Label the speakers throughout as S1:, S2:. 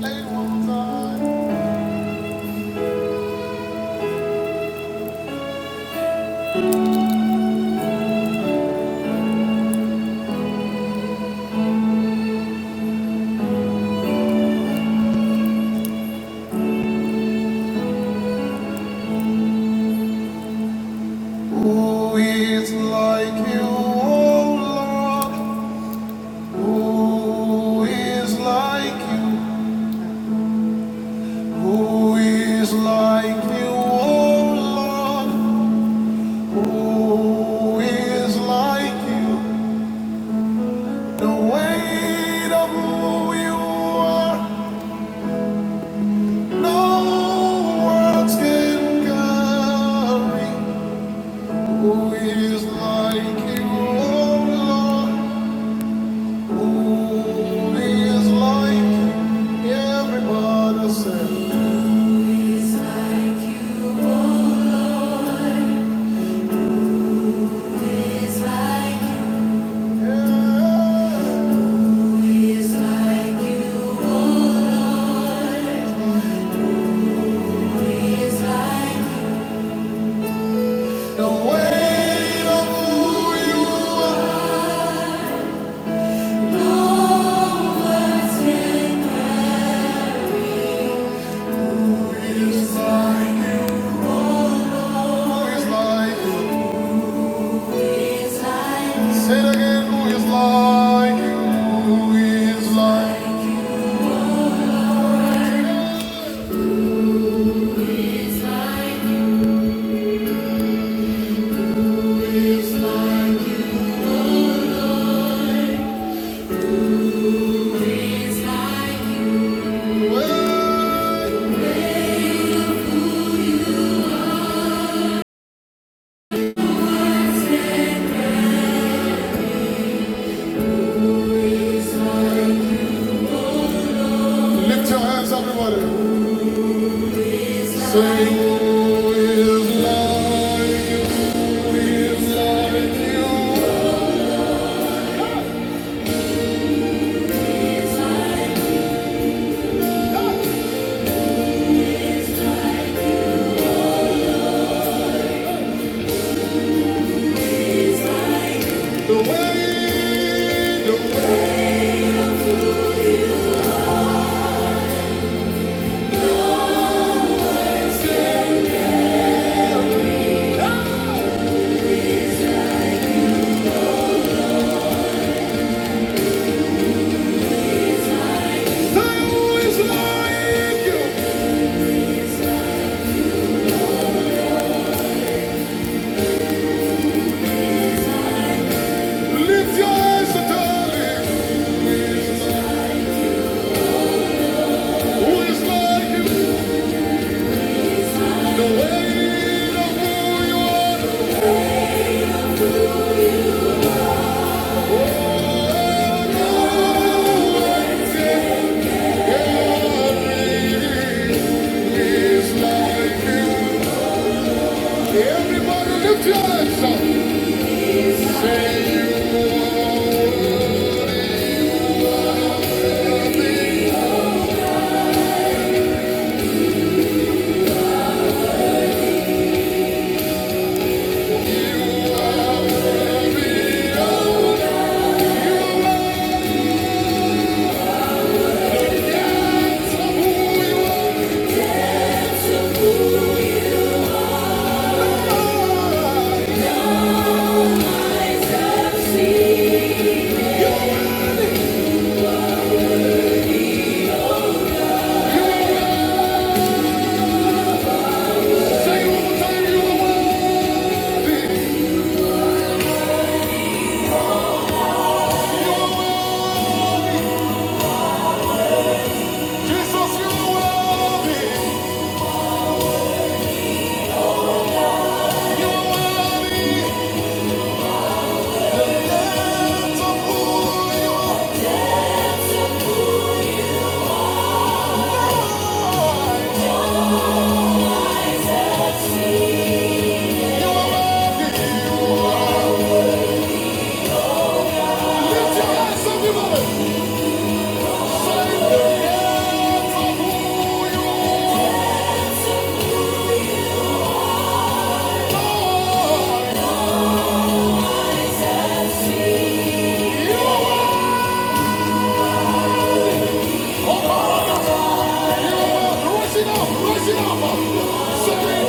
S1: Who is like you, O Lord? Who is like you? Who is like you, O Lord? Who is like you? The weight of who you are, no words can carry. Who is like you, O Lord? Is like everybody said. Yeah. The weight of who you who is like you. Say again, who is like you? Who is like you? Well, Lift your hands, everybody. Everybody lift your hands up. Say you are who you are. Something away, You Say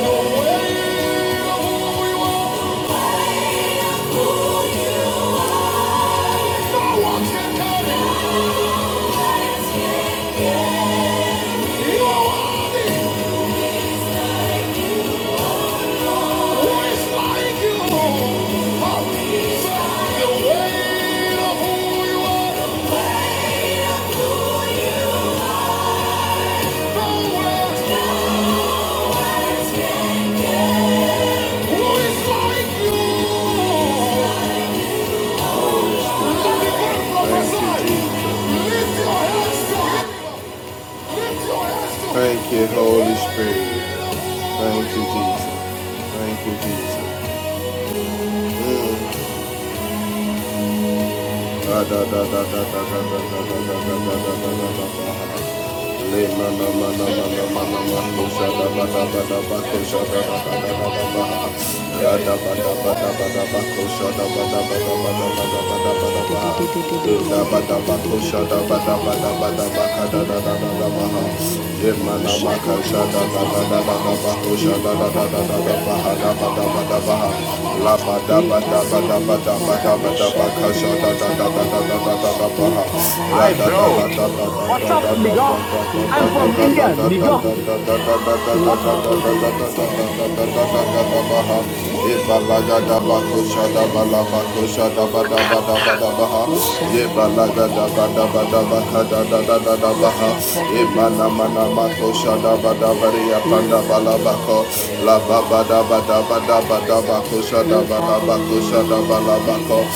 S1: no way, no one can tell You Thank you, Holy Spirit. Thank you, Jesus. Thank you, Jesus. Mm. Da, da, da, da, da, da, da, da, da, da, da, da, da, da, da, da, da, da.
S2: Eka
S3: Hi, bro.
S1: Yemana Da da
S3: What's up, nigga? I'm from India, nigga. What
S2: E shabda da da da da da da da da da da da da da da. Ushaka vidiyam shabda da da da da da da. E arayama e kaby.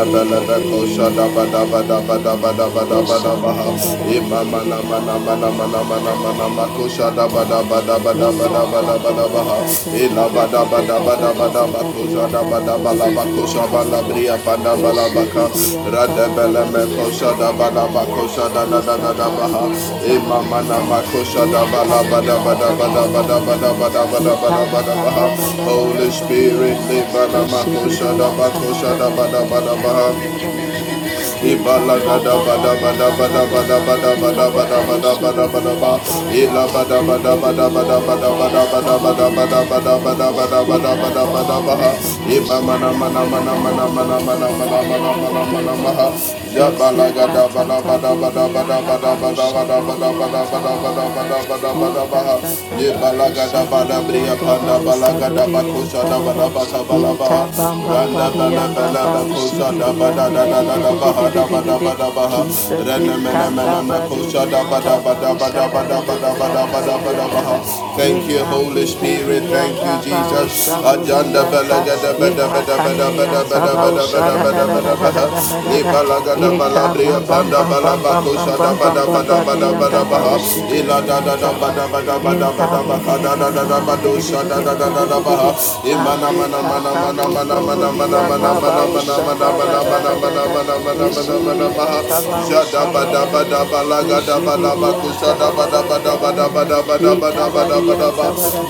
S2: Ikabu.
S1: da da da da ba da ba da ba da
S2: O
S1: ba da ba ha.
S2: shabada da da
S1: E
S2: da
S1: ma
S2: da da
S1: na
S2: da da
S1: ma
S2: da
S1: na
S2: da da
S1: ma na ma
S2: da
S1: na ma
S2: da
S1: na ma na
S2: da da
S1: da ba
S2: da
S1: da
S2: da.
S1: ba da ba da
S2: Ye
S1: ba da
S2: da
S1: ba da
S2: da
S1: ba
S2: da
S1: da ba
S2: da
S1: ha.
S2: da da da
S1: E
S2: da
S1: la ba
S2: da
S1: da ba
S2: da
S1: da ba da ba
S2: da da da
S1: da
S2: da
S1: ba
S2: da.
S1: ko
S2: Di
S1: sha
S2: an
S1: da
S2: da
S1: ba
S2: da
S1: da
S2: da
S1: ba
S2: di
S1: la
S2: di
S1: ba
S2: di
S1: ko
S2: an
S1: sha ba la
S2: sabada.
S1: bri ya pa da ba
S2: O
S1: la ba ka.
S2: shibidi an
S1: Ra da ba
S2: sabada badi
S1: ko
S2: an
S1: sha
S2: da da
S1: da
S2: da
S1: ba
S2: da
S1: da
S2: da
S1: ba
S2: da.
S1: ko sha da
S2: O
S1: da da da da ba ha.
S2: sakabudi an
S1: E ma
S2: sabada
S1: na
S2: bada.
S1: ma ko sha
S2: Ye
S1: da ba la
S2: makani
S1: ba da
S2: ni
S1: ba
S2: an
S1: da ba da
S2: sabada
S1: ba da
S2: bada
S1: ba da
S2: bada.
S1: ba da ba da
S2: Ye
S1: ba da ba
S2: kabam bam
S1: ha.
S2: bam bam bam bam
S1: Holy
S2: bam badi an
S1: Spirit,
S2: da.
S1: le ba ma ko sha da ba
S2: Oshibidianta
S1: ko sha
S2: bada
S1: da ba
S2: bada
S1: da ba
S2: bada
S1: da ba
S2: bada
S1: ha.
S2: bada bada bada.
S1: Ibala
S2: Eka bam
S1: gada
S2: bam
S1: bada
S2: bam bam
S1: bada
S2: bam
S1: bada
S2: bam bam
S1: bada bada
S2: bam
S1: bada bada
S2: badianda ba
S1: bada bada bada ba.
S2: oshibidianta bada.
S1: Ila bada bada bada bada
S2: Ededianda
S1: bada
S2: uskabudi
S1: bada bada bada
S2: uskabudianta
S1: bada bada
S2: bada.
S1: bada bada bada
S2: Ema
S1: bada bada
S2: kanini
S1: ba.
S2: anta ba
S1: Iba mana
S2: ushada da
S1: mana
S2: da da
S1: mana
S2: da da
S1: mana
S2: da da
S1: mana
S2: da da
S1: mana
S2: da
S1: mana
S2: da da da
S1: mana
S2: da
S1: mana
S2: da
S1: mana
S2: dianda
S1: maha.
S2: ba.
S1: Ya bala
S2: Yose
S1: gada bada
S2: katata
S1: bada bada bada
S2: budianda
S1: bada
S2: ba
S1: bada bada bada bada
S2: ushabudianta
S1: bada bada
S2: bada da da.
S1: bada bada bada
S2: Eka
S1: ba.
S2: tata
S1: Ye
S2: ba
S1: bala gada bada bria
S2: ushibidianda ba
S1: panda bala gada bakusha
S2: usabadianta
S1: da
S2: bada.
S1: bala bata bala ba.
S2: Eka bam bam
S1: Randa
S2: body
S1: bala
S2: and the
S1: bala
S2: baushi
S1: bakusha da
S2: bidi
S1: bada
S2: and the
S1: da da
S2: bidi
S1: da da
S2: bidi
S1: Dabaha
S2: bidi bidi
S1: Dabadaba
S2: bidi.
S1: Dabaha
S2: Jesus,
S1: Renemena
S2: eka tabado
S1: Menamakosha
S2: di and the
S1: Dabadaba
S2: bausha
S1: Dabadaba
S2: da da da
S1: Dabadaba
S2: da da da da da
S1: Dabadaba
S2: da da
S1: Dabaha
S2: da.
S1: Thank
S2: E
S1: you
S2: and
S1: Holy
S2: the
S1: Spirit
S2: bidi
S1: thank
S2: and
S1: you
S2: the
S1: Jesus
S2: bausha budi
S1: Ajanda
S2: and ta.
S1: Belagada
S2: E
S1: Bada Bada Bada
S2: makani
S1: Bada
S2: and ta
S1: Bada Bada
S2: bausha
S1: Bada
S2: da da
S1: Bada
S2: da
S1: Bada
S2: da da
S1: Baha
S2: da da da da da.
S1: Libalagada
S2: Eka
S1: Balabria
S2: bam bam
S1: Panda
S2: bam bam bam
S1: Balabakosha
S2: bam bam
S1: Dabada
S2: bam bam
S1: Bada Bada
S2: body and
S1: Bada
S2: the
S1: Baha
S2: baushi
S1: Ila
S2: bidi
S1: Dada
S2: and ta.
S1: Dabada Bada Bada Bada Baha
S2: Ikabariyan
S1: Dada Dada Badosha Dada Dada Baha Imana Mana Mana Mana Mana Mana Mana Mana Mana Mana Mana Mana Mana Mana Mana mana mana mana mana maha jada bada bada balaga da bada bakusha da bada bada bada bada bada bada bada bada ba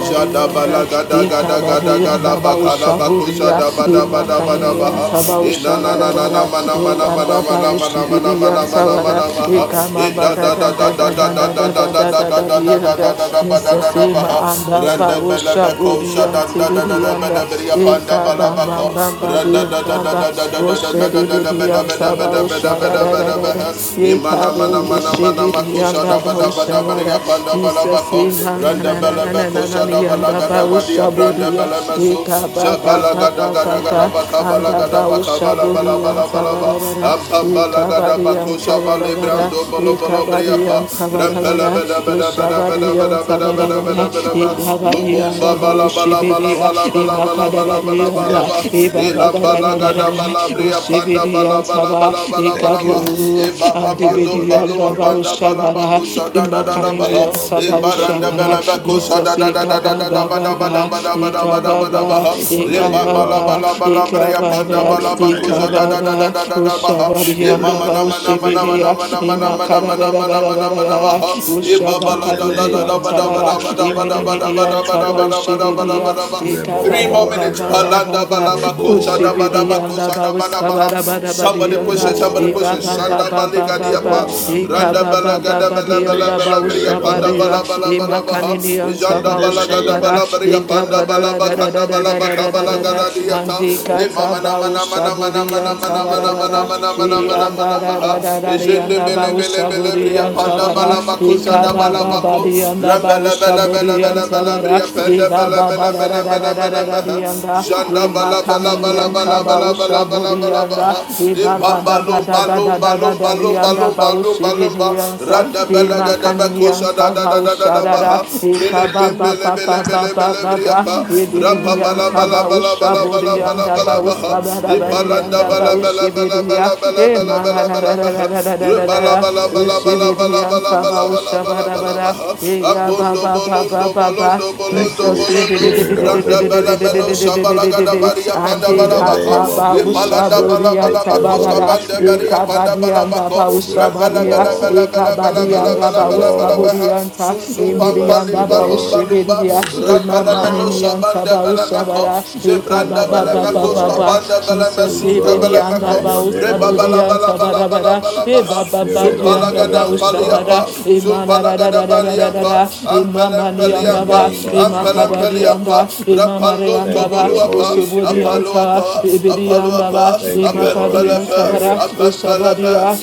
S1: jada balaga da gada gada gada bakala
S4: Hallelujah.
S1: bakusha
S2: sabarabara,
S1: da bada
S4: Father, I
S1: bada
S4: thank
S1: bada
S4: you.
S2: Imakaniyan
S1: maha
S4: Thank
S1: ina na
S4: you,
S1: na na na
S2: sabaushanarara,
S4: Father.
S1: mana
S4: Thank you
S2: E
S1: mana mana
S4: Lord,
S2: anda
S4: for
S1: mana
S2: baru
S4: the
S1: mana mana
S2: shibiri
S4: deliverance.
S1: mana
S2: yang
S1: mana mana
S2: sawara. E
S1: maha
S4: and
S2: kama
S4: Thank
S1: ida
S2: ba
S4: you,
S5: So
S2: da
S1: da da
S2: da
S5: forth
S4: Father.
S1: da
S2: da
S5: and
S1: da
S2: da
S5: love.
S2: da
S1: da
S2: da
S4: Father,
S1: da
S2: da
S4: in
S1: da
S4: the
S2: da
S1: da
S2: da
S1: da
S4: name
S2: da
S4: of
S2: da
S1: da da
S2: di
S1: da da da
S2: anda.
S1: da da
S4: Jesus.
S1: ba da da
S4: Father,
S2: Jesus
S4: I
S1: da
S2: e
S1: ba
S2: ma
S1: ha
S4: thank you.
S2: anda
S1: randa
S4: Father, I
S2: baru
S1: bela be
S4: worship
S1: ko
S2: shaburi
S1: sha
S2: yang
S1: da
S4: you. Lord. I will
S1: da da da da ba da
S2: anda.
S4: Give
S1: bri
S4: you
S1: ya
S4: all
S1: pa
S2: E
S4: the
S1: da ba la
S2: kaba
S1: ba
S4: glory. I
S1: ko
S2: bam
S4: Give
S2: bam ba di
S1: randa da da
S2: anda
S1: da
S2: ba.
S1: da da da
S2: O
S1: da da da da
S2: shedi
S1: da
S2: bidi
S1: bada
S2: yang
S1: bada
S2: saba
S1: bada bada bada
S4: you all
S1: bada
S4: the
S2: da
S1: bada
S2: da da
S4: praise. I Give
S2: da.
S1: bada
S2: E
S1: imana mana
S2: kabo yo
S1: mana
S4: you all the honor. And I give you all the
S1: mana
S2: shibiri
S4: praise
S1: makusha da
S2: anda ba
S1: bada
S2: o
S1: bada bada ya panda bala
S2: Jesus
S1: bako
S2: e ma na
S1: randa
S2: na na
S1: bala
S2: na na
S1: bako
S2: na na
S1: shada
S2: di
S1: bala
S2: anda
S1: gada
S2: ba
S1: gadi ya pranda
S2: ya.
S1: bala masu
S2: Eka ba ba
S1: shabala
S2: ba
S1: gada
S2: ba
S1: gada
S2: ba
S1: gada
S2: ba.
S1: baka bala
S2: Anda
S1: gada
S2: ba
S1: baka bala bala
S2: ushaburi
S1: bala
S2: anta
S1: bala ba
S2: bara bara.
S1: ampam bala
S2: Eka
S1: gada
S2: bari
S1: bako
S2: anta bara
S1: shabale
S2: bara.
S1: brando bolo
S2: Eka
S1: bolo bria
S2: bari
S1: pa
S2: anta bara
S1: rampela
S2: bara.
S1: bada bada bada bada
S2: Ushabari
S1: bada
S2: anta
S1: bada
S2: bara
S1: bada
S2: bara.
S1: bada bada ba
S2: Eka bari
S6: Yes,
S1: lubumba
S2: anda
S6: Lord.
S2: ba
S1: bala bala bala
S2: ushibidiya.
S1: bala bala
S2: Ima
S1: bala
S2: kada
S1: bala
S2: bari
S1: bala bala
S2: anda.
S1: ba
S6: Yes, Lord.
S2: Iba ba
S6: Thank
S2: da
S1: ilamba
S6: you,
S2: da
S1: la
S2: da da da
S6: Holy
S1: gada
S2: da.
S1: bala
S6: Spirit.
S1: bria pa panda
S2: Ushibidi
S1: bala
S2: anta
S1: bala
S2: ba.
S1: bala bala
S2: Eka
S1: bala
S6: Thank
S1: ba
S6: you,
S1: e
S2: bu.
S6: Jesus.
S1: baba
S6: Thank
S2: Ande
S6: you,
S1: madum
S2: bidi
S6: Holy
S1: balu
S2: anda ba
S6: Spirit.
S1: banda bala
S2: ushabara.
S1: bakusa da da da
S6: In
S2: Ima
S1: da
S6: the
S1: ba ha.
S6: name
S2: Yaninian
S6: of
S1: e
S2: Tabaw
S6: Jesus,
S1: baranda
S6: we
S2: Shabara,
S1: bala
S6: bless
S1: ba
S6: you, Lord.
S1: da
S2: Jesus
S6: Father,
S1: da da
S6: we
S1: da da
S6: thank
S2: Ekaba
S1: da
S6: you,
S1: da
S6: Lord.
S1: ba
S2: Baba,
S1: da ba da ba da ba da ba
S2: Ekaba
S1: da ba
S2: Baba,
S6: We honor
S2: Ekaba
S1: limba
S6: you,
S1: bala
S6: Lord.
S2: Baba,
S1: bala bala
S2: Ekaba
S1: bria
S6: We
S1: panda
S2: Baba,
S1: bala
S6: glorify your
S1: bakusa
S2: Ekaba
S1: da
S6: name,
S1: da da da
S6: Lord.
S2: Baba,
S1: da da da ba ha. e
S2: Ushabarian
S6: Spirit
S1: mama na
S6: of
S2: Dabaw
S6: the
S1: mana mana
S6: living God.
S1: mana
S2: Shibiria,
S1: mana mana mana
S2: Imakara
S1: mana
S2: Bara
S1: mana
S2: Bara Bara
S1: mana mana ba
S2: Bara,
S1: ha. e baba
S6: In
S1: la
S6: the
S1: da da da
S6: name
S1: da
S2: Ushabakaburian
S6: of
S1: ba da ba da
S2: Tabara,
S6: Jesus,
S1: ba da ba
S6: thank
S1: da
S6: you,
S1: ba da ba
S6: Holy
S1: da
S2: Imininian
S1: ba da ba
S2: Tabaw
S6: Spirit.
S1: da ba da ba da ba
S2: Shibiria,
S1: da ba Three
S2: Ekaba
S1: more
S6: Rebo
S2: Baba
S1: minutes.
S2: Baba
S6: Angara.
S1: Palanda
S2: Baba,
S1: balaba
S6: Rebo
S1: kosha da balaba
S6: Angara.
S2: Ushibiria and
S1: kosha da
S2: Dabaw
S1: balaba.
S2: Skabara Bara
S1: Somebody
S2: Bara da
S1: pushes. Somebody
S2: shi
S6: Rebo
S2: ba
S1: pushes.
S2: ba
S6: Angara.
S2: ba
S1: Shanda
S2: ba ba
S1: baliga
S2: ba ba
S1: diapa.
S6: Rebo
S2: e ka
S6: Angara.
S1: Randa
S2: ba ba
S1: balaga
S2: ba
S1: da
S2: ba di
S1: bala bala
S2: anda
S6: Holy
S2: ba
S1: bala
S2: u
S1: bria.
S6: Spirit, of
S1: panda
S2: shabaria
S1: bala
S6: Lord.
S1: bala
S2: e
S1: bala baha.
S2: makani ni anta
S6: In
S2: ba
S1: Janda
S2: u
S6: the
S1: balaga da
S6: name of
S1: bala
S2: e
S1: bria.
S6: Jesus,
S2: ka ba
S1: panda
S2: da
S1: bala
S2: da da da
S1: bakanda
S2: da
S1: bala
S2: da da da da da
S1: bakabala
S2: da
S6: your
S2: da
S1: gada
S6: Holy
S1: diata.
S2: andi ka
S6: Spirit,
S1: Le
S2: ta
S1: mama na
S2: ba u
S1: mana mana mana
S2: shaburi
S1: mana
S2: anta
S1: mana
S2: bara
S6: your
S1: mana
S2: bara
S6: Holy
S1: mana mana
S2: e
S1: mana mana
S6: Spirit,
S2: anda
S1: mana
S2: da da
S1: maha.
S2: da da di
S1: Jende
S2: anda ba
S1: bele
S2: u
S1: bele bele
S2: shaburi
S6: your
S1: bria.
S2: anta
S6: Holy
S1: panda
S6: Spirit.
S2: bara
S1: bala
S2: e
S1: baku,
S2: ka
S1: da
S2: ba
S1: bala
S2: ba ba
S1: bako.
S2: di anda ba u
S1: Rambele bele bele
S2: shaburi
S1: bala
S2: anta
S1: bala bala
S2: bara
S1: bria
S2: e
S1: panda
S2: ba
S1: bala
S2: ba ba
S1: mena
S2: da da
S1: mena
S2: da
S1: mena
S2: da
S1: mena
S2: da da
S1: maha.
S2: Barianda,
S1: Janda
S2: Ima
S1: bala bala bala
S2: Kaminian
S1: bala
S2: Saba
S1: bala bala
S2: Usha
S1: bala bala
S2: Burianda,
S1: bala
S2: Iba
S1: Imbamba
S2: Bada da da
S1: lumba
S2: da da
S1: lumba
S2: da da
S1: lumba
S2: da
S1: lumba
S2: Dianda
S1: lumba lumba
S2: Baushi
S1: lumba.
S2: Bidiansa,
S1: Randa bala
S2: Ima
S1: gada
S2: Kaninian
S1: bakusha da da
S2: Saba
S1: da da da da baha.
S2: Ushadara,
S1: Pele
S2: Ika
S1: pele
S2: Baba
S1: pele
S2: Baba
S1: pele pele
S2: Baba
S1: pele bria
S2: Baba,
S1: pa. Rapa
S2: Ididian
S1: bala bala
S2: Saba
S1: bala
S2: Usha
S1: bala
S6: Yes,
S1: bala
S6: Lord.
S1: bala
S2: Burianda
S1: bala baha.
S2: Bauska
S6: Yes,
S1: Ipalanda
S2: Badianda
S1: bala
S6: Lord.
S1: bala
S2: Baushi
S1: bala bala
S2: Bidia,
S1: bala bala
S2: Ima La
S1: bala
S2: da
S1: bala baha.
S2: da da da da da da da
S1: bala
S2: da,
S6: In
S1: bala
S6: the
S1: bala
S2: Ushi
S6: name
S1: bala
S6: of
S1: bala
S2: Bidian
S1: bala
S2: Saba
S1: bala
S6: Jesus.
S2: Usha Bada Bada, yeah, ba
S1: Ambondo
S2: ba ba ba
S1: bolondo
S2: ba ba.
S1: bolondo
S6: Thank
S1: bolondo
S6: you,
S2: Jesus, eh, de-
S1: bolondo.
S2: de- de- de-
S6: Spirit
S2: de- de-
S6: of the
S2: de-
S1: Randa
S2: de- de-
S1: bala
S6: Living
S2: de-
S1: meno
S2: de-
S6: God.
S2: de- de- de- de-
S1: shabala
S2: de- de-
S1: gada
S2: de- de.
S1: baria
S2: and
S1: panda
S6: In
S2: they
S1: bala
S6: the
S1: baha.
S6: name of
S2: kataba
S1: Ipalanda
S6: Jesus.
S2: ushaburi
S1: bala
S2: and
S1: bala
S6: Thank you,
S1: bakuska
S6: Holy
S2: tabarada,
S1: bande
S6: Spirit.
S1: baria panda
S2: ekabadi
S1: bala
S2: and
S1: bako.
S2: daba
S6: We bless you,
S1: Rambala
S2: usabadia,
S1: bala
S6: Lord.
S1: bala bala bala
S6: We
S2: ekabadi
S1: bala
S2: and
S6: bless
S1: bala
S2: daba
S6: you,
S1: bala bala
S6: Lord.
S1: baha.
S2: usaburi and ta,
S1: Sun sun
S6: We
S1: pam
S2: emiri
S6: bless
S2: and
S1: palim
S6: you,
S2: daba
S1: Lumba.
S6: Lord.
S1: balumba.
S6: We
S2: ushibiria,
S6: bless you,
S1: Rampala meno
S6: Lord.
S2: emamani and
S1: shabanda
S2: taba
S1: bala mako.
S2: usabara,
S6: We
S1: Zebranda
S2: ekaba ba
S1: bala
S6: honor
S2: ba
S6: you,
S2: ba
S1: mako
S2: ba
S6: Lord.
S2: ba.
S1: skapanda bala
S2: Jesus,
S6: We
S1: mesunta
S2: ebiri
S1: bala
S2: and
S6: glorify
S1: mako.
S2: daba
S6: your name, O
S1: Reba
S2: usaburi
S1: bala
S2: and
S6: Lord,
S1: bala bala bala
S2: tabarabara,
S1: bala
S6: the
S1: bala Palaha,
S2: ebaba ba
S6: Spirit
S2: di
S6: of
S2: and
S6: the
S2: Rabao
S1: Sumpalagadam
S6: living
S2: Shabada,
S1: Paliapa,
S6: God,
S1: Sumpalagadabaliampa,
S2: Imanadadadadadada,
S1: Ampelem
S2: Imamani
S6: in the
S1: Peliampa,
S2: Andaba,
S6: name of
S5: No
S1: Ampelem
S5: for it.
S2: Imakabadi
S6: Jesus.
S2: Anda,
S1: Peliampa,
S2: Imamare
S1: Rapalon
S6: Thank
S2: Andaba,
S6: you,
S1: Toboluapa,
S6: Holy
S2: Usubudi
S6: Spirit.
S2: Anta,
S1: Apaloapa,
S2: Ibidi Andaba,
S1: Apaloapa,
S6: Thank you,
S2: Imakadi
S6: Holy
S1: Apempelepe,
S2: Antabara,
S6: Spirit.
S1: Apempelepe,
S2: Usabadia,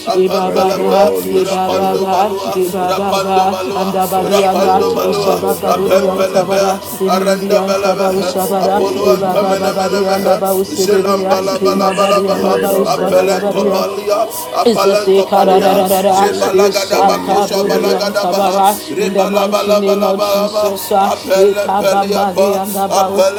S6: Thank you,
S1: Apempelepe,
S2: Ibababa,
S6: Holy Spirit,
S1: Rapando
S2: Ibababa,
S1: Balua, Rapando
S2: Ibababa,
S1: Balua,
S6: the
S2: Andabadi Anda,
S1: Rapando
S6: Spirit of
S1: Balua,
S6: the
S2: Usabaka
S6: living
S2: Budi
S6: God,
S1: Apempelebe,
S2: Antabada, Imidi
S1: Aranda
S2: Antaba
S6: in the
S1: Belebe,
S2: Usabara,
S6: name
S1: Apollo
S6: of
S1: and
S2: Ibababa Badi
S6: Jesus.
S1: Tamenemenemehe,
S2: Andaba
S1: Zilam
S2: Usibiria,
S6: Thank you,
S2: Imabadi
S1: Balabalabaha,
S6: Spirit
S2: Andaba
S6: of the living
S2: Usabarabari.
S6: God.
S1: apelentopalia
S2: It's a
S1: apalentopalia
S6: Holy
S2: sekarararara,
S6: Spirit, Holy
S1: jebalagadabakosha
S2: isakaburi
S6: Spirit.
S1: balagadabaha
S2: antabara, In the mighty name of
S1: rebalabalabalaba
S2: Jesus, ah,
S1: apelempeliapa
S2: ikababari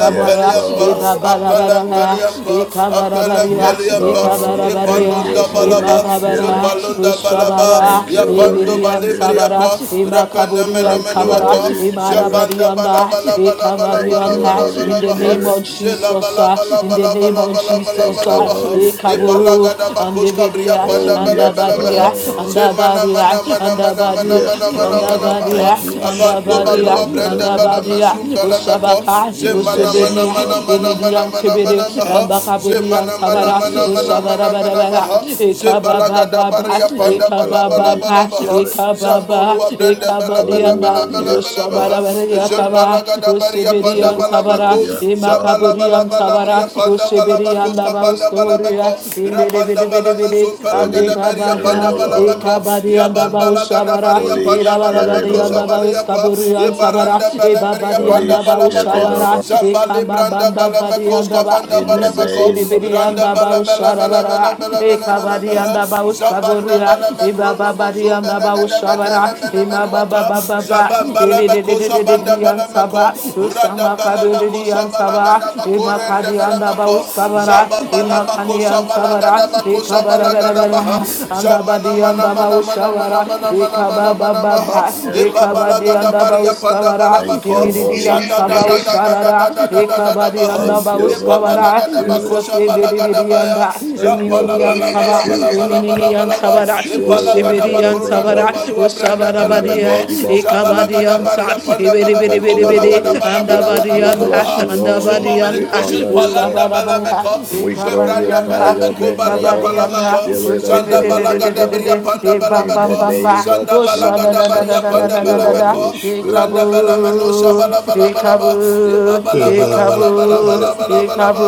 S6: Yes, Lord.
S2: ibabarabarara,
S1: apelempeliapa
S2: ikabarabaria,
S6: Yes,
S1: apelempeliapa
S6: Lord. Thank
S2: ikabarabaria,
S6: you,
S1: yebalonda balaba
S6: Holy
S2: imakabara,
S6: Spirit.
S1: jebalonda balaba
S2: usabara,
S6: Thank you,
S1: yapando
S6: Holy
S2: ibiri
S6: Spirit.
S2: antabara,
S1: balibriapa
S2: imakaburi
S6: Thank you,
S2: antabara,
S1: repenemenemenuata
S6: Holy Spirit.
S2: imarabari
S1: jebanda
S2: anda, ikamari
S6: Thank you,
S2: anda.
S6: Holy
S2: In the name
S6: Spirit.
S2: of Jesus,
S1: balabalabalabalabalabalabaha
S2: ah,
S1: bala
S2: in the
S1: bala
S2: name
S1: bala
S2: of
S1: bala bala bala
S2: Jesus,
S6: Thank
S1: bala
S6: you,
S2: ah,
S1: baha
S6: Holy
S1: e
S6: Spirit.
S1: bala gada
S2: and.
S1: bakush kabriya
S2: Andibidia,
S1: panda
S6: Oh,
S1: bala
S6: yes,
S1: bala baha
S2: Andabadia,
S6: Lord.
S1: se mana mana
S2: Andabadia,
S1: mana mana mana
S2: Andabadia,
S1: mana
S6: Yes,
S1: mana mana
S6: Lord.
S1: baha
S2: Andabadia,
S6: Thank you,
S1: abando
S6: Spirit
S2: Andabadia,
S1: balua
S6: of the
S1: brenda
S6: living
S1: bala
S6: God.
S1: masum
S2: Andabadia,
S1: bala meko
S2: Usabaka,
S1: se
S6: In the
S1: mana mana
S2: Usibidia,
S6: name
S1: mana
S6: of
S1: mana mana
S2: Inidian
S1: mana
S6: Jesus.
S1: mana
S2: Tibidi,
S1: baha se
S2: Ambakaburian
S1: mana mana
S2: Sabara,
S6: Thank you,
S1: mana mana
S6: Holy.
S1: mana
S2: Usabara
S1: mana
S2: Barabara,
S1: baha se bala
S2: Ekababa
S1: gada
S2: Baba,
S1: bariya
S6: Thank
S1: panda
S6: you,
S1: bala
S2: Ekababa
S1: bala
S6: Holy
S1: bala
S2: Baba,
S1: baha
S6: Spirit.
S2: Ekababa,
S1: zambolua brenda bala bala
S2: Ekabadianda,
S1: bala
S6: Oh,
S1: bala
S6: yes,
S1: bala
S6: Lord.
S1: baha
S2: Usabara
S1: je bala
S2: Yakaba,
S1: gada bariya panda
S2: Usibidian
S6: Oh,
S2: Sabara,
S1: balabako,
S6: yes, Lord.
S1: Shabala
S2: Imakaburian Sabara,
S1: balabalabria panda
S2: Usibirian
S1: balabakos
S2: Daba
S1: kapanda balabako,
S2: Ustoria, Imbere
S1: Rapanda
S2: bere bere bere
S1: balamasun
S2: ande
S6: Holy
S1: palagada baria
S6: Spirit,
S1: panda
S2: kababa
S6: O
S2: e
S1: balabako,
S6: Lord.
S2: kabari anda
S1: Yaban
S2: ba
S1: balagada
S2: ushabara
S1: baria
S6: Holy
S2: e
S1: panda
S2: la la la
S6: Spirit,
S2: bari
S1: balabako,
S6: O
S2: anda ba
S6: Lord,
S2: uskaburu
S1: Shabaliapa,
S2: an sabara
S1: Ibaranda
S2: e
S1: balabria
S2: babari
S1: panda
S6: Holy
S2: anda ba
S6: Spirit,
S1: balabako,
S6: O
S2: ushabara
S6: Lord,
S2: e
S1: Zambali
S2: kamba
S1: branda
S2: bamba bari
S1: balamakos
S2: anda ba
S1: kapanda
S6: in the
S2: iso
S1: balabako,
S2: sere
S6: name of
S2: bere
S1: Randa
S2: anda ba
S1: balabala
S2: ushara bara ba
S1: balabala
S2: e
S1: balabala
S2: kabari
S1: balabala,
S2: anda ba uskaburu
S1: Zabanda
S2: ya e baba
S1: balabakrono
S2: bari
S1: mozun
S2: anda ba
S1: balagada
S2: ushabara
S1: bakala
S2: e ma ba ba
S1: menamenuata,
S2: ba ba ba
S1: Zabala.
S2: e le le le
S1: Bambalebeko
S2: le le le
S1: Sabanda
S2: le an
S1: Balameko,
S2: saba usama
S1: Radabalabako
S2: kadere an saba
S1: Sabalagada
S2: e
S1: Bakore
S2: ma
S1: and
S2: kadi anda ba
S1: Belameko,
S2: uskabara
S1: Zababalabako
S2: Kanian Sabara,
S1: Sabalagada Bako
S2: Ekabara
S1: Sabalagada Baha,
S2: Berabara,
S1: Zamana
S2: Andabadi
S1: Mana
S2: Andabau
S1: Mana Mana
S2: Shavara,
S1: Mana Mana Mana Mana
S2: Ekababa
S1: Mana Maha,
S2: Baba,
S6: Jesus, Lord.
S2: Ekabadi
S1: Ibabalagada
S2: Andabau
S1: Baria Panda
S2: Skavara,
S6: Thank
S1: Balabako,
S6: you,
S2: Emiridi
S6: Holy
S2: and
S1: Zanda da
S2: Sabau
S1: da
S6: Spirit.
S1: da da da
S2: Sharara,
S1: da da da da da da
S2: Ekabadi
S1: Baha,
S6: Thank
S2: Andabau
S6: you, Holy
S2: Skavara,
S1: Ibabalagada
S6: Spirit.
S1: Bako
S2: Isas
S1: Sabalagada
S2: Ebiribiri
S1: Baya,
S2: Anda,
S6: Thank you,
S1: Zampala
S2: Eminini and
S1: Bala
S6: Holy
S1: Bala
S2: Saba,
S1: Bala
S6: Spirit,
S1: Bala Bala
S2: Eminini and
S1: Bala Bala,
S6: of
S2: Sabara,
S6: Spirit of
S1: Ipalagada
S6: the
S2: Ushibiri and
S1: Bakoro
S6: Living
S1: Shando
S2: Sabara,
S6: God,
S1: balua brenda
S2: Ushabara
S6: in the
S2: Badia,
S1: belebeko.
S6: name of
S2: Ekabadi
S1: Shabalagada
S6: Jesus.
S2: Anta,
S1: baria panda belebeko.
S6: Thank you,
S1: Balagada
S6: Holy
S2: Ibiribiribiri,
S1: balabala
S6: Spirit.
S2: Andabadi
S1: bala bala
S6: We
S2: Anda,
S6: bless you,
S1: Two more
S6: Lord.
S2: Andabadi
S1: minute
S6: We
S2: Anda,
S1: push it
S6: honor you,
S1: palanda
S6: Lord.
S2: Ushabara Baba,
S1: belebeko.
S6: We
S1: Shebranda
S6: glorify
S2: Ikabadianda,
S6: your
S1: belebeko
S6: name, O
S1: balia
S6: Lord,
S2: Ikabadianda,
S1: palamako.
S6: Spirit of the
S1: Shanda
S6: Living
S1: balagada
S6: God.
S1: baria
S2: Utsibidididididididi,
S1: panda
S6: In
S1: belebeko.
S6: the
S2: Ibambambamba,
S6: name of
S1: Shanda balagada baria
S6: Jesus,
S1: panda
S6: thank you,
S2: Roshananananananananana,
S6: Holy
S1: belemeko.
S6: Spirit.
S1: Randa belemeno
S2: Ikabul,
S1: shabala bala bala ba. Iba
S2: Ikabul,
S1: balabala bala bala
S2: Ikabul,
S1: bala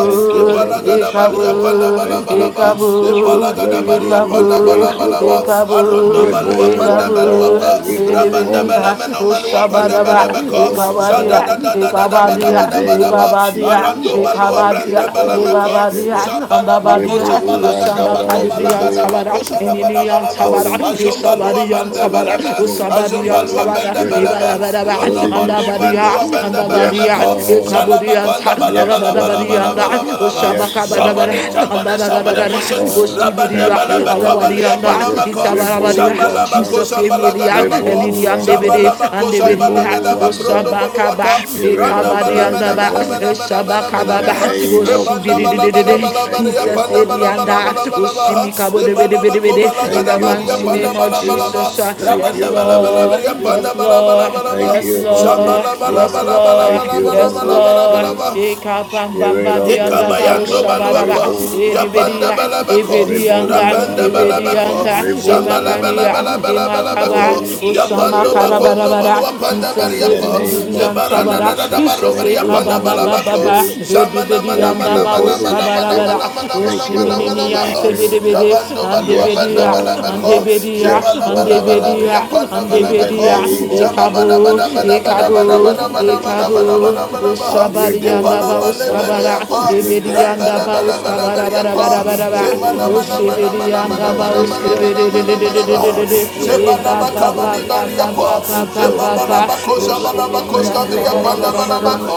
S6: Thank you,
S1: Iba
S6: Holy
S1: lagada balia
S6: Spirit.
S1: panda
S2: Ikabul,
S1: bala
S6: Thank you,
S1: bala ba.
S6: Jesus.
S1: Iba
S6: We
S2: Ikabul,
S6: praise
S1: lagada
S6: you.
S1: Rabaria
S6: We
S1: Panda Bala
S6: praise
S2: Ikabul,
S6: you,
S1: balaba.
S6: Lord.
S1: Aronda
S2: Ikabul,
S1: Balua
S6: Rebo
S1: Panda
S2: Ikabul,
S1: Baluapa,
S6: Wandara, Rebo
S1: Rabanda
S2: Idibidiya,
S1: Balameno
S6: Wandara,
S1: Manua Panda
S6: Spirit
S2: Ushabadaba,
S6: of the
S1: Balabaco,
S6: Living
S2: Ikabadia,
S1: Jada da
S6: God.
S1: da da da da ba
S6: In
S1: da
S2: Ikabadia,
S6: the
S1: ba da ba da
S6: name
S1: ba,
S6: of
S2: Ikabadia,
S1: Arando
S6: Jesus,
S1: Balua
S6: thank
S2: Ikabadia,
S1: Branda
S6: you,
S2: Kadia,
S6: Holy
S1: Balamaco,
S2: Igabadia,
S6: Spirit.
S1: Zambala Baco,
S2: Ambabadia,
S6: Rebo
S1: Shabala Gada
S2: Usamba
S1: Baco,
S6: Wandara,
S2: Kadudian
S1: Balagada
S6: Rebo
S2: Tabara,
S1: Baco, Shada
S6: Wandara,
S2: Ininian
S1: Balabalaba,
S2: Tabara,
S6: Holy Spirit,
S1: Azombalua
S2: Isabadian
S1: Banda
S2: sabara
S6: Holy
S1: Balaba,
S6: Spirit,
S2: Usabadian
S1: Azombalua
S6: Holy
S2: Tabara,
S1: Banda
S6: Spirit,
S1: Balaba,
S2: Ibadabadaba,
S1: Rondo
S6: Holy
S1: Bandu
S6: Spirit.
S2: Andabadia,
S1: Mandua Banda
S6: Yes,
S2: Andabadia,
S1: Balamaco,
S6: Lord.
S2: Ikabudian
S1: Zalabaconda
S6: Yes,
S2: Tabarabadia,
S6: Lord. Yes,
S1: Balabalabalabalabalabalaba,
S2: Usabakabadabada,
S6: Lord.
S1: somebody, somebody, somebody
S2: Andadadadada,
S6: Yes,
S1: push it.
S6: Lord.
S1: Rabanda
S2: Ustibidia,
S6: Thank you,
S1: balabako
S6: Holy
S1: balia
S2: Alabadianda,
S6: Spirit.
S1: palamako.
S2: Isabarabadia,
S1: Zabalabako
S6: Rebo
S2: Jesus Emilia,
S1: zabalagadabako.
S6: Rebo
S2: Elidian Debede,
S6: Wandada,
S1: Zabalabako
S2: and Debedia,
S6: Rebo
S1: zambalagadabakrondo
S6: Wandada,
S2: Usabakaba,
S1: boluata.
S6: Spirit
S1: Randa
S6: of the
S1: balamena
S6: Living
S1: mena mena
S6: God,
S1: mena
S2: Ikabadiandaba,
S1: mena mena
S6: in the
S2: kababa,
S1: meha.
S6: name of
S1: Ebanda balabala
S2: oshibididididi.
S6: Jesus,
S1: balabala
S6: thank
S1: ya
S6: you,
S2: Jesus,
S1: panda
S6: Holy
S1: balabala
S2: Edianda,
S6: Spirit.
S1: balabala maha. Ebalabako
S2: oshimikabodebedebedebede. in
S6: Thank
S2: the
S6: you,
S1: balagadabari ya
S2: mighty
S1: panda
S6: Holy
S2: name of
S1: balabala
S6: Spirit.
S1: ma.
S2: Jesus. uh,
S6: Thank
S2: Yes,
S1: Rabanda
S6: you, Holy
S1: balabala
S2: Lord.
S1: ya panda
S2: Yes,
S6: Spirit.
S1: balabala
S2: Lord.
S1: balabala.
S6: Thank
S2: Yes,
S6: you, Holy
S2: Lord.
S1: Zambala
S2: Yes,
S6: Spirit.
S1: balabala
S2: Lord.
S6: Thank
S1: balabala
S6: you,
S2: Yes,
S6: Holy
S1: balabala
S2: Lord.
S6: Spirit.
S1: balabala.
S6: Spirit
S2: Ekabambamba
S6: of the
S2: dianda
S6: Living
S2: bao
S1: Ekabayando
S6: God,
S2: shabaraba.
S1: baluapa,
S6: Rebo
S1: yapanda
S6: Wandada,
S2: Edibedia.
S1: balabako,
S2: Ebedianda.
S6: Rebo
S1: rapanda
S6: Wandada,
S1: balabako,
S2: Ebedianda.
S6: Rebo
S1: shambala
S2: Imakania.
S1: balabala
S6: Wandada,
S2: Imakaba.
S1: balabalabako,
S6: Holy
S2: Oshama
S6: Spirit,
S1: yapando
S6: O
S1: bakondo
S6: Lord.
S2: karabarabara.
S1: baluapanda
S2: Jesus.
S6: In the
S1: bariapa,
S6: name
S2: Edidididian
S6: of
S1: zebarana da
S2: sabara.
S1: da da
S6: Jesus,
S1: baro
S2: Jesus.
S6: thank you,
S1: bariapanda
S2: said,
S6: Holy
S1: balabako,
S2: baba
S6: Spirit.
S1: shamana
S2: ödebedi
S1: mana
S6: Thank
S2: yanda
S1: mana
S6: you,
S2: ba
S1: mana
S6: Holy
S1: mana
S2: uskabara
S1: mana mana
S2: bara
S1: mana
S6: Spirit.
S1: mana
S6: Thank you,
S1: mana mana
S2: usiminini
S6: Holy
S1: maho,
S2: yante bedi
S6: Spirit.
S2: bedi
S1: yabando
S2: ande bedi
S6: Yes,
S1: baluapanda
S2: ya
S1: balabako,
S2: ande
S6: Lord.
S2: bedi ya
S6: Yes,
S1: zebala
S2: ande bedi
S1: balabala
S6: Lord.
S2: ya
S1: briapanda
S2: ande
S6: In the
S2: bedi ya
S1: balabako,
S6: name of
S2: ekabu
S1: shababada bada
S6: Jesus,
S1: bada bada
S2: ekabu
S6: thank
S1: bada
S6: you,
S1: bada bada
S6: Holy
S1: bada bada bada bada
S2: ekabu
S1: bada
S6: Spirit.
S1: bada
S2: usabari anda
S6: Rebo
S1: bada
S2: ba
S1: bada
S6: Wambada.
S1: bada
S2: uskabara
S1: pa,
S6: Rebo
S2: ebedi anda ba
S1: bala
S6: Wambada.
S1: bala
S2: uskabara
S1: bala
S2: bara
S1: pa,
S2: bara bara
S1: je
S2: bara
S6: Rebo
S1: mana mana mana
S6: Wambada.
S2: usibedi
S1: mana
S6: In
S2: anda
S1: mana
S6: the
S2: ba
S1: mana mana
S6: name of
S1: mana
S2: uskebedi
S1: mana mana
S6: Jesus,
S1: mana,
S6: thank you,
S1: je
S2: e ba
S6: Holy
S2: ba
S1: baka
S2: ba
S6: Spirit.
S1: bali
S2: ba
S1: bali
S2: ba ba
S1: pa,
S6: Thank
S1: je
S2: ba
S6: you,
S1: bala
S2: ba
S1: bala
S2: ba
S6: Holy
S1: bakosha
S6: Spirit.
S1: bala
S2: ushibedi
S6: Thank
S1: bakoska
S2: yanta
S1: bali
S6: you,
S2: bara
S1: pa, da
S6: Holy
S2: bara bara
S6: Spirit.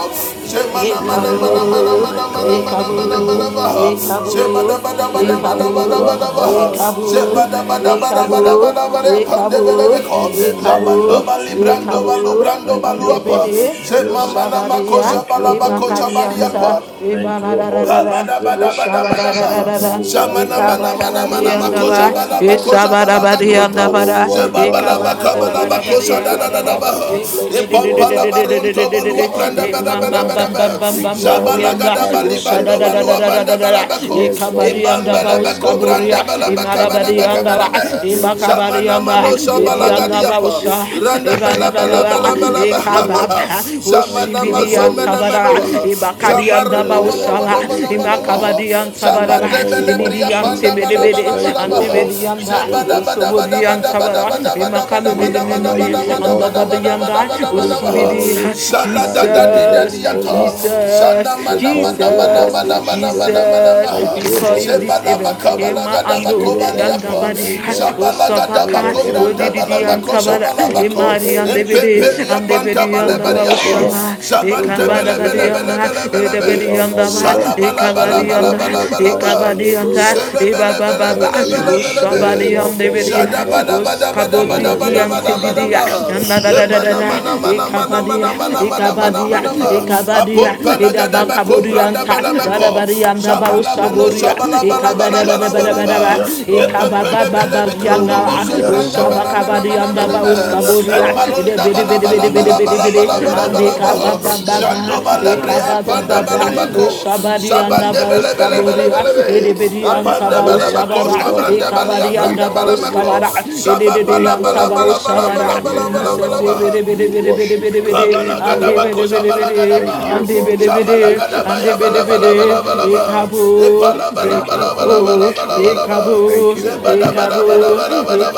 S1: mana mana
S6: Spirit
S1: mana
S6: of the
S1: mana
S2: Ekabu,
S1: mana
S6: living
S1: mana
S6: God,
S1: mana
S2: ekabu,
S1: mana mana
S6: Rebo
S1: mana, je
S6: Wambada,
S1: bala
S2: ekabu,
S1: bala bala bala
S6: Rebo
S1: bala
S2: ekabu,
S1: bala bala,
S6: Wambada,
S1: je
S2: ekabu,
S1: bala
S6: Holy
S1: bala bala bala
S6: Spirit.
S2: ekabu,
S1: bala bala pa, de bala
S2: ekabu,
S1: bako,
S6: In the
S1: ya
S6: name
S1: bando
S2: ekabu,
S6: of
S1: bali brando
S2: ekabu,
S1: balu
S6: Jesus,
S1: brando
S6: thank
S1: balu
S6: you,
S1: apa,
S6: Holy
S2: andebede,
S1: je
S6: Spirit.
S1: mama
S2: usabaria,
S6: Thank you, Holy Spirit.
S2: imakarianta,
S6: Thank you, Holy
S2: ibanarararara,
S6: Spirit.
S2: usabarararara,
S6: Rebo
S1: Zamana
S6: Wambara,
S1: mana mana
S2: Ikabadabari
S1: mana
S6: Rebo
S2: and the
S1: Makosa
S2: ba,
S1: bala
S6: Wambara,
S1: bala bala
S2: Isabadabari and the
S1: gaduata.
S6: Rebo
S2: bara
S1: Zebabala
S6: Wambara,
S1: bakabala
S6: Holy
S2: Ikabadabari
S1: makosa da
S2: and the
S6: Spirit.
S1: da da da
S2: rada,
S6: Father,
S1: bah.
S6: we bless you,
S2: Isibidi,
S6: O
S1: Ipapala
S6: Lord.
S1: baronto
S6: We
S1: branda branda
S6: honor you,
S1: bada
S6: O
S1: bada
S2: Mamma
S1: bada
S2: Bam
S6: Lord.
S2: Bam
S1: bah.
S2: Bam
S6: We
S2: Bam Bam
S1: Zabala
S2: dianda
S1: gada
S6: glorify
S1: bali
S6: your name,
S2: Usada
S1: bando
S6: O
S2: da da da
S1: balua
S6: Lord.
S2: da da
S1: banda
S2: da
S1: Kabadabadabadabadabaha.
S2: da Ikabarabariandaba,
S1: Zamanamanamanamanamakozabalabakozabalabaduata. Zebabalabakabalabakosadaladadabaha. Ipampalabarontobaluabrandabadabadabadaba. Zabalagadabalibandobaloabandabalabako.
S6: We exalt
S2: Isabarabariandabara, Ikabarabarabarabariandara, Isibidididididididididididi, Imambambambambambambandianda,
S6: your
S2: Ushadadadadadadadada, ba
S6: name, O
S1: Ibambalabakobrandabalabakalabakabalabaha.
S2: Uskaburia,
S6: Lord. We thank you,
S2: Imarabariandaba,
S6: Holy Spirit.
S2: Imakabarianda,
S1: Zamanamanozabala.
S6: Thank you, Holy
S2: Idiandaba,
S1: Balagadiapa,
S2: Usha,
S6: Spirit.
S1: Randa bala
S6: Thank
S1: bala
S6: you,
S2: Ibadadadaba,
S1: bala. bala
S6: Holy Spirit.
S1: Shabalaba,
S2: Ikababa,
S6: Thank
S1: Shamanama
S6: you, Holy
S1: Zomena
S2: Ushibidiantabara,
S1: Manoa,
S6: Spirit, the
S1: Shabarano
S2: Ibakadiandaba,
S6: Spirit of
S1: Monomono
S6: the living
S2: Usaba,
S6: God.
S1: Monomono,
S2: Kabadiyan
S6: In
S2: Tabaraba,
S6: the
S1: Shabade
S6: name of
S1: Belebria
S2: Inidiyan
S1: Panda
S6: Jesus,
S1: Balabala
S2: Tebedebede,
S6: thank
S2: and
S6: you,
S1: Balaba,
S6: Holy
S2: Debedianda,
S1: Zebada
S6: Spirit.
S1: Bada Bada
S2: Usobodiyan
S1: Bada Bada
S2: Tabara,
S1: Bada Bada Bada
S6: We
S1: Bada Bada
S6: honor
S1: Bada
S6: you,
S2: Vimakaninini,
S6: O
S1: Bada
S2: and
S1: Bada Bada
S6: Lord.
S1: Bada Bada
S2: Dabadianda,
S6: We
S1: Bada Bada
S2: Usibidi,
S1: Shala
S6: glorify
S1: da da
S6: your
S1: di da
S2: Jesus,
S6: name, O
S1: diata,
S6: Lord.
S1: Shana
S2: Jesus,
S6: We
S1: mana
S6: thank
S1: mana
S6: you,
S1: mana
S2: Jesus,
S1: mana
S6: Holy
S1: mana mana
S6: Spirit.
S1: mana
S2: Jesus,
S1: mana.
S6: Thank
S2: we
S6: you,
S2: call you
S6: Holy
S2: this
S1: Zebada
S2: even,
S1: bakaba
S6: Spirit,
S1: na
S2: Emma
S1: gada
S2: Ando,
S6: Spirit of
S2: Yanda
S6: the
S1: bakoba
S2: Badi,
S6: living God. In
S1: Zabalagadaba
S2: Osabaka,
S6: the name
S1: kobranda
S6: of
S2: Odidiyan
S1: balamako
S2: Tabara,
S6: Jesus, thank
S1: zabalabako.
S6: you,
S2: Emari and
S6: Holy
S2: Debede,
S6: Spirit.
S1: Empepelia
S2: and
S1: panta
S6: We
S2: Debedianda
S6: bless you,
S1: balebariapo.
S2: Bausala,
S6: Lord. We
S1: Zabante
S6: bless
S1: bele
S6: you,
S1: bele bele
S6: Lord.
S1: bele bele be.
S6: We
S2: Ekabadabadianda,
S6: honor
S2: yanda
S6: you,
S2: ba,
S4: in
S6: Lord.
S1: Salabala
S4: the name
S1: bala
S2: ekabadi
S4: of
S6: We
S1: bala
S2: yanda,
S1: bala
S4: Jesus. I
S1: bala
S6: glorify
S1: ba.
S4: pray
S6: your
S4: for
S2: ekabadi
S6: name, O
S2: yanda,
S4: divine
S1: Sele
S6: Lord.
S2: eba
S1: bele
S2: ba
S4: protection
S1: bele
S2: ba
S4: for
S2: ba,
S6: Thank
S1: bele
S6: you,
S1: bele
S4: myself.
S1: bele be.
S4: for
S6: Spirit
S2: oshabadi
S4: Divine
S6: of
S2: yanda
S6: the
S4: God,
S2: bidi,
S6: Living
S4: my
S1: Zada
S6: God.
S1: bada bada
S4: Father,
S1: bada
S6: In
S2: oskabodi
S4: may
S1: bada
S6: the
S4: you
S1: bada
S6: name
S1: bada
S2: diante
S6: of
S4: cover
S1: bada
S2: bidi,
S4: them.
S1: ba.
S6: Jesus,
S2: yanda da da
S4: You
S6: thank
S2: da da
S4: are
S1: Emana
S6: you,
S2: da,
S1: mana
S4: covered by
S6: Holy
S1: mana mana
S4: me.
S2: ekabadi,
S6: Spirit.
S1: mana mana mana mana
S2: ekabadi,
S6: Thank you,
S1: mana mana.
S6: Holy
S2: ekabadi,
S6: Spirit.
S1: Apompa la
S2: edaba
S1: gada ba
S6: Thank you,
S2: kabodi
S1: kumbranda
S6: Holy
S2: yanta,
S1: bala
S6: Spirit.
S1: balamako.
S4: Father, Father,
S1: Shabala
S6: Thank you,
S1: mano
S4: in the
S6: Holy
S4: name of
S1: Shabalamano
S6: Spirit.
S2: ekabada
S4: Jesus.
S2: ba da ba ba
S6: Oh,
S1: Shabalabalabalabalabalaba.
S6: yes,
S4: Father,
S6: Lord.
S2: ekababa ba
S4: Father, in the
S2: ba
S1: Yepempelebelebe
S4: name
S6: Oh,
S4: of
S1: kronobo
S2: yanda,
S6: yes,
S1: sumbranda
S6: Lord.
S2: osabakabadi
S6: Oh,
S1: balamenamenamename.
S6: yes,
S1: En
S6: Lord.
S2: ede
S1: malonda
S2: bidi
S4: Father,
S2: bidi bidi
S4: in
S6: Thank
S4: the
S2: bidi
S4: name
S6: you,
S2: bidi
S4: of
S2: bidi,
S4: Jesus.
S6: Spirit
S2: ande
S6: of
S1: balabalabalabalabalabalabalaba.
S6: the
S4: Father, in the
S2: kababa ba
S4: name of
S6: Living God.
S1: Jando
S4: Jesus. Father,
S1: balebre
S2: Ekaba baba
S6: In
S1: ampanda
S6: the
S2: ba Ekabababa,
S6: name of
S1: balamako.
S2: Oshabadi
S1: Shabande
S6: Jesus,
S2: andaba
S6: thank you,
S2: Oskaboria,
S6: Holy
S1: belebelebelebelebe.
S6: Spirit.
S2: Edebedi
S1: Apanda
S2: antaba
S6: We bless
S1: balabakos
S6: you,
S2: Oshabara,
S1: kabanda
S6: Lord.
S1: balia
S2: Ekabadi
S6: We
S1: branda
S2: andaba
S6: honor you,
S1: balamako.
S2: Oskabara,
S6: Lord.
S2: Edebedi
S6: We
S2: anta ba
S6: glorify your
S2: ushabara,
S4: Father, in
S6: name, O
S4: the
S2: Isa
S4: name
S2: se
S4: of
S6: Lord.
S1: Shababalabalabalabalabalabalabalaba.
S2: bere bere
S6: We
S4: Jesus.
S2: bere bere
S6: worship
S2: bere
S4: We
S6: your
S2: bere,
S4: for
S6: name, O
S4: divine
S2: Ande
S4: power.
S1: Kabalagadabako
S2: bere
S6: Lord.
S4: Father,
S2: bere
S4: in the
S2: bere.
S4: name
S6: Thank
S4: of
S1: Zabalagadabaha.
S6: you,
S2: Ande bere
S6: Holy
S4: Jesus.
S2: bere.
S6: Spirit.
S2: Ande
S1: Zabalagadabaya
S2: bere
S6: Thank you,
S2: bere.
S6: Holy
S1: balabalabalabalaba.
S6: Spirit.
S4: Father, divine power. in
S6: Thank
S2: Ekabo,
S4: the
S6: you, Holy
S2: Oh,
S6: Spirit.
S1: Epalabalabalabalabalabalaba.
S4: name of
S6: Thank
S2: ekabu,
S6: you,
S4: Jesus.
S6: Holy
S2: ekabu,
S6: Spirit.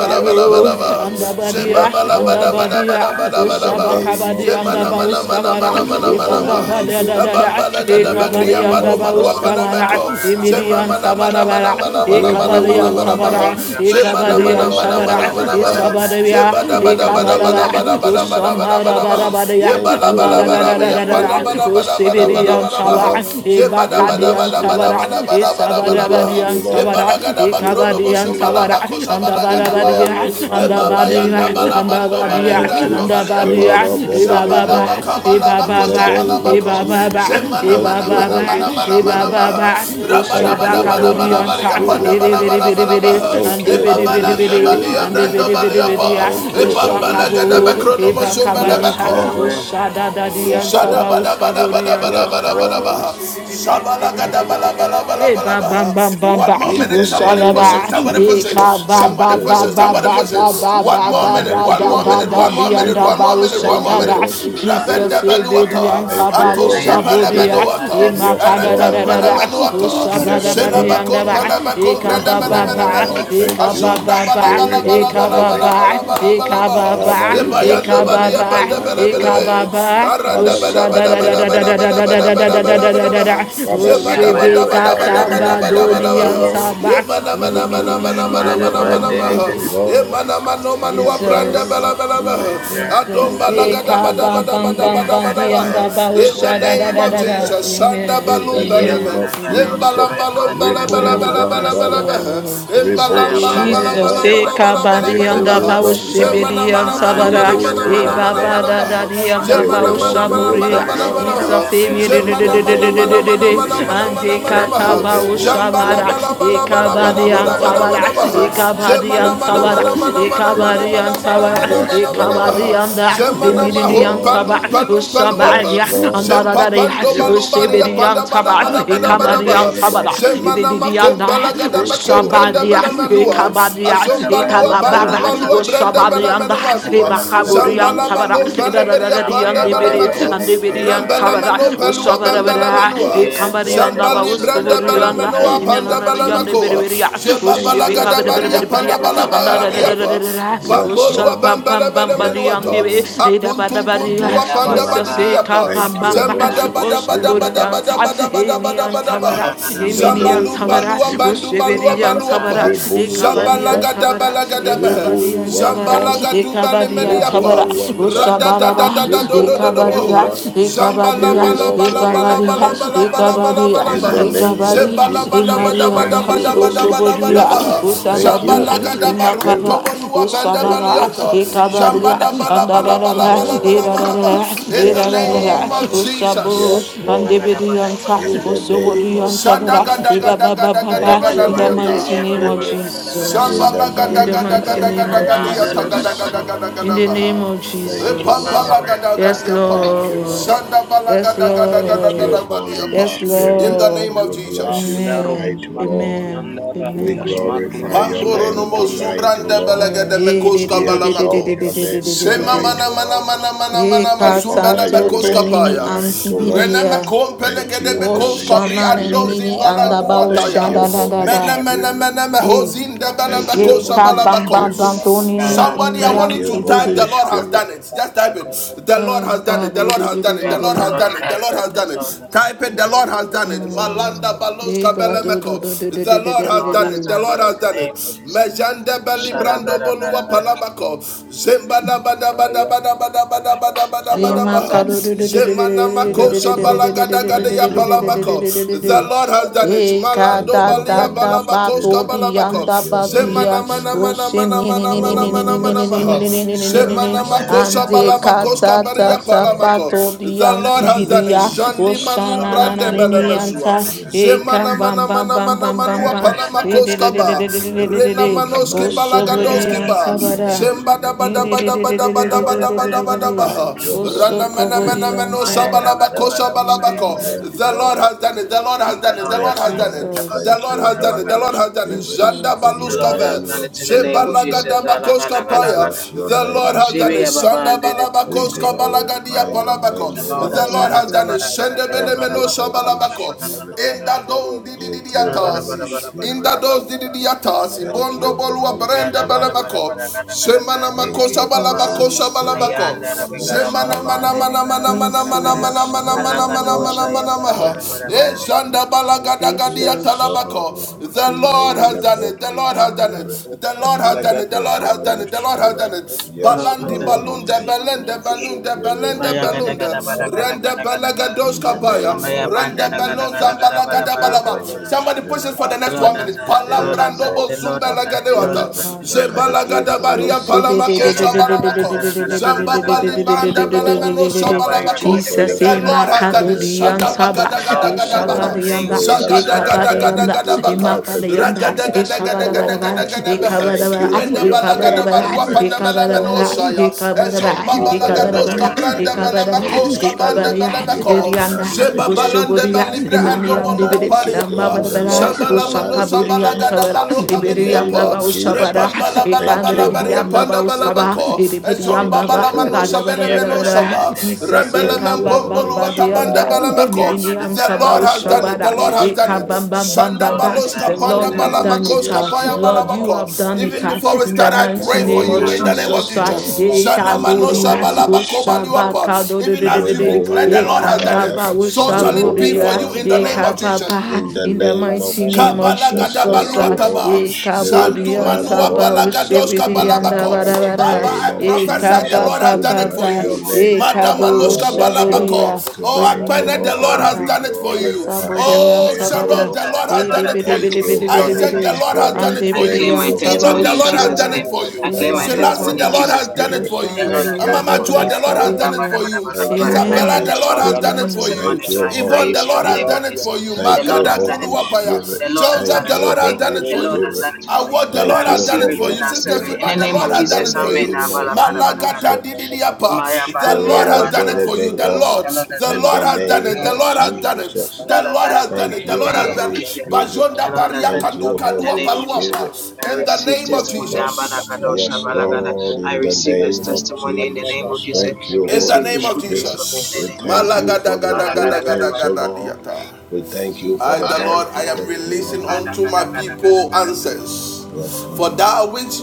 S6: Yes, Lord.
S2: andabadia,
S6: Yes,
S7: Yeah,
S6: Lord.
S2: andabadia,
S6: In the
S1: Zebabalabadabadabadabadabadaba.
S6: name
S2: usabakabadi,
S6: of
S2: andaba
S6: Jesus.
S2: uskabara,
S7: Ayah,
S6: Thank you,
S1: Zemanamanamanamanamanamanama.
S6: Holy
S2: ibababa da da
S6: Spirit.
S2: da da, ekabadi,
S6: Ribble
S2: andaba
S6: Wamba,
S2: uskabara,
S1: Labambalagadabakriambalomaluapanameko.
S2: imidi antabarabara, ekabadi
S6: Ribble
S1: Zemamanamanamanamanamanamanama.
S2: antabara,
S6: Wamba,
S2: ekabadi
S6: Spirit of the
S2: antabara,
S6: Living
S1: Zemanamanamanamanamanamanama.
S6: God,
S2: isabadabia,
S6: in the name of
S1: Zebadabadabadabadabadabadabadabadaba.
S6: Jesus.
S2: ekabadaba,
S1: Ye
S6: Thank
S1: bala
S6: you,
S1: bala bala
S6: Holy
S1: ya panda
S6: Spirit.
S1: bala bala bala
S6: We
S1: bala
S2: Usibirian
S1: bala
S6: bless you,
S2: Sabah,
S1: bala.
S6: Lord.
S1: Ye bala
S6: We
S1: bala
S2: Ibakadian
S6: bless
S1: bala
S6: you,
S1: bala
S2: Sabara,
S1: bala
S6: Lord.
S1: bala bala
S6: We
S1: bala bala.
S6: bless
S2: Isabarabadian
S6: you,
S1: Ye
S2: Sabara,
S6: Lord.
S1: bala gada ba
S6: We
S1: krono bo
S6: honor
S2: Ikabadian
S1: shumba
S6: you,
S1: la
S2: Sabara,
S1: ba
S6: Lord.
S1: kosa
S2: and
S1: bala
S6: We
S1: gada ba ya.
S2: Abarabadia,
S1: Ye
S6: glorify
S2: and
S6: your
S1: baba
S6: name, O
S1: yanda
S2: Abadia,
S1: bala
S2: and
S6: Lord.
S1: bando bali
S6: Thank
S2: Abadia,
S1: brando
S2: and
S6: you,
S1: bali apa.
S6: Spirit
S2: Abadia,
S6: of the Living
S1: Zabala
S2: Ibababa,
S1: ba
S6: God,
S1: kabala ba
S6: in the
S1: kosa bala
S2: Ibababa,
S6: name
S1: ba
S6: of
S1: ko.
S6: Jesus.
S2: Ibababa,
S1: Zemana
S6: Thank
S1: mana
S6: you,
S1: mana mana
S6: Holy
S2: Ibababa,
S1: mana mana
S6: Spirit.
S1: maha.
S2: Ibababa,
S1: Rabada
S6: Thank
S1: bada
S6: you,
S1: bada bada
S6: Holy
S2: Usabakaburian
S1: bada ya panda
S6: Spirit.
S1: bala bala bala
S2: Sa,
S1: bala.
S2: bidi
S6: Thank
S2: and the
S1: Ye
S6: you,
S2: bidi
S1: baba
S2: bidi
S6: Holy
S1: lando
S2: bidi
S1: bali ya
S6: Spirit.
S2: and the
S1: brando
S2: bidi
S1: bali
S2: bidi
S1: apa.
S2: bidi ah.
S6: Thank
S1: Ye
S6: you,
S1: bamba
S6: Holy
S1: la gada
S2: Ushakabo
S1: ba
S6: Spirit.
S1: krono bo shumba la ba
S6: Yes,
S2: Ebakabadia
S1: ko.
S6: Lord.
S2: Ushada Dadi and
S6: Yes,
S2: Saba
S1: Shada bada
S6: Lord.
S1: bada
S2: Uskaburi
S1: bada
S2: and
S1: bada
S6: Yes,
S1: bada
S2: Sabara
S1: bada
S6: Lord.
S1: baha.
S2: Ushi bidi bidi
S1: Shabala
S2: bidi
S1: gada
S2: bidi
S1: bala
S2: bidi
S1: bala bala
S2: bidi
S1: bala
S2: Eba bam
S1: baha.
S2: bam bam
S1: One
S2: ba
S1: more
S6: In
S1: minute,
S6: the
S1: somebody
S6: name
S1: push it,
S6: of
S2: Ushalaba
S1: somebody push it,
S2: Eka
S6: Jesus,
S2: ba
S6: thank
S1: somebody
S2: ba
S6: you,
S1: push
S2: ba
S1: it,
S2: ba
S6: Holy
S1: somebody
S2: ba
S1: push it.
S2: ba ba
S6: Spirit.
S2: ba
S1: One more
S2: ba
S1: minute,
S2: ba
S6: Thank
S1: one
S2: da
S6: you,
S1: more
S2: da
S1: minute,
S6: Holy
S2: da
S1: one more
S2: di and
S1: minute,
S2: da
S6: Spirit.
S1: one
S2: ba
S1: more minute, one
S6: Thank
S1: more
S2: Ushada
S6: you,
S2: da
S1: minute.
S6: Holy
S2: Jesus
S1: Rabenda
S6: Spirit.
S2: Ebedi
S1: beluata,
S2: and
S6: Thank you,
S2: Pawu
S6: Holy
S1: atunta
S2: sabudia,
S6: Spirit.
S1: palamenuata,
S6: Yes,
S2: imakada da
S1: erentam
S2: da da da,
S6: Lord.
S1: palamenuata,
S2: usabada
S6: Yes,
S1: silabacum
S2: badianda ba,
S6: Lord.
S1: palabacum branda
S7: Thank
S6: Yes,
S2: ikababa,
S1: menemenemeho,
S6: Lord. Thank you,
S1: azonda bala
S2: ikababa,
S1: bala
S6: Spirit of
S1: bala
S6: the
S1: bala
S6: living
S1: bala
S2: ikababa,
S6: God.
S1: bala bala bala
S6: Father,
S2: ikababa,
S6: we
S1: baha.
S6: bless
S1: Mando
S6: your
S1: balia
S6: name
S2: ikababa,
S1: banda bala
S6: tonight, O
S1: bala be.
S6: Lord.
S2: ikababa,
S1: Aranda
S6: Father, we
S1: bada
S2: usada
S1: bada
S2: da
S6: honor
S2: da
S1: bada
S6: your
S2: da da
S1: bada bada
S2: da
S6: name
S2: da da da
S1: bada
S6: tonight,
S1: bada
S6: O
S2: da
S1: bada
S2: da da da da da
S1: bada
S6: Lord.
S2: da
S1: ba.
S2: da,
S1: Je
S6: Father, we
S1: bada bada
S2: usibi
S1: bada
S6: glorify
S1: bada
S6: your
S1: bada
S2: kataba
S6: name
S1: bada bada
S6: tonight,
S1: ba.
S6: O
S2: dodianta
S6: Lord.
S1: Ye
S2: ba,
S1: mana
S2: ni ni
S1: mana
S6: Thank
S2: ni ni
S1: mana
S6: you,
S2: ni ni
S1: mana
S2: ni ni
S1: mana
S2: ni ni
S6: Spirit
S1: mana
S2: ni ni
S6: of
S1: mana
S2: ni
S6: the
S1: ma.
S6: Living
S2: andi.
S1: Ye
S6: God,
S1: mana mano mano
S6: in
S1: wa
S6: the
S1: branda
S2: Jesus.
S6: name
S1: bala
S6: of
S1: bala ba.
S6: Jesus.
S1: Adom
S2: Jesus.
S6: Thank
S1: bala
S6: you,
S2: Eh,
S1: gada
S2: ka,
S6: Holy
S1: bada
S2: ba,
S1: bada
S2: bam,
S1: bada
S6: Spirit.
S2: bam,
S1: bada
S2: bam,
S1: bada
S2: di, and,
S1: ba.
S6: Thank
S2: ba, oh,
S6: you,
S1: In the
S2: da,
S6: Holy
S2: da,
S1: name
S2: da,
S1: of
S2: da, da.
S6: Spirit.
S1: Jesus, Shanda
S2: Amen.
S6: In
S1: balum
S6: the
S1: bala be.
S2: Amen.
S6: name of
S2: Amen.
S6: Jesus,
S1: Embalam balum bala bala
S6: Rebo
S1: bala
S2: Amen.
S1: bala
S2: Yes,
S1: bala
S6: Wambara,
S1: ba.
S2: Lord.
S1: Embalam
S6: Rebo
S1: bala bala
S2: Jesus,
S1: bala
S6: Wambara,
S2: eh,
S1: bala bala bala
S2: kabadi
S1: Jemana
S2: anda
S6: Rebo
S2: bao
S6: Wambara,
S1: Zemana
S2: shebedi
S1: mana mana
S2: antabara,
S1: mana mana
S2: eh,
S1: mana
S6: Remove
S1: mana
S2: baba
S1: mana
S6: the
S2: da da
S1: baha.
S2: di anda
S1: Zemana
S6: Spirit
S2: bao
S1: mana
S6: of the
S1: mana
S2: shabori,
S1: mana
S6: Living
S1: mana mana
S6: God,
S1: baha.
S2: Jesus, eh, me de de
S6: in
S2: de
S6: the
S1: Zemana
S2: de de de
S1: mana
S6: name
S2: de
S1: mana
S2: de
S6: of
S2: de
S1: mana
S2: de,
S1: mana mana
S6: Jesus.
S1: mana
S2: ande
S1: mana
S6: Thank
S2: kata
S1: baha.
S6: you,
S2: bao
S6: Holy
S1: Zambala
S2: shabara,
S6: Spirit.
S2: eh,
S6: Thank
S2: kabadi
S6: you, Holy
S2: antabara,
S1: balabalabalabalabalabalabala baha.
S2: eh,
S6: Spirit.
S2: kabadi
S1: Zemana
S6: Thank
S1: mana
S6: you,
S2: antabara,
S1: mana
S6: Holy
S1: mana
S2: eh,
S1: mana mana
S2: kabadi
S6: Spirit.
S1: mana mana
S2: antabara,
S1: mana mana
S6: Yes,
S2: eh,
S1: mana baha.
S2: kabadi
S6: Lord.
S2: anda, eh,
S1: Zemana
S2: me de
S6: Yes,
S2: de
S1: mahum
S2: antaba,
S1: palum
S6: Lord.
S2: oh,
S1: palum
S6: Yes,
S7: you.
S2: shabadia,
S1: paluapa.
S2: anda
S6: Lord.
S1: Zempa pando
S2: Kabaraya,
S6: Yes,
S1: balubaria panda
S6: Lord.
S2: Usibirian
S1: bada
S2: Taba,
S7: Thank
S1: bada bada
S6: In the
S1: bada
S2: Ikamarian
S1: baha.
S6: name
S2: Tabada,
S6: of
S1: Zemana
S6: Jesus.
S2: Ididianda,
S1: makombela gada
S6: Thank you,
S1: bakombrenda
S2: Usabadia,
S6: Holy
S1: bela menua.
S6: Spirit.
S2: Ikabadia,
S1: Azombalua
S6: Thank you,
S1: bandu
S2: Ikabababa,
S1: balua
S6: Holy
S1: brenda bela
S6: Spirit.
S2: Usababianda,
S1: menua dua.
S6: Thank you,
S2: Ibakaburian
S6: Holy
S1: Zambala
S2: Tabada,
S1: balom
S6: Spirit.
S1: bele beria
S2: Idadadian
S1: panda
S6: Thank
S1: bela
S6: you,
S2: Dibidi,
S1: meko.
S2: and
S6: Holy Spirit,
S2: Dibidian
S1: Rambela
S2: Tabada,
S1: meno
S6: the
S1: pelua
S6: Spirit
S1: bembela
S2: Usabada,
S6: of the
S1: menua.
S6: Living
S2: Ikamarian
S6: God,
S2: Lava,
S1: Zambali brenda
S6: in
S1: bela
S6: the
S2: Uskuburianda,
S1: menua
S2: in
S6: name
S1: panda
S6: of
S2: another
S1: bela
S2: Yan
S1: mekoa.
S6: Jesus.
S2: Dibidia,
S6: Thank
S1: Zebabala
S6: you,
S1: gada baria
S6: Holy
S1: panda
S2: Usibikabidia,
S1: bala
S6: Spirit.
S1: bala bria pa.
S6: Yes,
S1: Bambolua
S2: Osa
S6: Lord.
S2: ba
S1: bambele
S2: bam
S1: bele
S2: bam ba di
S6: Yes,
S2: am di
S1: menuato.
S2: we.
S6: Lord.
S2: E da ba da
S1: Apuntum
S2: ba di ya.
S1: puntu
S6: Yes,
S1: wapanda
S2: Jesus
S6: Lord.
S2: e ka
S1: badibiyapa.
S2: bam
S6: Thank you,
S2: bam ba.
S1: zamba, da
S6: Holy
S1: bada
S2: Os
S1: bada
S2: bo
S6: Spirit,
S2: di
S1: bada
S2: an
S1: bada
S2: ta.
S1: bada
S2: E
S1: bada
S2: mi
S1: bada
S2: an
S1: bada
S2: ta ba
S1: baha.
S2: E
S6: in
S2: mi
S6: the
S2: ni
S1: Zamba
S2: an ta
S6: name
S2: ba
S1: lumba
S2: ra.
S6: of
S1: lua
S2: Os
S1: bandu
S2: she be
S6: Jesus.
S1: balua
S2: di an ta
S1: balua
S2: ba ra.
S1: pa.
S2: E ka
S6: Rebu
S2: ba
S1: Zamba
S2: di an
S1: laga
S6: Wambala,
S1: da balaga
S2: E
S1: da
S2: ka ba
S1: mehe.
S2: di
S6: Rebu
S2: an
S1: Zamba
S6: Wambala,
S1: laga
S2: E
S1: du
S2: ka
S1: bali meniapa.
S6: Rebu
S2: Osa
S6: Wambala,
S1: randa
S2: ba
S1: da da
S2: ba.
S1: da da do
S2: E
S1: do do
S2: ka
S6: Rebu
S1: do
S2: ba di ya.
S1: bo
S6: Wambala.
S2: E ka
S1: jamba la ba
S6: Spirit
S1: la ba
S2: E
S6: of
S1: la
S6: the
S1: ba la
S6: Living
S1: ba la ba
S6: God.
S1: la ba la ba la ba
S2: Ikabaria,
S1: la
S6: In
S1: ba
S6: the name
S1: je
S6: of
S2: Ikabaria,
S1: la ba da ba
S6: Jesus,
S1: da ba da
S2: Imarianda,
S6: thank
S1: ba
S6: you,
S1: da ba da
S6: Holy
S1: ba da ba da
S2: Usoboria,
S1: ba
S6: Spirit. Thank
S1: jamba
S6: you,
S2: Usabaria,
S1: la ga da
S6: Holy
S1: ba ronto
S2: Imakaba,
S6: Spirit.
S1: bolua lua banda ba
S6: Thank
S2: Usabara,
S6: you,
S1: liata
S6: Holy
S1: jamba
S2: Ikabaria,
S6: Spirit.
S1: da ba la ba la ba
S6: Yes,
S1: la
S2: Andarara,
S1: ba la ba la ba
S6: Lord.
S1: la ba
S2: Irarara,
S1: in the
S6: Yes,
S1: name
S2: Irarara,
S1: of
S6: Lord.
S2: Usabu,
S1: Jesus
S6: Yes, Lord.
S2: Andividianta,
S6: In
S7: you.
S6: the name of
S2: Usoborianta,
S1: Shada
S2: Bara,
S1: ga da ga
S6: Jesus,
S1: da ga da ga da
S6: thank
S1: ga
S2: Ibababa,
S7: Gagabada
S1: da
S6: you,
S2: in the
S7: bandere
S6: Holy
S7: be
S2: mighty
S1: liata
S2: name
S7: bada
S2: of
S6: Spirit.
S7: bada gada
S1: in
S7: gada
S1: the
S7: gada
S6: In the
S7: bada.
S2: Jesus. In the
S4: Father,
S6: mighty
S2: mighty
S4: divine
S2: name
S6: name
S2: of
S6: of
S7: Aya da da gada
S2: Jesus.
S7: bada bada.
S6: Jesus,
S2: In the name of
S6: thank you,
S7: Maka
S2: Jesus.
S7: we
S6: Lord.
S2: Yes,
S7: ba.
S6: Thank you,
S2: Lord.
S6: Lord.
S2: Yes,
S6: Thank you,
S2: Lord.
S6: Holy
S2: Yes,
S6: Spirit.
S1: name
S2: Lord.
S1: of
S6: We bless you
S1: Jesus.
S6: tonight,
S2: Amen.
S6: O Lord.
S2: Amen.
S6: We
S2: Amen.
S6: glorify
S2: Amen.
S6: your
S1: Pamboro
S6: name
S1: nomo
S6: tonight, O
S1: subrande
S6: Lord.
S2: Mm,
S1: belegede
S2: yeah, de-
S1: mekoska
S2: de-
S6: We
S2: de- de- de- de-
S6: exalt
S2: de-
S1: balamako.
S2: de-
S6: your
S2: de- de-
S6: name
S2: de- de- de-
S1: Sema
S6: tonight,
S2: de.
S1: mana
S6: O
S1: mana
S6: Lord.
S1: mana mana
S2: Yeah,
S1: mana
S6: We
S2: kata
S6: honor
S1: mazumbele
S2: to
S6: your
S2: to
S1: bekoska
S6: name
S2: nini
S1: paya.
S6: tonight, O Lord.
S1: Rene
S2: antibidia.
S1: mekom
S6: Thank
S1: pelegede
S6: you, Holy
S1: bekoska bri
S2: Oshana nini
S6: Spirit.
S1: andozin
S2: nini andaba
S6: Thank
S1: valaguataya.
S6: you,
S2: oshada da da
S6: Holy
S1: Mene
S2: da.
S1: mene
S6: Spirit.
S1: mene
S2: Yeah,
S1: mehozin de bele
S6: Thank you,
S2: yeah,
S1: bekosa
S6: Holy
S2: kabamba
S6: Spirit.
S2: danto
S1: balabakos.
S2: nini nini
S7: Kaya
S4: grace
S7: we
S1: Somebody, I
S2: indi
S4: to
S1: want
S6: Thank
S1: you
S6: you,
S1: to
S4: Jesus.
S7: come
S1: type,
S2: antibidi.
S7: to
S1: the
S6: Holy
S1: Lord
S7: power.
S1: has done
S6: Spirit.
S1: it. Just type it. The Lord has
S2: Ah,
S1: done it. The
S2: kabu
S1: Lord
S2: de
S1: has
S2: de
S1: done
S2: de
S1: it.
S7: Yeah,
S2: de
S1: The
S7: but
S1: Lord
S7: the
S1: has
S2: de.
S7: Lord
S1: done it. The
S7: has
S1: Lord
S7: that,
S1: has
S7: the
S1: done
S7: Lord
S1: it.
S7: has
S1: Type it. The
S7: that,
S1: Lord has done it. Malanda
S2: Mm,
S1: balos
S2: de ba do do do
S1: kabelemeko.
S2: do do do
S1: The Lord
S2: do
S7: the
S1: has
S2: do
S7: Lord
S1: done
S7: has
S1: it.
S7: done
S1: The
S2: do.
S7: it
S1: Lord has
S7: in the
S1: done
S7: name
S1: it.
S7: of Jesus.
S1: Mejande beli
S7: Shara
S1: brando
S7: gara gara
S1: bolua
S7: gara.
S1: palabako. Zemba da bada bada bada bada bada bada bada bada ba da ba da ba da
S7: The
S1: ba da
S7: Lord has
S2: Lima
S7: done it
S2: kado
S7: in
S2: de
S7: the
S2: de de de
S7: name
S1: Zemana
S2: de de
S1: mako
S2: de de
S6: Yes,
S7: of Jesus.
S6: Lord.
S1: sabala
S2: de
S1: gada
S6: Thank
S1: ya
S4: Ah,
S6: you,
S2: de
S1: palabako.
S6: Holy
S2: de de
S1: The
S2: de
S6: Spirit.
S1: Lord has done it.
S2: Ye
S6: Thank
S1: Malando
S2: kata
S6: you,
S1: balia
S6: Holy
S2: tata
S1: balabako Zos
S2: bato
S6: Spirit.
S1: Kabalabako,
S6: Thank
S2: dianta
S6: you, Holy
S1: Zemana
S2: badia
S1: Mana
S6: Spirit.
S1: Mana Mana
S2: oshemi ni
S1: Mana
S2: ni ni ni
S1: Mana
S2: ni
S6: Oh,
S2: ni
S1: Mana
S2: ni
S1: Mana
S2: ni
S6: yes,
S2: ni ni
S1: Maha,
S6: Lord.
S2: ni ni ni ni ni
S6: Yes,
S2: ni
S7: Bada
S1: Zemana
S7: bada
S6: Lord.
S1: Makosa
S7: bada.
S2: ande
S6: Yes,
S7: The
S1: Balabakos
S6: Lord.
S2: kata
S1: Kabaria
S6: Yes,
S2: tata
S6: Lord.
S1: Palamako.
S2: bato
S1: The Lord
S2: dianti
S6: Thank
S1: has
S6: you,
S1: done it.
S2: bidia
S6: Jesus.
S1: Shandi Manu
S2: oshana
S7: Lord
S2: na
S7: has
S1: Brande
S6: Thank
S2: na
S6: you,
S2: ni ni
S6: Holy
S1: Belemesua,
S2: anta
S7: done
S6: Spirit.
S2: e kam
S1: Zemana
S7: it.
S2: bam
S1: Mana
S2: bam
S1: Mana
S2: bam
S1: Mana
S2: bam bam
S1: Manua
S7: Gada gada gada gada gada.
S2: bam
S7: Gada
S4: Father,
S2: e
S4: Father,
S2: de
S1: Palamakos
S7: gada gada
S2: de de de
S1: Kaba,
S2: de de
S7: gada
S2: de de
S4: Father,
S2: de
S7: gada.
S1: Rena
S2: de
S6: In the
S4: Father,
S1: Manoski
S6: mighty
S7: The Lord
S2: oshobodi
S6: name
S1: Balagadoski
S7: has
S6: of
S1: Ba,
S2: anta
S7: done
S2: bara
S7: it.
S6: Jesus.
S1: Zemba
S6: Thank
S1: Daba
S2: di
S6: you.
S2: di
S1: Daba
S2: di di
S1: Daba
S2: di di
S1: Daba
S2: di
S1: Daba
S6: Spirit.
S2: di
S1: Daba
S2: di
S1: Daba
S2: di
S1: Daba
S2: di
S6: Thank you,
S2: Oso
S1: Rana
S6: Holy
S1: Mena
S2: kobodi
S1: Mena
S6: Spirit.
S1: Meno
S6: Yes,
S2: ansavana.
S1: Sabalabako
S6: God.
S1: Sabalabako.
S6: Yes,
S1: The Lord
S6: Lord.
S1: has done it. The Lord has done it. The Lord has
S6: Yes,
S1: done
S6: Lord.
S1: it. The
S2: Jesus,
S6: Thank
S1: Lord
S6: you,
S1: has done it. The
S6: Holy
S1: Lord
S4: Father,
S1: has
S4: Father,
S1: done it.
S6: Spirit.
S4: Father, Father,
S1: Janda
S2: Jesus,
S4: Father,
S6: In
S7: The
S6: the
S1: baluska
S7: Lord
S1: ve.
S7: has
S6: name
S7: done it.
S6: of Jesus,
S1: Zebalaga
S2: Mm.
S1: dabakoska
S6: we
S1: paya.
S6: bless your
S1: The Lord
S6: name, O
S1: has done
S7: Shibi
S1: it.
S6: Lord.
S1: Shanda
S7: ababandi
S6: We
S1: balabakoska
S6: glorify
S1: balagadia
S6: your name,
S7: the
S6: O
S1: palabako.
S7: Lord
S1: The
S7: has
S6: Lord.
S1: Lord
S7: done it.
S1: has
S7: The
S1: done it.
S7: Lord
S2: Jesus,
S1: Shende
S6: Thank you,
S7: has
S1: belemeno
S7: done
S6: Holy
S1: shabalabako.
S6: Spirit.
S1: In
S7: it.
S2: Mm.
S1: that do di di di
S6: Thank you,
S7: Bara bara
S6: Holy
S1: atasi.
S7: bara bara bara bara bara bara bara bara bara bara
S1: diatasi
S6: Spirit.
S1: inda
S7: bara bara
S1: dos didi
S7: bara bara
S1: diatasi
S7: bara.
S6: Thank
S1: bondo
S6: you,
S1: bolua
S6: Holy
S1: brenda
S7: Gala bara
S6: Spirit.
S7: bara
S1: balamako
S7: bara gada gada
S1: zemana
S7: gandhi
S6: Thank
S7: ribiya
S1: makosa
S6: you,
S7: baba
S1: balabako
S6: Holy
S2: Jesus,
S6: Spirit.
S1: sabalabako
S7: ayanda rabi gada
S6: Yes,
S7: bara
S1: zemana mana
S7: bande
S6: Lord.
S7: re
S1: mana
S7: gada
S1: mana
S7: gada
S1: mana
S7: gada
S1: mana
S7: gada
S1: mana
S2: Jesus,
S6: Yes,
S1: mana the
S7: alaka
S6: Lord.
S7: dosha ya bara bara
S6: Yes,
S7: bara
S6: Lord.
S7: bara
S4: Thank you, Jesus. Thank
S6: Yes,
S4: you,
S2: Jesus,
S4: Jesus,
S6: Lord.
S4: for doing
S1: Lord
S4: it
S6: Thank
S1: has
S6: you,
S1: done
S2: Jesus,
S1: it. The
S6: Holy
S1: Lord has
S4: for
S1: done
S4: me
S6: Spirit.
S1: it.
S2: Mm.
S4: and
S1: The
S4: for
S1: Lord
S4: my
S1: has
S6: Thank
S2: Mm.
S1: done it. The
S6: you,
S4: family.
S1: Lord has done
S6: Holy
S1: it. The Lord has done
S6: Spirit.
S1: it.
S6: Yes,
S1: Balandi
S7: Nurhazan
S6: Lord.
S1: balunda
S6: Thank
S2: Jesus,
S1: belende
S6: you,
S1: balunda
S6: Spirit
S1: belende
S7: baya
S6: of the
S7: gada
S1: belunda
S7: gada
S6: living
S7: bara gada
S6: God.
S1: rende
S7: gada gada gada
S1: belagados
S6: In the
S1: kabaya
S6: name
S7: ambaya
S6: of
S7: banda
S1: rende
S7: ra gada
S1: belon
S7: gada
S6: Jesus.
S7: gada bara
S1: zambalagada
S6: Thank
S7: bara
S6: you,
S7: gada
S1: balaba.
S7: bara
S6: Holy
S7: bara
S1: Somebody push
S7: bara
S1: it
S6: Spirit.
S4: Thank
S1: for the
S7: the
S4: you,
S1: next
S7: Lord
S1: one
S7: has
S1: minute.
S7: done it,
S2: Jesus,
S7: the Lord
S6: Yes,
S7: has
S1: Palambrando
S7: done it,
S1: bo
S7: the Lord has
S4: Father,
S6: Lord.
S7: done it,
S4: in
S7: the
S4: the
S7: Lord
S6: Yes,
S2: Hey,
S1: zumbalagadewata
S7: has
S4: name
S6: Lord.
S7: done
S4: of
S7: it, the Lord
S4: Jesus.
S2: hey,
S6: Thank
S4: Thank
S7: has the
S6: you
S7: Lord
S1: zebalagada
S4: you,
S7: has
S6: for your
S4: Father,
S1: baria
S2: Jesus
S4: in
S6: grace.
S4: the name of
S7: Shada
S1: palamakosa
S7: gada gada
S1: balabako
S7: gada
S6: Thank
S7: gada
S6: you
S4: Jesus. Thank you,
S6: for
S7: gada
S6: your
S7: gada
S4: thank
S7: gada.
S4: you,
S6: mercies, O Lord.
S4: thank you
S7: Yeah, baya
S6: Thank you for
S7: gada
S6: your
S4: thank
S7: gada gada
S1: the
S4: you
S6: loving
S1: Lord
S4: for
S7: gada
S1: has
S7: gada.
S1: done it.
S4: doing it.
S6: kindness, O
S4: Thank
S2: imakadodian
S4: you,
S6: Lord.
S4: the
S2: saba
S7: The
S4: Lord,
S7: Lord
S4: the Lord.
S7: returns in
S6: Father,
S1: Shadabagadagadagadaba
S7: the
S4: Thank
S6: I
S7: name
S4: you,
S7: of
S2: ushabadianda
S6: know
S4: Jesus.
S6: that,
S7: Jesus. Shara
S6: Father,
S7: kada
S6: every
S7: kada,
S2: ikabadianda
S6: good and perfect gift
S2: imakadianda
S6: comes from you, O Lord.
S2: ishabadabaraba
S4: Thank
S6: We
S4: you,
S6: thank
S2: ikabadaba
S4: Father.
S6: you for your
S4: Thank you,
S6: grace
S4: thank
S2: ikabadabara
S6: and
S4: you.
S6: mercies,
S2: ikabadabara
S6: Lord. We
S2: ikabadaba
S6: thank you for your
S7: bana
S6: loving
S2: ikabadabara
S7: bana,
S6: kindness,
S2: ikabadaba
S6: Holy Spirit.
S2: ikabadiya
S6: You have
S2: irianda
S6: done it again.
S2: ushuburia
S6: You have done
S2: imaniandibide
S6: it again. The
S2: amabadabara
S6: Lord have done it
S2: Shakaburian
S6: again.
S2: Tabara,
S6: In the name
S2: Iberianda
S6: of
S1: balabako,
S2: Baushabara,
S6: Jesus,
S1: repambala
S6: thank
S2: Ekandre
S6: you,
S1: balabala
S2: Bidianda
S6: Holy
S1: bariapanda
S6: Spirit.
S2: Bauskaba,
S1: balabako, ezomba
S6: Thank
S2: Iberianda Ba,
S6: you, Holy
S1: balamanosa
S7: iya kada
S6: Spirit.
S7: bana,
S1: belemenosaba,
S2: Adabadabadabada,
S7: dele iya
S2: Jesus
S1: rembele
S7: kada
S6: Thank
S7: bana,
S6: you,
S2: Ekaba
S1: membombolu
S6: Holy
S1: watabanda
S6: Spirit.
S2: Bambadianda,
S7: iya
S1: balamako.
S7: kada
S2: Emilianta
S7: kada.
S1: The Lord
S6: Thank
S1: has
S6: you,
S1: done it, the
S2: Baushabara,
S6: Holy
S1: Lord has done it.
S6: Spirit.
S7: The
S1: Shanda
S7: Lord
S2: Ekabambambamba, the
S1: baloska
S7: returns in
S1: panda
S7: the
S2: Lord
S7: name
S2: have
S7: of
S2: done
S6: Oh,
S7: Jesus. The
S1: balamakos
S2: it,
S7: Lord
S2: uh,
S6: yes,
S1: kapaya
S2: Lord,
S6: Lord.
S2: you have
S1: balabako.
S2: done it
S1: Even
S2: uh,
S7: returns in
S1: before we
S7: the
S2: in the
S1: start,
S7: name of
S1: I
S2: mighty
S1: pray
S7: Jesus.
S1: for
S2: name of
S1: you in
S7: Shara
S6: Oh,
S7: kada
S1: the name of
S6: yes,
S2: Jesus. ah.
S1: Jesus.
S6: Lord.
S1: Jana
S6: Thank you,
S1: manosha
S2: Etadoria,
S6: Holy
S1: balabako
S6: Spirit.
S1: baliwapa. Even
S7: kada,
S1: as you've
S2: Oshabakadododododode,
S1: declared
S6: Rebo
S1: the
S2: E
S1: Lord has done
S6: Wambada,
S1: it,
S2: Andaba
S1: so shall it be
S6: Rebo
S1: for
S2: Oshaboria,
S1: you in the name
S6: Wambada,
S1: of Jesus.
S2: Ekababa,
S6: in the
S2: in the
S6: name of
S2: mighty name of
S6: Jesus.
S2: Jesus,
S6: Thank
S2: uh,
S6: you,
S1: Kabalagadabaluataba.
S6: Holy Spirit,
S2: Ekabodia and
S6: Father,
S1: Zandumanua
S2: Saba
S6: Lord.
S1: balagados
S2: Oshibidi
S6: In
S2: and
S6: the
S1: kabalabako.
S6: mighty
S1: Baba,
S2: Abadabada,
S6: name
S1: I
S6: of
S1: prophesied the
S6: Jesus,
S2: Ekababa
S1: Lord has
S6: we
S1: done it for
S6: bless
S2: Baba,
S6: your
S1: you.
S6: name.
S7: bana bana,
S2: Ekabo
S6: We
S7: iya
S1: Madamanoska
S6: bless your
S1: balabako.
S2: Oshabodia,
S6: name
S1: Oh,
S6: tonight, O
S2: Enini
S1: Aquene,
S2: and
S1: the Lord
S6: Lord.
S1: has
S7: kada
S6: We
S2: Sabada.
S1: done
S7: bana,
S1: it for you.
S6: glorify
S2: Osabodi
S6: your
S2: and
S1: Oh,
S7: Lord
S6: name, O
S1: Sarov,
S2: Sabada,
S7: has
S1: the
S7: done
S6: Lord.
S1: Lord
S7: it.
S1: has
S7: The
S2: eh,
S7: Lord
S2: de
S1: done it
S7: has
S2: Bidi
S1: for
S7: done it
S1: you.
S6: Thank
S2: Bidi
S7: for me.
S6: you,
S2: Bidi
S7: The Lord
S2: Bidi
S7: has
S6: Holy
S1: Isaac,
S7: done
S1: the
S7: it
S2: Bidi,
S7: for
S1: Lord
S7: me.
S1: has
S6: Spirit.
S1: done
S2: and
S1: it
S7: I
S1: for
S2: Debidi
S1: you.
S7: claim
S6: Thank
S7: my
S2: and
S6: you,
S2: Saba
S1: Enoch,
S6: Holy
S1: the
S7: testimony in
S1: Lord has
S7: Jesus'
S1: done
S6: Spirit.
S1: it
S2: Oshabada,
S7: name.
S1: for you.
S7: I claim
S6: Thank
S7: my
S6: you,
S1: Selassie,
S7: testimony
S1: the
S7: in
S6: Holy
S1: Lord
S2: Ekababa.
S1: has
S7: Jesus'
S1: done
S7: name.
S1: it
S6: Spirit.
S1: for
S7: The
S1: you.
S7: Lord has
S6: Thank
S7: done
S6: you,
S7: it
S2: Kushabadianda
S1: Mama
S7: for
S1: Jua,
S6: Holy
S7: me.
S1: the Lord
S7: I
S1: has
S6: Spirit.
S1: done it for
S2: pabuskabudia.
S1: you.
S6: Thank you,
S1: Isabel,
S7: claim my
S1: Bella,
S6: Holy
S1: the
S2: Amen.
S1: Lord
S7: testimony
S1: has
S7: as the
S1: done
S6: Spirit.
S1: it for
S7: processing
S2: Amen.
S1: you.
S6: Thank
S7: manager
S6: you,
S7: in
S1: Yvonne,
S6: Holy
S1: the
S7: ISU in
S1: Lord
S7: the
S1: has
S7: name of
S6: Spirit.
S1: done it
S7: Jesus.
S1: for you.
S7: The
S6: Thank
S7: Lord
S6: you,
S1: Magada
S7: has done it
S6: Holy
S7: for me.
S1: Guduwapaya.
S6: Spirit.
S7: The Lord has
S1: Joseph,
S7: done
S6: Thank
S1: the
S7: it
S6: you,
S7: for
S1: Lord has
S7: me.
S1: done
S6: Holy
S1: it
S7: The
S1: for
S7: Lord
S1: you.
S7: has
S6: Spirit.
S7: done it for me.
S1: Award, the
S7: I
S1: Lord
S6: Thank
S1: has
S6: you,
S1: done
S7: receive
S1: it
S7: it
S1: for
S6: Holy
S1: you.
S7: and I
S1: Sister
S7: accept it.
S6: Spirit.
S7: In
S1: Fiba,
S7: the
S1: the
S7: name
S1: Lord
S7: of
S1: has
S6: In
S1: done
S6: the
S7: Jesus,
S1: it for
S7: Amen.
S1: you.
S6: name
S7: Abba,
S6: of
S7: abba, abba, abba, abba.
S1: Malagata
S6: Jesus,
S7: Maya,
S1: Didiapa.
S7: abba,
S1: The
S6: Spirit
S7: abba,
S1: Lord has
S6: of
S7: abba,
S1: done
S6: the
S1: it
S7: abba.
S1: for you.
S6: living
S1: The Lord,
S6: God,
S7: The Lord has
S1: the
S7: done
S6: in
S7: it.
S1: Lord
S6: the
S1: has
S7: for me.
S1: done
S7: In
S1: it.
S6: name
S7: the name
S1: The
S7: of
S6: of
S1: Lord has
S7: Jesus.
S1: done it.
S6: Jesus.
S1: The
S7: Lord, has
S1: Lord
S7: done it
S1: has
S7: for
S1: done
S7: me
S6: Thank
S1: it. The
S6: you,
S7: in
S1: Lord
S7: the
S1: has
S7: name of
S1: done
S6: Holy
S1: it.
S7: Jesus.
S6: Spirit.
S7: The
S1: Bajonda
S7: Lord has
S1: Baria
S7: done it
S6: Thank
S7: for
S6: you,
S7: me in
S1: Kanduka
S7: the
S6: Holy
S7: name of Jesus.
S1: Duapaluampa.
S6: Spirit.
S7: I
S1: In the
S7: receive
S1: name of
S6: Yes,
S7: testimony.
S6: Lord.
S1: Jesus.
S7: Abanakadosha
S6: Yes,
S7: balakada.
S6: Lord,
S7: I
S6: in the
S7: receive this
S6: name of
S7: testimony in the name of
S6: Jesus.
S7: Jesus.
S6: Thank you,
S1: In
S7: This
S1: the
S7: week
S6: Holy
S1: name
S7: is
S1: of
S7: good news
S6: Spirit.
S7: for me
S1: Jesus.
S7: in the
S6: We
S7: name of
S6: thank you
S7: Jesus.
S6: for the great things, O Lord.
S1: Malagadagadagadagadagadadiata.
S6: We thank you for
S1: I,
S6: the
S1: the Lord, I
S6: mighty
S1: am releasing
S6: testimony.
S7: Balakadakada,
S1: unto my people
S7: balakadakadakadakadakada.
S1: answers.
S6: Yes,
S1: For
S6: Lord.
S1: that which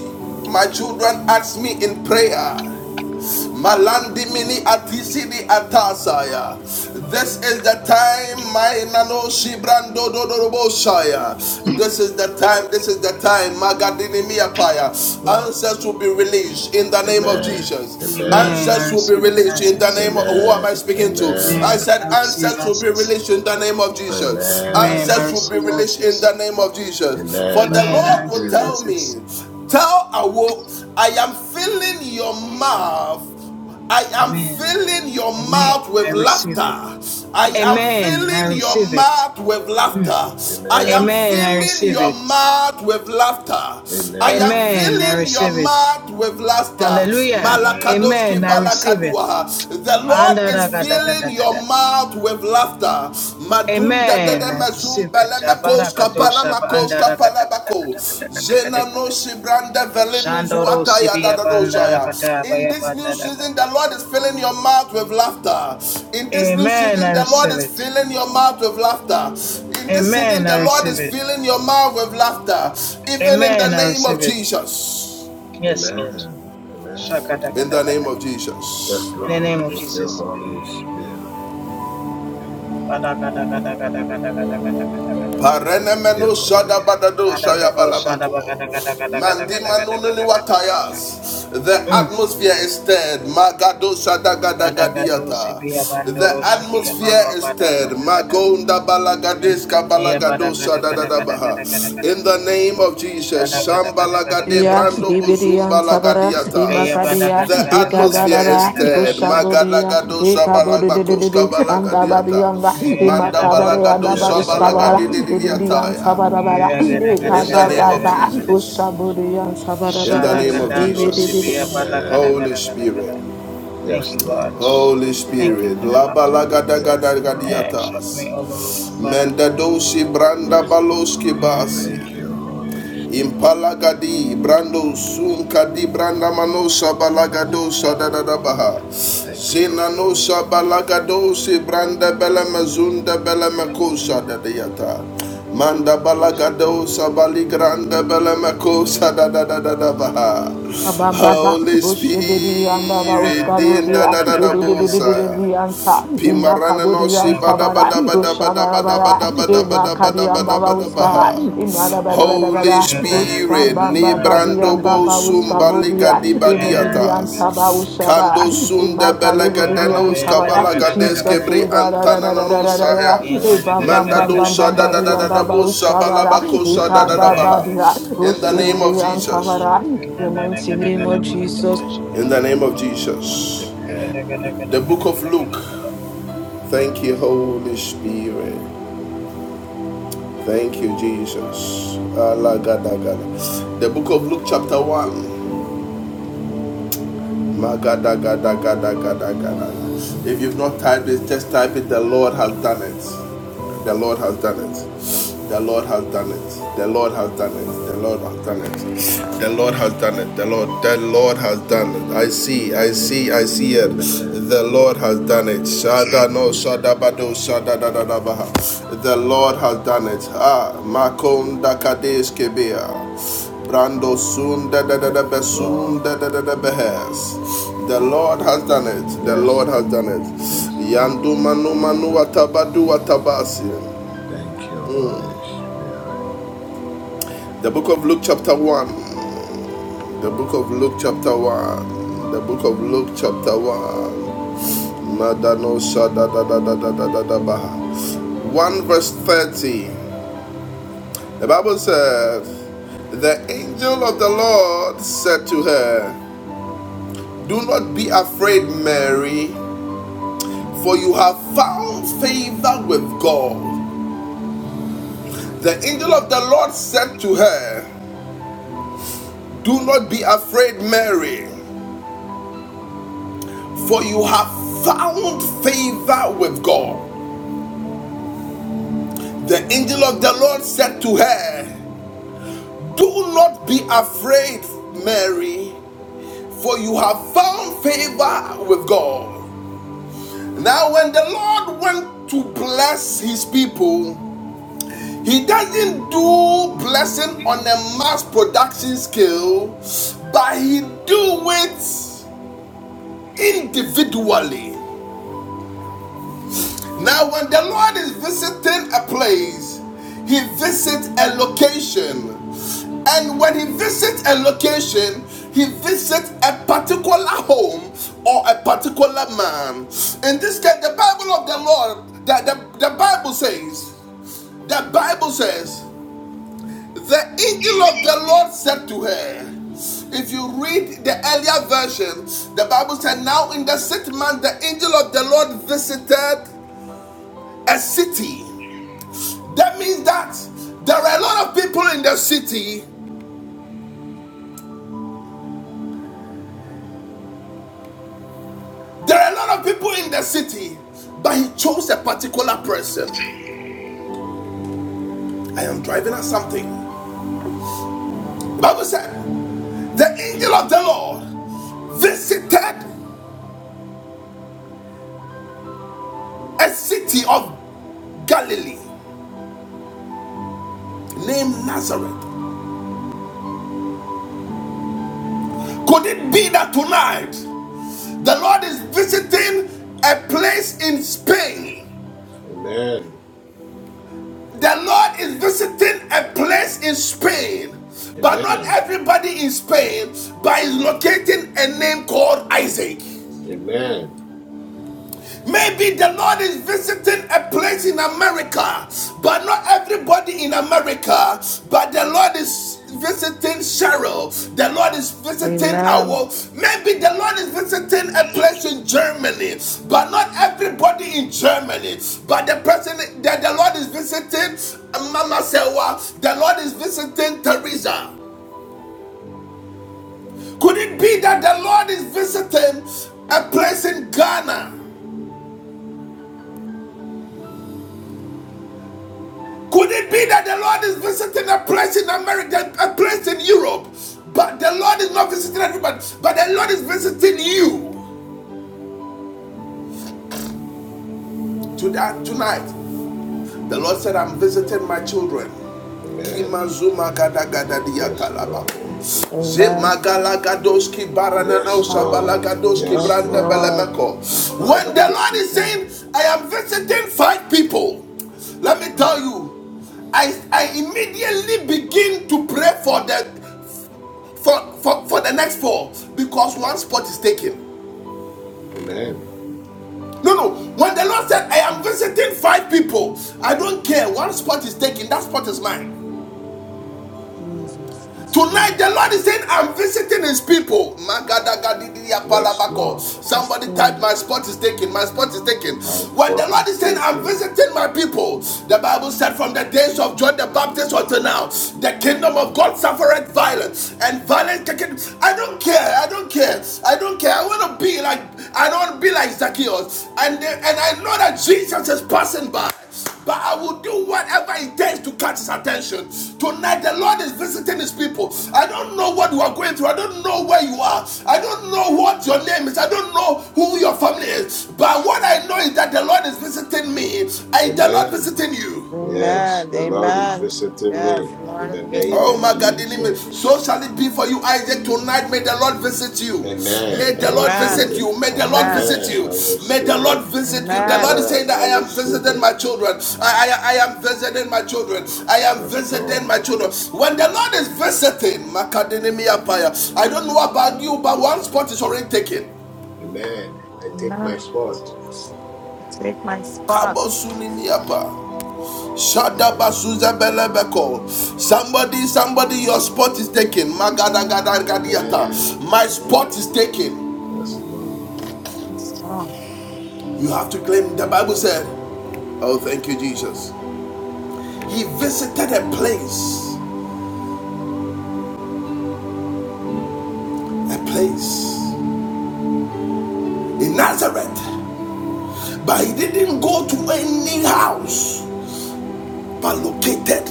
S1: my children ask me in prayer, Malandi mini atisini atasaya. This is the time, my nano shibrando dodorobosaya. This is the time, this is the time, Magadini miapaya.
S6: Yes, Lord.
S1: Answers will be released in the name of
S6: Amen.
S1: Jesus.
S6: Amen.
S7: Amen. I
S1: Answers will be
S7: receive the
S1: released in the
S7: answers.
S1: name of who am
S6: Amen.
S1: I speaking to? I
S7: Amen.
S6: Amen.
S7: I
S1: said
S7: receive
S1: answers will be
S7: answers.
S1: released in the name of Jesus.
S7: Amen. I
S1: Answers will
S6: Amen.
S1: be
S7: receive
S1: released in
S7: answers.
S1: the name of Jesus. For
S6: Amen. I
S1: the
S7: Amen. I
S1: Lord will
S7: receive
S6: receive
S1: tell
S6: it.
S1: me,
S7: answers.
S1: tell Awo, I am filling your mouth I am
S7: Amen.
S1: filling your
S7: Amen.
S1: mouth
S7: I
S1: with
S7: receive
S1: laughter.
S7: it.
S1: I
S6: Am-
S1: am
S7: Amen. I
S1: filling your
S7: receive it.
S1: mouth with
S7: Hmm.
S1: laughter. I am
S6: Amen.
S7: Amen. I
S1: filling
S7: receive
S1: your
S7: it.
S1: mouth with laughter. I am
S6: Amen.
S7: Amen. I
S1: filling your
S7: receive it.
S1: mouth with laughter.
S7: Hallelujah.
S1: Malakados
S6: Amen.
S7: Amen. I receive it.
S1: the Lord is filling
S7: Andaragadagadaga.
S1: your mouth with laughter. Madunda de de
S7: Amen. I receive
S1: mezum
S7: it.
S1: bele kapala
S7: Abarakatosha ba-
S1: makos kapala bako. Zena no
S7: andaragadagadagadagadagadagadaga.
S1: sibrande velinu
S7: Shandoro
S1: da
S7: sibiya
S1: da
S7: ba-
S1: doshaya.
S7: andaragada ba-
S1: In
S7: ya- ba-
S1: this new
S7: andaraga.
S1: season, the Lord is filling your mouth with laughter. In this new
S7: Amen. I
S1: season, the Lord
S7: receive
S1: is
S7: it.
S1: filling your mouth with laughter. In this season,
S7: Amen.
S1: the
S7: I
S1: Lord is
S7: receive it.
S1: filling your mouth with laughter. Even in
S7: Amen.
S1: the
S7: I
S1: name of
S7: receive it.
S1: Jesus.
S7: Yes, Lord.
S6: Amen. Amen.
S1: In the name of
S7: Shakadakadakadakada.
S1: Jesus.
S6: Yes,
S7: In the
S6: Lord.
S7: name of
S6: Thank you,
S7: Jesus.
S6: Holy Spirit. Thank
S7: Badakadakadakadakadakadakadakadakadakada.
S1: Parenemeno
S6: you, Holy
S1: shadabadado
S6: Spirit.
S1: shayabalabako. Mandimanununi watayas. The
S7: Mm.
S1: atmosphere is stirred. Magado
S7: Badagado
S1: shadagadagadiata.
S7: Sibia
S1: The
S7: Bandoro
S6: Yes,
S7: Shibia
S1: atmosphere
S6: Lord.
S7: Baba
S1: is
S7: Bada
S1: stirred.
S7: Badagada.
S1: Magonda
S7: Mm.
S1: balagadeska
S7: Yeah,
S1: balagado
S7: Badagada Gada Gada
S1: shadadadabaha.
S7: Gada Gada Gada.
S1: In the name of Jesus,
S7: Shada Gada Gada Gada
S1: Shambalagade
S7: Gada Gada
S2: Ya
S1: Brando
S7: Gada Gada Gada.
S2: ibirian tabara
S1: Bozumbalagadiatas.
S7: Yeah,
S2: imakadia
S7: Badagada
S1: The
S7: Gada Gada Gada
S1: atmosphere
S7: Gada
S1: is
S2: ikabadaba
S7: Gada
S1: stirred.
S7: Gada Gada.
S2: ushabudia
S1: Magadagado Shabalagakoska
S2: ikabudidididi
S1: Balagadiata.
S2: andabadianga
S7: Yeah, Gada Bada
S2: imakabadia
S7: Bada
S2: daba
S7: Bada
S6: Yes,
S7: Bada Bada
S2: uskabala
S7: Bada.
S6: Lord.
S2: idian tabarabara
S7: Yeah, Gada Gada
S1: In
S6: Yes,
S1: the
S7: Gada
S1: name
S7: Gada
S1: of
S7: Gada
S2: ikabababa
S6: Lord.
S7: Gada Gada.
S1: Jesus.
S2: ushabudia
S1: In the
S2: tabarabara
S7: Shada
S1: name of
S6: Amen.
S7: Gadando
S1: Jesus.
S7: Sibia Bada Gada
S6: Amen.
S1: Holy
S7: Gada Gada
S1: Spirit.
S7: Gada. Thank
S6: Yes,
S7: you, God.
S6: Lord.
S1: Holy
S7: Thank you
S1: Spirit.
S7: for the laughter.
S6: Yes, Lord.
S7: Shut me, all O
S1: menda dosi branda
S6: Yes, Lord.
S1: baloski basi.
S6: Thank you, Holy. Spirit.
S1: Impalagadi, Brando Sunkadi, branda manosa Balagadosa Dadadabaha,
S6: Thank you, Holy.
S1: Zenanosa Balagadosi, Branda Belamazunda Belamakosa Dadayata, Manda Balagadosa Baligranda Belamakosa Dadadadabaha,
S2: Abamba,
S1: Holy
S2: Oshibidi and Baba
S7: Lord,
S1: Spirit, Din
S2: Uskaburia,
S1: Dadadabosaya.
S2: Edidididididi Ansa,
S1: Pimarana no
S2: Imakabudi
S1: shi
S2: and
S1: bada
S2: Sabara,
S1: bada bada bada bada
S2: Ushabarabara,
S1: bada bada bada bada
S2: Imakadi and
S1: bada
S2: Baba
S1: bada
S2: Uskara,
S1: baha. Holy
S2: Imarabara,
S1: Spirit,
S2: Ushabamba,
S6: Yes,
S2: Babi
S1: Nibrando
S2: and
S1: bo
S2: Baba
S1: sumbaliga
S2: Uskaburia,
S1: di
S2: in the Divian
S1: badiatas.
S2: Taba Ushaba,
S1: Kando
S2: in
S1: sunde belega
S2: Makadu Divian
S1: denos
S2: Tabara,
S1: kabala gades
S2: Jesus,
S6: Spirit.
S1: kebri
S2: we da da da da
S1: antanana
S2: da da
S1: no
S2: da da da,
S1: saya.
S2: we
S6: Thank
S2: bam
S6: you.
S2: bam
S1: Manda
S2: bam bam
S1: dosa
S2: bam
S1: da
S2: bam,
S1: da
S2: the
S1: da da da
S2: Yandaba
S1: bosa
S2: Ushabara, we
S1: balabakosa
S6: Yes,
S1: da da da
S2: Taba
S6: Lord.
S1: baha.
S2: Badia,
S1: In the
S6: Yes,
S1: name of
S2: Ushibirian
S1: Jesus.
S2: Tabara, the mighty name of
S6: thank
S2: Jesus.
S1: In the name of
S6: you.
S1: Jesus. The book of
S6: Amen.
S1: Luke. Thank you, Holy Spirit. Thank you, Jesus. Alagadagada. The book of Luke, chapter 1. Magadagadagadagadagadagada. If you've
S6: Amen.
S1: not typed it, just type it. The Lord has done it. The Lord has done it. The Lord has done it. The Lord has done it. The Lord has done it. The Lord has done it. The Lord. The Lord has done it. I see. I see. I see it.
S6: Amen.
S1: The Lord has done it. Shada no
S6: Amen.
S1: shada bado shada da da da baha. The Lord has done it. Ah, makonda kadesh kebea. Brando soon da da da
S6: Yes,
S1: da be
S6: Lord.
S1: soon da da da da behes. The Lord has done it. The
S6: Yes,
S1: Lord has
S6: Lord.
S1: done it.
S6: Yes, Lord.
S1: Yandu manu manu atabadu atabasi.
S6: Thank you,
S1: Mm.
S6: Holy Spirit.
S1: The book of Luke chapter one. The book of Luke chapter one. The book of Luke chapter one. Madano sha da da da da da da da da bah. 1 verse 30. The Bible says, The angel of the Lord said to her, Do not be afraid, Mary, for you have found favor with God. The angel of the Lord said to her, Do not be afraid, Mary, for you have found favor with God. The angel of the Lord said to her, Do not be afraid, Mary, for you have found favor with God. Now, when the Lord went to bless his people, He doesn't do blessing on a mass production scale, but he do it individually. Now, when the Lord is visiting a place, he visits a location. And when he visits a location, he visits a particular home or a particular man. In this case, the Bible of the Lord, the, the, the Bible says, the Bible says The angel of the Lord said to her, if you read the earlier version, the Bible said, Now in the sixth month, the angel of the Lord visited a city. That means that there are a lot of people in the city. There are a lot of people in the city, but he chose a particular person. I am driving at something. The Bible said, The angel of the Lord visited a city of Galilee named Nazareth. Could it be that tonight the Lord is visiting a place in Spain?
S6: Amen.
S1: The Lord is visiting a place in Spain, but not
S6: Amen.
S1: everybody in Spain, but is locating a name called Isaac.
S6: Amen.
S1: Maybe the Lord is visiting a place in America, but not everybody in America. But the Lord is visiting Cheryl. The Lord is visiting
S8: Amen.
S1: our. Maybe the Lord is visiting a place in Germany, but not everybody in Germany. But the person that the Lord is visiting um, Mama Sewa, the Lord is visiting Teresa. Could it be that the Lord is visiting a place in Ghana? Could it be that the Lord is visiting a place in America, a place in Europe, but the Lord is not visiting everybody, but the Lord is visiting you? To that tonight, the Lord said, "I'm visiting my children."
S6: Amen. Yes, Lord.
S8: Amen. Yes,
S6: Yes,
S8: God.
S6: Lord. Yes,
S8: Yes,
S6: Lord.
S8: Lord.
S1: When
S6: Father,
S1: the Lord is
S6: visit us.
S1: saying, "I am visiting five people," let me tell
S6: Mm.
S1: you, I, I immediately begin to pray for them. for, for, for the next four because one spot is taken.
S6: Amen.
S1: No, no. When the Lord said, I am
S8: Amen.
S1: visiting five people, I don't care. One spot is taken, that spot is mine.
S8: Jesus. Yes,
S1: Tonight,
S8: God.
S1: the Lord is saying, I'm visiting his people.
S6: Yes, Lord.
S8: Yes,
S1: Somebody type,
S8: God.
S1: My spot is taken. My spot is taken.
S6: My
S1: When the
S6: fourth is
S1: Lord is saying, I'm
S6: speaking.
S1: visiting my people, the Bible said, From the days of John the Baptist until now, the kingdom of God suffereth violence, and violence I don't care. I don't care. I don't care. I want to be like, I don't want to be like Zacchaeus. And, and I know that Jesus is passing by. But I will do whatever it takes to catch his attention. Tonight, the Lord is visiting his people. I don't know what you are going through. I don't know where you are. I don't know what your name is. I don't know who your family is. But what I know is that the Lord is visiting me and the Lord visiting
S6: Amen.
S1: you.
S6: Yes,
S8: Amen.
S6: the Lord is
S8: Amen.
S6: visiting
S8: Yes,
S6: me
S8: Lord
S6: in the
S8: is
S6: name
S1: Oh
S6: of
S8: visiting
S1: my
S8: me.
S1: God, in
S6: Jesus.
S1: so shall it be for you, Isaac. Tonight, may the Lord visit you. May
S6: Amen. I
S1: the Lord
S8: Amen.
S6: receive
S1: visit
S6: it.
S1: you. May the Lord
S8: Amen.
S1: visit
S6: Amen.
S1: you.
S6: I
S1: May
S6: receive
S1: the Lord
S6: it.
S1: visit you. The Lord
S8: Amen.
S1: is saying
S6: Amen.
S1: that
S6: I
S1: I am
S6: receive
S1: visiting
S6: it.
S1: my children. I, I, I am visiting my children. I am
S6: Yes,
S1: visiting my
S6: Lord.
S1: children. When the Lord is visiting, Makadinimiapaya, I don't know about you, but one spot is already taken.
S6: Amen. I take my
S8: Amen.
S6: spot.
S8: Take my spot.
S1: Kabosunimiapa.
S6: Yes, Lord.
S1: Shadabazuzebelebeko. Somebody, somebody, your spot is taken.
S6: Amen.
S1: Magadagadagadiata. My spot
S6: Amen.
S1: is taken.
S6: Yes, Lord.
S8: Yes, God.
S1: You have to claim. The Bible said, Oh, thank you, Jesus. He visited a place, a place in Nazareth, but he didn't go to any house. located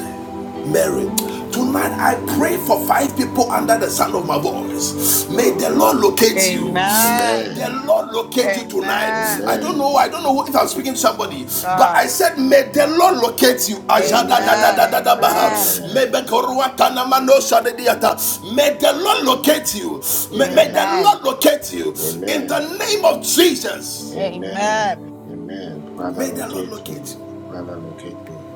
S1: Mary. Tonight I pray for five people under the sound of my voice.
S6: Yes,
S1: May
S6: Lord.
S1: the Lord locate you. May
S8: Amen.
S1: the
S6: Amen.
S1: Lord locate you tonight. I
S8: Amen.
S1: don't
S6: Amen.
S1: know. I don't know if I'm speaking to somebody,
S8: Yes,
S1: but I
S8: God.
S1: said, May the Lord locate you.
S8: Amen.
S6: Amen.
S1: Ajadadadadadabaha.
S8: Amen.
S6: Amen.
S1: Mebekoruatanamanoshanediata. May the Lord locate you. May, may
S6: Amen.
S1: the
S8: Amen.
S1: Lord locate you. In the
S6: Amen.
S1: name of Jesus,
S6: Amen.
S8: Amen.
S6: Amen. Father,
S1: may the Lord
S6: locate
S1: locate
S6: me.
S1: you.
S6: Father, locate me.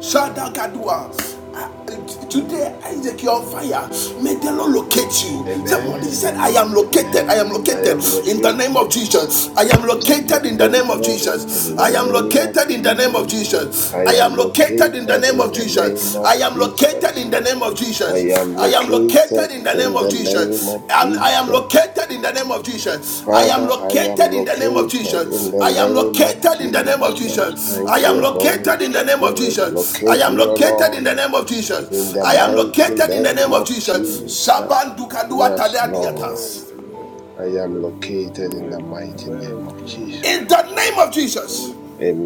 S1: Shadagadua. Uh,
S6: Yes, Lord.
S1: Today, Isaac, you're on fire. May the Lord locate you. Somebody said,
S6: Amen.
S1: I am
S6: Amen.
S1: located. I am
S6: I
S1: located
S6: am
S1: in the name of
S6: located.
S1: Jesus. I am
S6: I am
S1: located in the
S6: located
S1: name of Jesus.
S6: in
S1: I
S6: the
S1: am
S6: name of
S1: located in the name
S6: Jesus.
S1: of Jesus.
S6: I
S1: I am
S6: am
S1: located in the
S6: located
S1: name of
S6: in the name
S1: Jesus. I
S6: of
S1: am located
S6: Jesus.
S1: in the name of
S6: I
S1: Jesus.
S6: am
S1: I am located
S6: located
S1: in the name
S6: in
S1: of
S6: the name
S1: Jesus.
S6: of
S1: I, I am
S6: Jesus.
S1: located in the name of Jesus. I am
S6: Father, I am
S1: located in the name of
S6: located in
S1: Jesus.
S6: the
S1: I am
S6: name of
S1: located in the name of
S6: Jesus.
S1: Jesus. I
S6: Thank
S1: am
S6: you, Holy
S1: located in the name of
S6: Spirit.
S1: Jesus. I
S6: Locate
S1: am
S6: me, O
S1: located in
S6: Lord,
S1: the name of
S6: in
S1: Jesus.
S6: the
S1: I am
S6: mighty
S1: located in the
S6: name
S1: name of
S6: of
S1: Jesus.
S9: Amen.
S6: Jesus.
S1: Shaban Dukadua
S6: Yes, Lord.
S9: Amen.
S1: Tadadiatas.
S9: Amen.
S6: I am located in
S9: Amen.
S6: the
S9: Amen.
S6: mighty name
S9: amen.
S6: of Jesus.
S9: Jesus.
S1: In the name of Jesus.
S9: Holy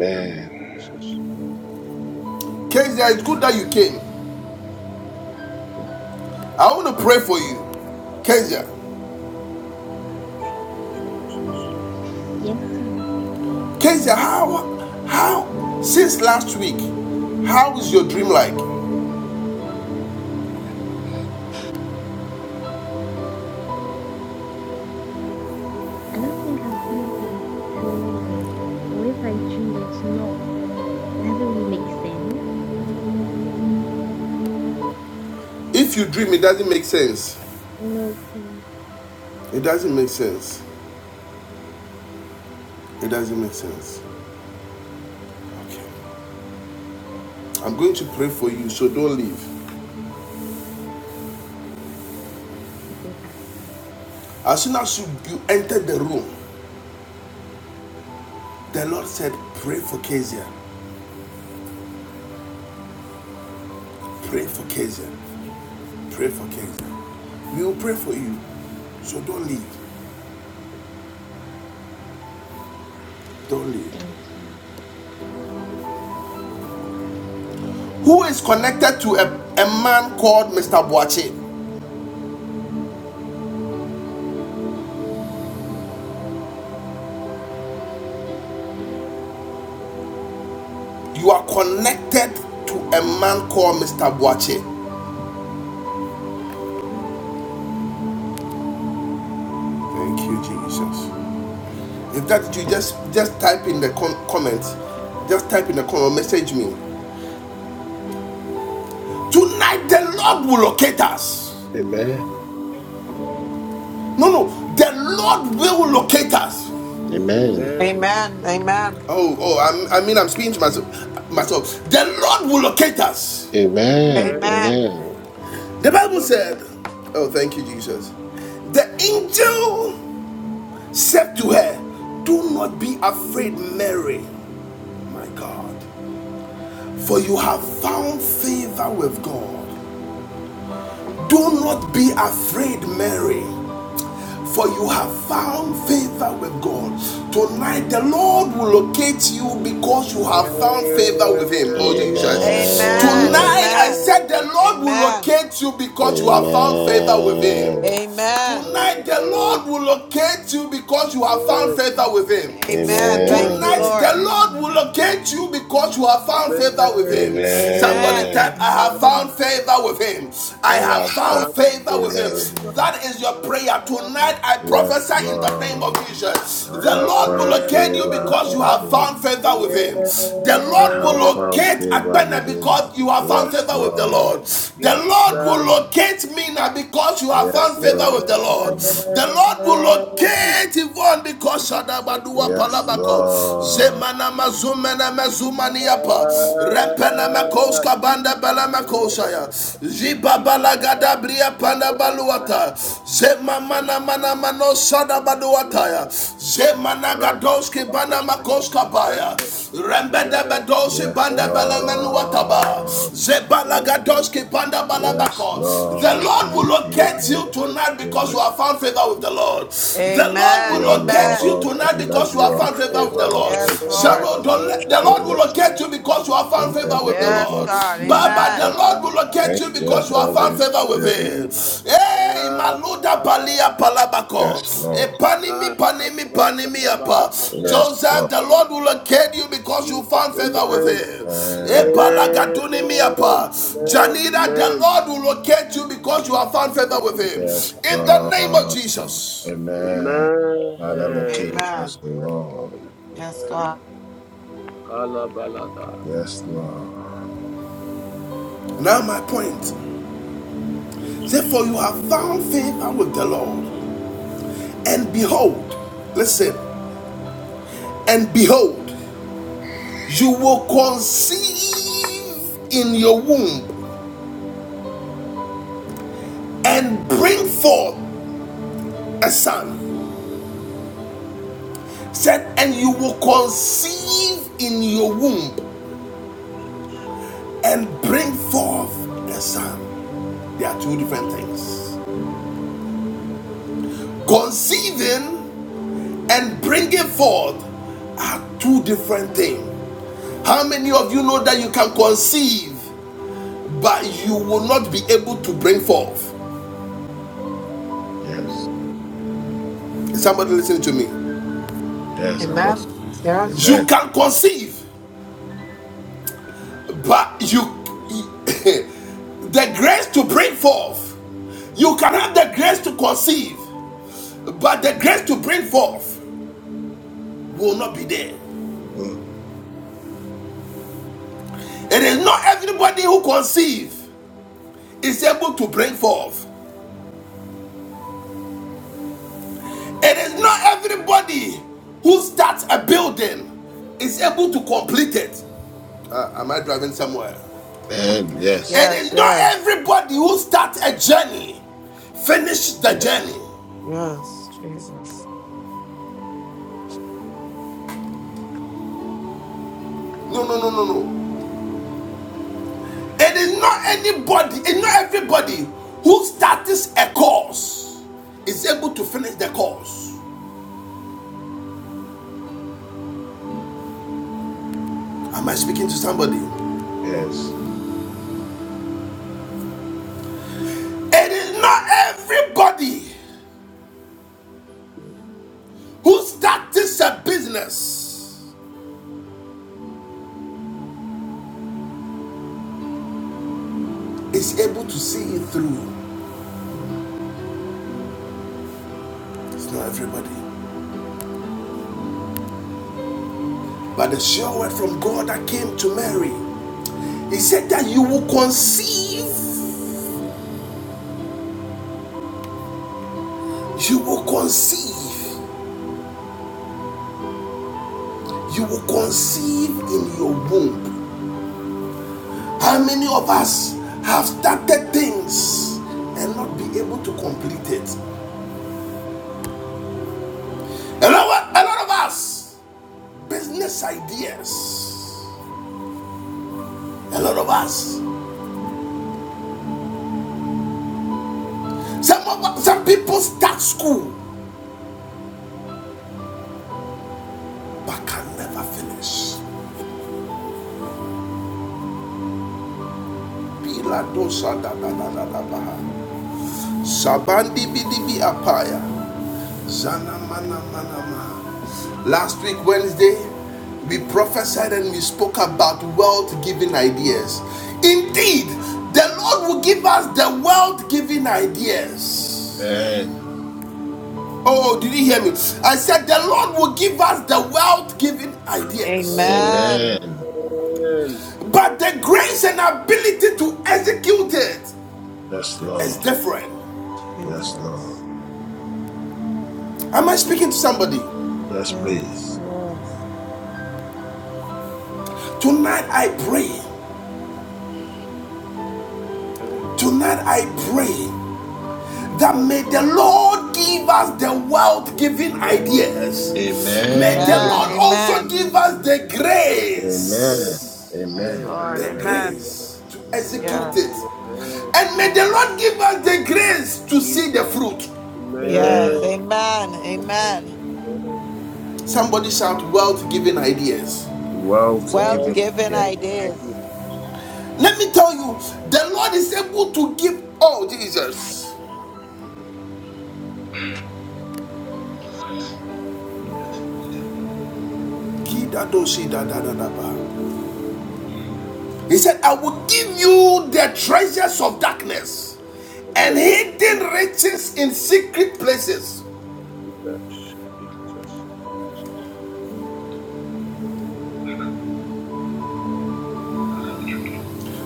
S9: Father, Jesus.
S1: Kezia, it's good that you came. I want to pray for you. Kezia.
S9: Amen.
S10: Yes, please.
S1: Kezia, how how since last week, how is your dream like?
S10: I don't think I've really been dreaming. Or if I dream, it's not, it doesn't really make sense.
S1: If you dream, it doesn't make sense.
S10: No, please.
S1: It doesn't make sense. It doesn't make sense. Okay. I'm going to pray for you, so don't leave.
S10: Okay, but
S1: As soon as you, you entered the room, the Lord said, Pray for Kezia. Pray for Kezia. Pray for Kezia. We will pray for you, so don't leave. Don't leave.
S10: thank you.
S1: Who is connected to a, a man called Mr. Boache? You are connected to a man called Mr. Boache. Thank you, Jesus. If that's you, just just type in the com- comment. Just type in the comment. Message me. Tonight the Lord will locate us.
S6: Amen.
S1: No, no, the Lord will locate us.
S6: Amen.
S9: Amen.
S8: Amen. Amen.
S1: Oh, oh, I'm, I mean I'm speaking to myself. Myself. The Lord will locate us.
S6: Amen.
S9: Amen.
S8: Amen.
S6: Amen.
S1: The
S9: The
S1: Bible
S9: Lord will
S1: said. Oh, thank you, Jesus. The angel said to her, "Do not be afraid, Mary, my God, for you have found favor with God." Do not be afraid, Mary, for you have found favor with God. Tonight, the Lord will locate you because you
S9: Amen.
S1: have found favor with Him. Oh, Jesus.
S8: Amen.
S6: Amen.
S1: Tonight, I
S8: Amen.
S1: said, the Lord will
S8: Amen.
S1: locate you because you have found favor with Him.
S6: Amen.
S8: Amen.
S1: Tonight, the
S9: Amen.
S1: Lord will locate you because you have
S9: Amen.
S1: found favor with Him.
S8: Amen.
S9: Amen.
S8: Thank you,
S6: Amen.
S1: Tonight, the
S8: Lord.
S1: Lord will
S10: Amen.
S1: locate you because you have found favor with Him. Somebody
S9: Amen.
S8: Amen.
S1: type,
S6: Amen.
S1: I have found
S10: Amen.
S1: favor with Him.
S6: I
S1: I have
S6: have found
S1: found
S9: Our
S1: favor with
S6: favor
S1: Him.
S6: in
S9: Father,
S6: him.
S1: That is your
S9: our
S1: prayer.
S9: Father.
S1: Tonight, I
S6: Yes,
S1: prophesy in the name of
S6: Lord.
S1: Jesus.
S6: I
S1: The
S6: have
S1: Lord will
S6: found
S1: locate you
S6: favor
S1: because you
S9: Amen.
S6: in
S1: have
S6: him.
S1: found favor with Him. The
S6: I
S1: Lord will
S6: have found
S1: locate
S9: Amen.
S6: favor
S1: Akpena
S6: with him.
S1: because you have found
S6: Yes,
S1: favor
S9: Jesus,
S1: with the
S6: Lord.
S1: Lord. The
S6: Yes,
S1: Lord will
S9: Jesus,
S6: Lord.
S1: locate Mina because you have found
S6: Yes,
S1: favor
S6: Lord.
S1: with the Lord.
S9: Amen.
S1: The Lord will locate Yvonne because
S9: Jesus,
S1: Shadabadua
S6: Yes,
S1: Palabako.
S9: Jesus,
S6: Lord.
S9: Jesus,
S1: Zemana
S9: Jesus.
S1: Mazumena Mazumaniapa. Rempena
S9: Ah,
S1: Makoska Banda
S9: Jesus. All of the
S1: Balamakoshaya.
S9: ba, sibidi
S1: Ziba
S9: bidi ya ba.
S1: Balagada Bria Panda
S9: Ola ba la
S1: Baluata.
S9: ba la ba
S1: Zem
S9: la ba
S1: Zemamana
S9: la.
S1: mana mana
S9: Shaka ba
S1: mano
S9: di
S1: sada baduataya. Zemanagadoski bana makoska baya. Rembe de bedosi
S6: Yes,
S1: banda bele
S9: Jesus, amen,
S1: menuataba.
S6: Lord.
S1: Zebalagadoski
S9: amen,
S1: banda
S6: Yes,
S1: balabako.
S6: Lord.
S1: The Lord will
S6: Thank you,
S1: locate
S6: Holy
S1: you tonight
S6: Spirit.
S1: because you have found favor with the Lord. The Lord
S8: Amen.
S1: will
S6: me, O
S1: locate you
S8: Amen.
S6: Lord,
S1: tonight
S6: and let
S1: because you have
S6: your
S1: found favor with
S6: favor
S1: the Lord.
S8: Yes,
S6: locate me,
S8: Lord.
S1: Cheryl,
S6: Holy
S1: the Lord will
S6: Spirit,
S1: locate you because you have found
S6: in
S1: favor
S6: the
S1: with the
S8: Yes,
S6: name of
S1: Lord.
S8: God.
S1: But, but the
S8: Amen.
S6: Jesus.
S1: Lord will locate
S6: Thank
S1: you
S6: you,
S1: because you have found
S6: Holy
S1: favor with
S6: Spirit.
S1: Him. Hey, Maluda Balia Palabako.
S6: Yes, Lord.
S1: Epanimi
S9: amen,
S1: Panimi Panimi Apa.
S6: Yes,
S1: Joseph,
S6: Lord.
S1: the Lord will locate you because you found favor with Him.
S6: Amen.
S1: Epalagadunimi Apa. Janina, the
S9: amen,
S1: Lord will locate you because you have found favor with Him.
S9: Jesus,
S6: Yes,
S1: In the name of
S6: Lord.
S1: Jesus.
S6: Amen. Father, locate
S9: Amen.
S8: Amen.
S6: us, O Lord.
S8: Yes,
S9: Amen.
S8: God.
S9: Kalabalata.
S6: Yes, Lord.
S1: Now, my point.
S9: Jesus.
S1: Therefore, you have found favor with the Lord. And
S9: Amen.
S1: behold, listen. And behold, you will conceive in your womb and bring forth a son. Said, and you will conceive in your womb and bring forth a son. There are two different things. Conceiving and bringing forth are two different things. How many of you know that you can conceive, but you will not be able to bring forth?
S6: Yes.
S1: Is somebody listening to me?
S6: Yes,
S8: Amen.
S6: Apostle.
S8: Yes.
S1: You
S6: Amen.
S1: can conceive, But you, the grace to bring forth, you can have the grace to conceive, but the grace to bring forth will not be there.
S6: Mm.
S1: It is not everybody who conceive is able to bring forth. It is not everybody who starts a building is able to complete it. Uh, am I driving somewhere?
S6: Amen. Yes.
S1: It is
S8: Yes,
S1: not
S8: yes.
S1: everybody who starts a journey finish the journey.
S8: Yes, Jesus.
S1: No, no, no, no, no. It is not anybody, it's not everybody who starts a course is able to finish the course. Am I speaking to somebody?
S6: Yes.
S1: It is not everybody who starts a business is able to see it through.
S6: Mm.
S1: It's not everybody. But the sure word from God that came to Mary, He said that you will conceive, you will conceive, you will conceive in your womb How many of us have started things and not be able to complete it? A lot, a lot of us, business ideas. A lot of us. Some of some people start school but can never finish. Sabandi bidi apaya. Last week, Wednesday, we prophesied and we spoke about wealth giving ideas. Indeed, the Lord will give us the wealth giving ideas.
S6: Amen.
S1: Oh, did you hear me? I said, The Lord will give us the wealth giving ideas.
S8: Amen.
S6: Amen.
S9: Amen.
S1: But the grace and ability to execute it
S6: Yes,
S1: is
S6: Lord.
S1: different.
S6: Yes, Lord.
S8: Jesus.
S1: Am I speaking to somebody?
S6: Yes,
S8: Yes,
S6: please.
S8: yes.
S1: Tonight, I pray.
S9: Amen.
S1: Tonight, I
S9: Lord
S1: pray. that may
S9: Jesus.
S1: the Lord give us the wealth giving
S9: Amen.
S1: ideas.
S9: I
S1: May the
S9: should
S6: Amen.
S9: have
S8: Amen.
S1: Lord
S9: said
S1: also
S8: Amen.
S1: give us the
S9: Amen.
S6: Amen.
S1: grace,
S9: Amen.
S8: Yes,
S6: Amen.
S8: Lord.
S1: the
S9: Amen.
S8: Amen.
S9: Amen.
S1: grace to execute it.
S8: Yes.
S9: Amen. Amen.
S1: And may the
S8: Yes.
S1: Lord give us the grace to see the
S9: Jesus.
S1: fruit.
S8: Yes,
S6: Amen.
S9: Amen.
S8: amen,
S9: Amen.
S8: amen.
S9: Amen. Amen.
S1: Somebody shout wealth giving ideas.
S6: Wealth
S8: Wealth
S9: What
S6: giving.
S8: giving
S6: Yeah.
S9: an
S8: ideas.
S9: idea,
S1: Let me tell you, the Lord is able to give all Jesus.
S9: Jesus.
S1: He said, I
S9: Jesus.
S1: will give you the treasures of darkness and
S9: Amen.
S1: hidden riches in secret places.
S9: Jesus, Jesus, Jesus.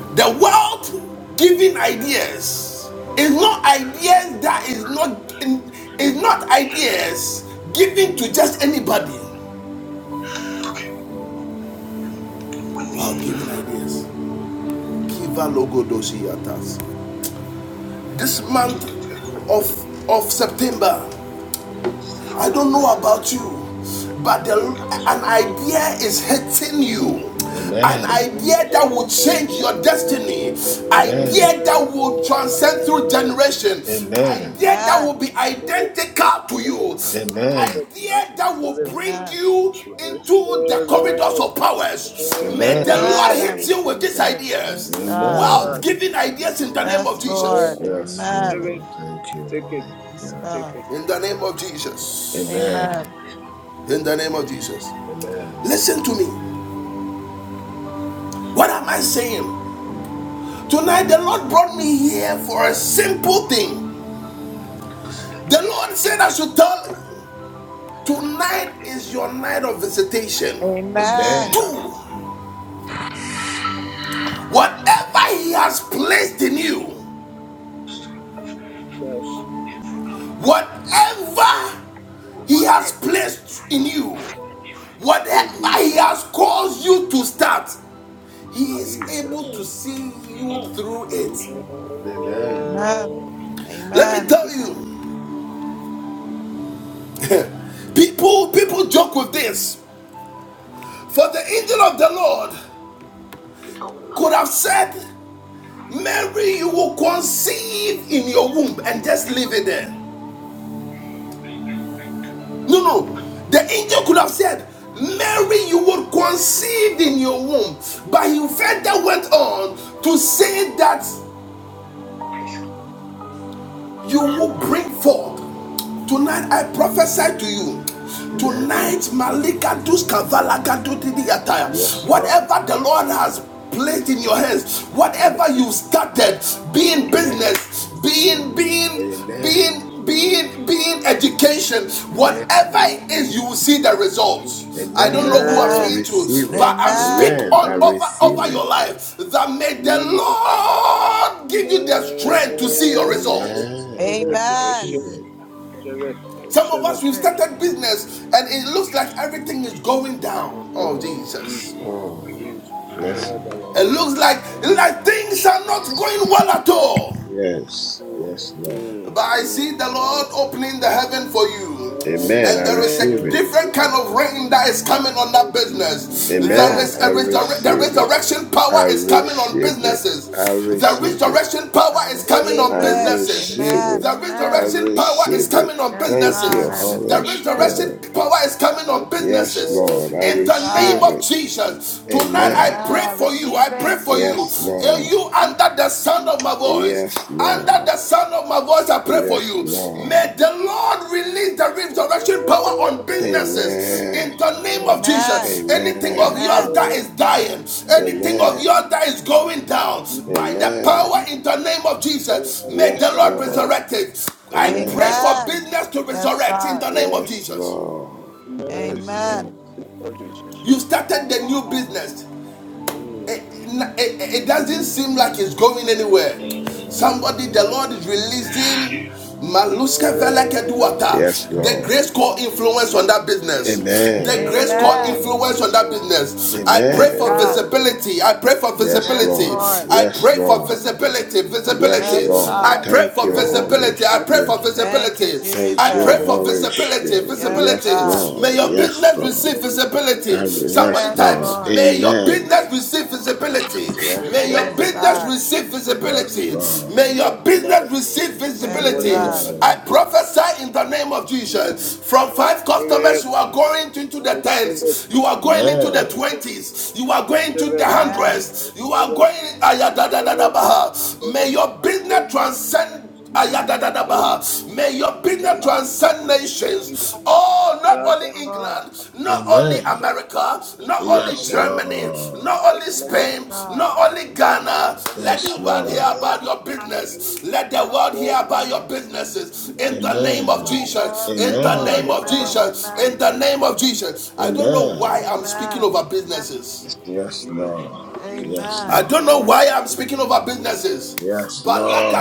S1: The world giving ideas is not ideas that is not is not ideas given to just anybody. World giving ideas. Kiva logo dosi yatas. This
S11: We
S1: month
S11: did the test
S1: of of September, I don't know about you, but the,
S11: one
S1: an
S11: with
S1: idea is hitting you. An
S6: Amen.
S1: idea that will change your destiny.
S6: Amen.
S1: Idea that will transcend through generation.
S9: Jesus,
S6: Amen.
S1: Idea that will
S8: Amen.
S1: be identical to you. An
S6: Amen.
S8: In
S1: idea that will
S8: Jesus,
S9: Spirit,
S1: bring
S8: amen.
S1: you
S11: you and
S9: Holy
S1: into the
S11: myself.
S1: corridors
S9: Spirit,
S1: of powers.
S11: They,
S1: May
S11: they
S1: the
S6: Amen.
S1: Lord
S8: Amen.
S11: tested
S8: I
S9: Spirit,
S1: hit
S11: me.
S1: you with
S8: receive
S1: these
S8: it.
S1: ideas.
S8: Yes, God.
S1: Wealth
S9: Jesus,
S6: Amen.
S1: giving ideas in the name
S8: Yes,
S1: of Jesus.
S8: Lord.
S9: Lord,
S6: Yes,
S8: Amen.
S9: Spirit,
S6: Lord. Thank you,
S9: take it,
S6: Holy
S8: Yes,
S6: Spirit.
S9: take
S8: God.
S9: it,
S1: In the name of Jesus.
S6: Amen.
S8: Amen.
S1: In the name of Jesus.
S6: Amen.
S1: Listen to me. What am I saying? Tonight, the Lord brought me here for a simple thing. The Lord said, I should tell you, tonight is your night of visitation.
S8: Amen.
S6: Amen.
S1: Two, whatever He has placed in you,
S9: Jesus.
S1: whatever He has placed in you,
S9: Oh,
S1: whatever He
S9: Jesus,
S1: has caused you to start, He is able
S9: Jesus.
S1: to see you through it.
S6: Amen.
S8: Amen.
S9: Amen.
S1: Let me
S9: Mind
S8: Amen.
S9: of
S1: tell
S9: discipline,
S1: you,
S9: Jesus,
S1: people people joke with this. For the angel of the Lord could have said, Mary, you will conceive in your womb and just leave it there. No, no. The angel could have said, Mary, you will conceive in your womb. But he further went on to say that you will bring forth. Tonight I prophesy to you.
S6: Amen.
S1: Tonight, Malika Duska Valaka
S8: Yes, Lord.
S1: Dutidiyata.
S6: Yes, Lord.
S1: Whatever the Lord has placed in
S9: Jesus,
S1: your hands,
S6: Amen.
S1: whatever you
S8: Yes,
S1: started,
S8: Lord.
S1: be in
S6: Amen.
S9: level,
S1: business,
S8: Yes,
S1: being
S8: Lord.
S9: Jesus,
S1: being
S6: Amen.
S1: being
S9: Jesus.
S1: being being education,
S8: Yes,
S6: Amen.
S1: whatever
S8: Lord.
S1: it is,
S9: Amen.
S1: you will see the results. I don't
S6: Amen.
S1: know who I'm
S6: I
S1: speaking
S8: Amen.
S1: to,
S6: receive it.
S1: but
S9: I
S1: I'm
S9: believe,
S1: speak
S9: I
S8: Amen.
S6: Amen. I
S1: all
S9: believe,
S1: over
S6: receive
S1: over
S6: it.
S1: your life that may the
S9: believe,
S1: Lord
S9: Amen.
S1: give you the strength to see your
S9: I
S1: results.
S6: Amen.
S9: receive
S6: I
S9: it. I receive
S8: Amen.
S6: receive
S9: it.
S6: it.
S9: Receive it. I
S1: Some of
S9: receive
S1: us,
S8: Receive
S9: it.
S1: we've
S9: I
S8: it.
S9: receive it.
S1: started business and it looks like everything is going down. Oh,
S9: Oh,
S6: Oh,
S9: Jesus.
S1: Jesus.
S6: oh,
S9: Jesus. Ola
S6: mercy.
S9: bala.
S1: It looks like,
S9: Thank
S1: like things are not going well at all.
S6: Yes,
S9: you.
S6: yes, Lord.
S9: Mm,
S1: But I see
S9: mm,
S1: the
S9: mm.
S1: Lord opening the heaven for you.
S6: Amen. I
S1: And there is a
S6: receive it.
S1: different kind of rain that is coming on that business. There
S6: Amen.
S1: is
S8: Amen.
S6: I
S1: a resur- the
S6: receive it.
S1: resurrection power
S6: I
S1: is coming on
S6: receive it.
S1: businesses.
S6: I
S1: The
S6: receive it.
S1: resurrection power
S8: I
S1: is coming
S8: receive
S1: on
S6: I
S8: it.
S1: businesses.
S6: receive
S8: Amen.
S6: it.
S1: The
S6: I
S8: Amen.
S1: resurrection power is
S6: receive it.
S1: coming on
S8: Yes,
S6: Thank
S8: God,
S6: you,
S8: I
S1: businesses. The
S6: Holy
S8: receive it.
S1: resurrection
S6: Spirit.
S1: power is coming
S9: Thank
S1: on
S6: Yes,
S1: businesses
S6: Lord. I
S1: in
S8: Yes,
S1: the name
S6: receive
S8: God.
S1: of
S6: it.
S1: Jesus. Tonight I
S8: Amen.
S6: Amen.
S1: pray
S8: I
S1: for you.
S8: receive
S1: I pray
S8: it.
S1: for you.
S6: Yes,
S9: you,
S6: Lord.
S1: Are You
S9: Jesus.
S1: under the sound
S9: Oh,
S1: of my
S9: thank
S1: voice.
S6: Yes,
S1: Under
S6: Lord.
S1: the sound of my voice, I pray for
S6: Yes,
S1: you. May
S6: Lord.
S1: the
S9: you, Jesus.
S1: Lord release the
S9: Amen.
S1: resurrection power on
S9: I
S1: businesses
S6: Amen.
S1: in the
S9: receive
S1: name
S9: it.
S1: of
S8: Amen.
S1: Jesus. Anything of
S6: Amen.
S1: yours
S8: Amen.
S1: that is
S9: Amen.
S1: dying,
S9: Jesus.
S1: anything of
S6: Amen.
S1: yours
S9: Jesus.
S1: that is going down, by the
S6: Amen.
S1: power
S9: Jesus.
S1: in the name of
S9: Oh,
S1: Jesus,
S9: la,
S1: may
S9: bala,
S1: the
S6: Yes,
S1: Lord
S9: bala, bala.
S6: Lord.
S1: resurrect it. I pray
S6: Amen.
S9: Jesus.
S1: for
S8: Amen.
S1: business to
S8: Yes,
S1: resurrect in
S8: God.
S1: the
S9: Jesus.
S1: name of
S6: Yes,
S1: Jesus.
S6: Lord.
S9: Amen. In the mighty
S6: Yes,
S9: name
S6: Lord.
S8: Amen.
S9: of Jesus.
S1: You started the new business.
S9: Mm.
S1: it, doesn't seem like it's going anywhere.
S9: Bala,
S1: Somebody, the
S9: Bala.
S1: Lord is releasing
S9: Jesus,
S1: Maluska
S6: Yes,
S1: Velakeduata, the
S6: Lord.
S1: grace core influence on that business. The
S6: Amen.
S1: grace core
S8: Amen.
S1: influence on that
S9: Jesus,
S1: business. I pray
S8: Yes,
S1: for
S6: Amen.
S8: God.
S1: visibility. I pray for
S6: Yes,
S8: Yes,
S1: visibility.
S6: Lord.
S8: Lord.
S1: I
S6: Yes,
S1: pray for
S6: Lord.
S1: visibility.
S6: Yes,
S1: Visibility.
S8: Yes,
S6: Lord.
S1: I
S8: God.
S1: pray
S6: Thank
S1: for
S6: you, Holy
S1: visibility. I pray for
S6: Spirit.
S8: Thank you,
S1: visibility. I
S6: Thank you,
S1: pray
S8: Jesus.
S1: for
S6: Holy
S1: visibility,
S6: Spirit.
S8: Yes,
S6: Yes,
S1: visibility.
S8: God.
S1: May
S6: Lord.
S1: your
S6: Yes,
S1: business receive
S6: Lord.
S1: visibility.
S6: I- Yes,
S1: Somebody
S8: Yes,
S1: type,
S6: Lord.
S8: Lord.
S1: may your
S6: Amen.
S1: business receive visibility.
S6: Yes,
S1: May your
S8: Yes,
S6: Lord.
S1: business
S8: God.
S1: receive
S6: Yes,
S1: visibility.
S6: Lord.
S1: May your business receive
S8: Yes,
S1: visibility.
S8: God.
S1: I
S6: Amen.
S1: prophesy in the name of Jesus. From five customers, you are going into the tens, you are going into the
S6: Amen.
S1: twenties, you are going to the
S8: Amen.
S1: hundreds, you are going. May your business transcend May your business transcend nations. Oh, not
S8: Yes,
S1: only
S8: Lord.
S1: England, not only
S6: Amen.
S1: America, not only
S6: Yes,
S1: Germany, not
S6: Lord.
S1: only
S8: Yes,
S1: Spain,
S8: God.
S1: not only Ghana. Let the
S6: Yes,
S1: world hear
S6: Lord.
S1: about your business. Let the world hear about your businesses. In the name of
S6: Amen.
S1: Jesus.
S8: Yes,
S1: In the
S8: Lord.
S1: name
S6: Amen.
S1: of
S8: Amen.
S1: Jesus.
S8: Amen.
S1: In the name of Jesus. I don't know why
S6: Amen.
S1: I'm speaking
S8: Amen.
S1: over businesses.
S6: Yes, Lord. Yes,
S1: I
S8: Amen.
S6: Lord.
S1: don't know why I'm speaking over businesses.
S6: Yes,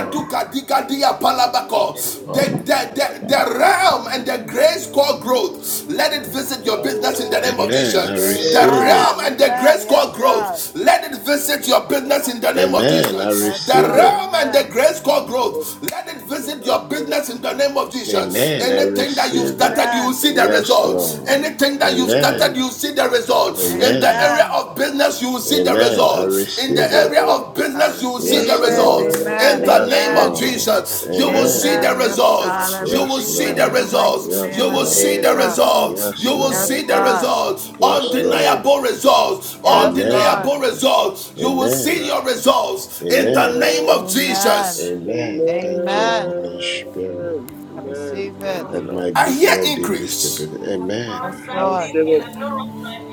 S11: And
S1: dikadia palabako. The, the, the, the realm and the grace called growth. Let it visit your business in the name of
S6: Amen. I
S1: Jesus. The
S6: receive
S1: realm
S6: it.
S8: Amen.
S1: and the
S8: Amen.
S1: grace called
S8: Yes, God.
S1: growth. Let it visit your business in the name of
S6: Amen. I
S1: Jesus.
S8: Yes,
S1: The
S6: receive
S8: Lord.
S6: it.
S1: realm and the
S8: Amen.
S1: grace called growth. Let it visit your business in the name of Jesus.
S6: Amen. I
S1: Anything that you've
S6: receive it.
S1: started, you will
S8: Amen.
S1: see the
S6: Yes,
S1: results.
S6: Lord.
S1: Anything that you've started,
S6: Amen.
S1: you will see the results. In the
S6: Amen.
S1: area
S8: Amen.
S1: of business, you will see the
S6: Amen. I
S1: results. In the
S6: receive it.
S1: area
S9: Amen,
S1: of
S8: I
S1: business, you will see the
S8: receive
S6: Yes,
S8: it.
S1: results.
S6: Lord.
S1: In
S8: Amen.
S1: the
S6: Yes,
S1: name
S9: amen,
S1: of
S8: Amen.
S6: Lord.
S1: Jesus, you will see
S6: Amen.
S1: the
S8: Amen. Yes, God. I
S1: results. You will
S6: Yes,
S8: receive
S1: see
S9: amen.
S8: it
S1: the
S8: in the
S6: Lord.
S8: mighty
S1: results.
S6: Yes,
S1: You
S8: name of
S1: will
S6: Lord.
S1: see the
S9: Amen.
S8: Jesus.
S1: results.
S6: Yes,
S1: You will
S6: Lord.
S1: see
S8: Yes,
S1: the
S9: Amen.
S8: God.
S1: results.
S6: Yes,
S9: Amen.
S6: Lord.
S1: Undeniable results.
S8: Yes,
S9: Jesus.
S6: Amen.
S1: Undeniable
S8: Lord.
S1: results. You will see
S6: Amen.
S9: Jesus.
S1: your results in the
S6: Amen.
S1: name
S9: Amen.
S1: of
S8: Amen.
S1: Jesus.
S6: Amen. Thank you,
S8: Amen. I
S6: Holy Spirit.
S9: Amen. Amen.
S8: receive
S9: Thank
S8: it.
S9: you,
S6: Let
S9: Lord.
S6: my
S1: I hear
S6: business be
S1: increase.
S6: visible. Amen.
S8: Yes,
S9: I
S8: Lord.
S9: receive it.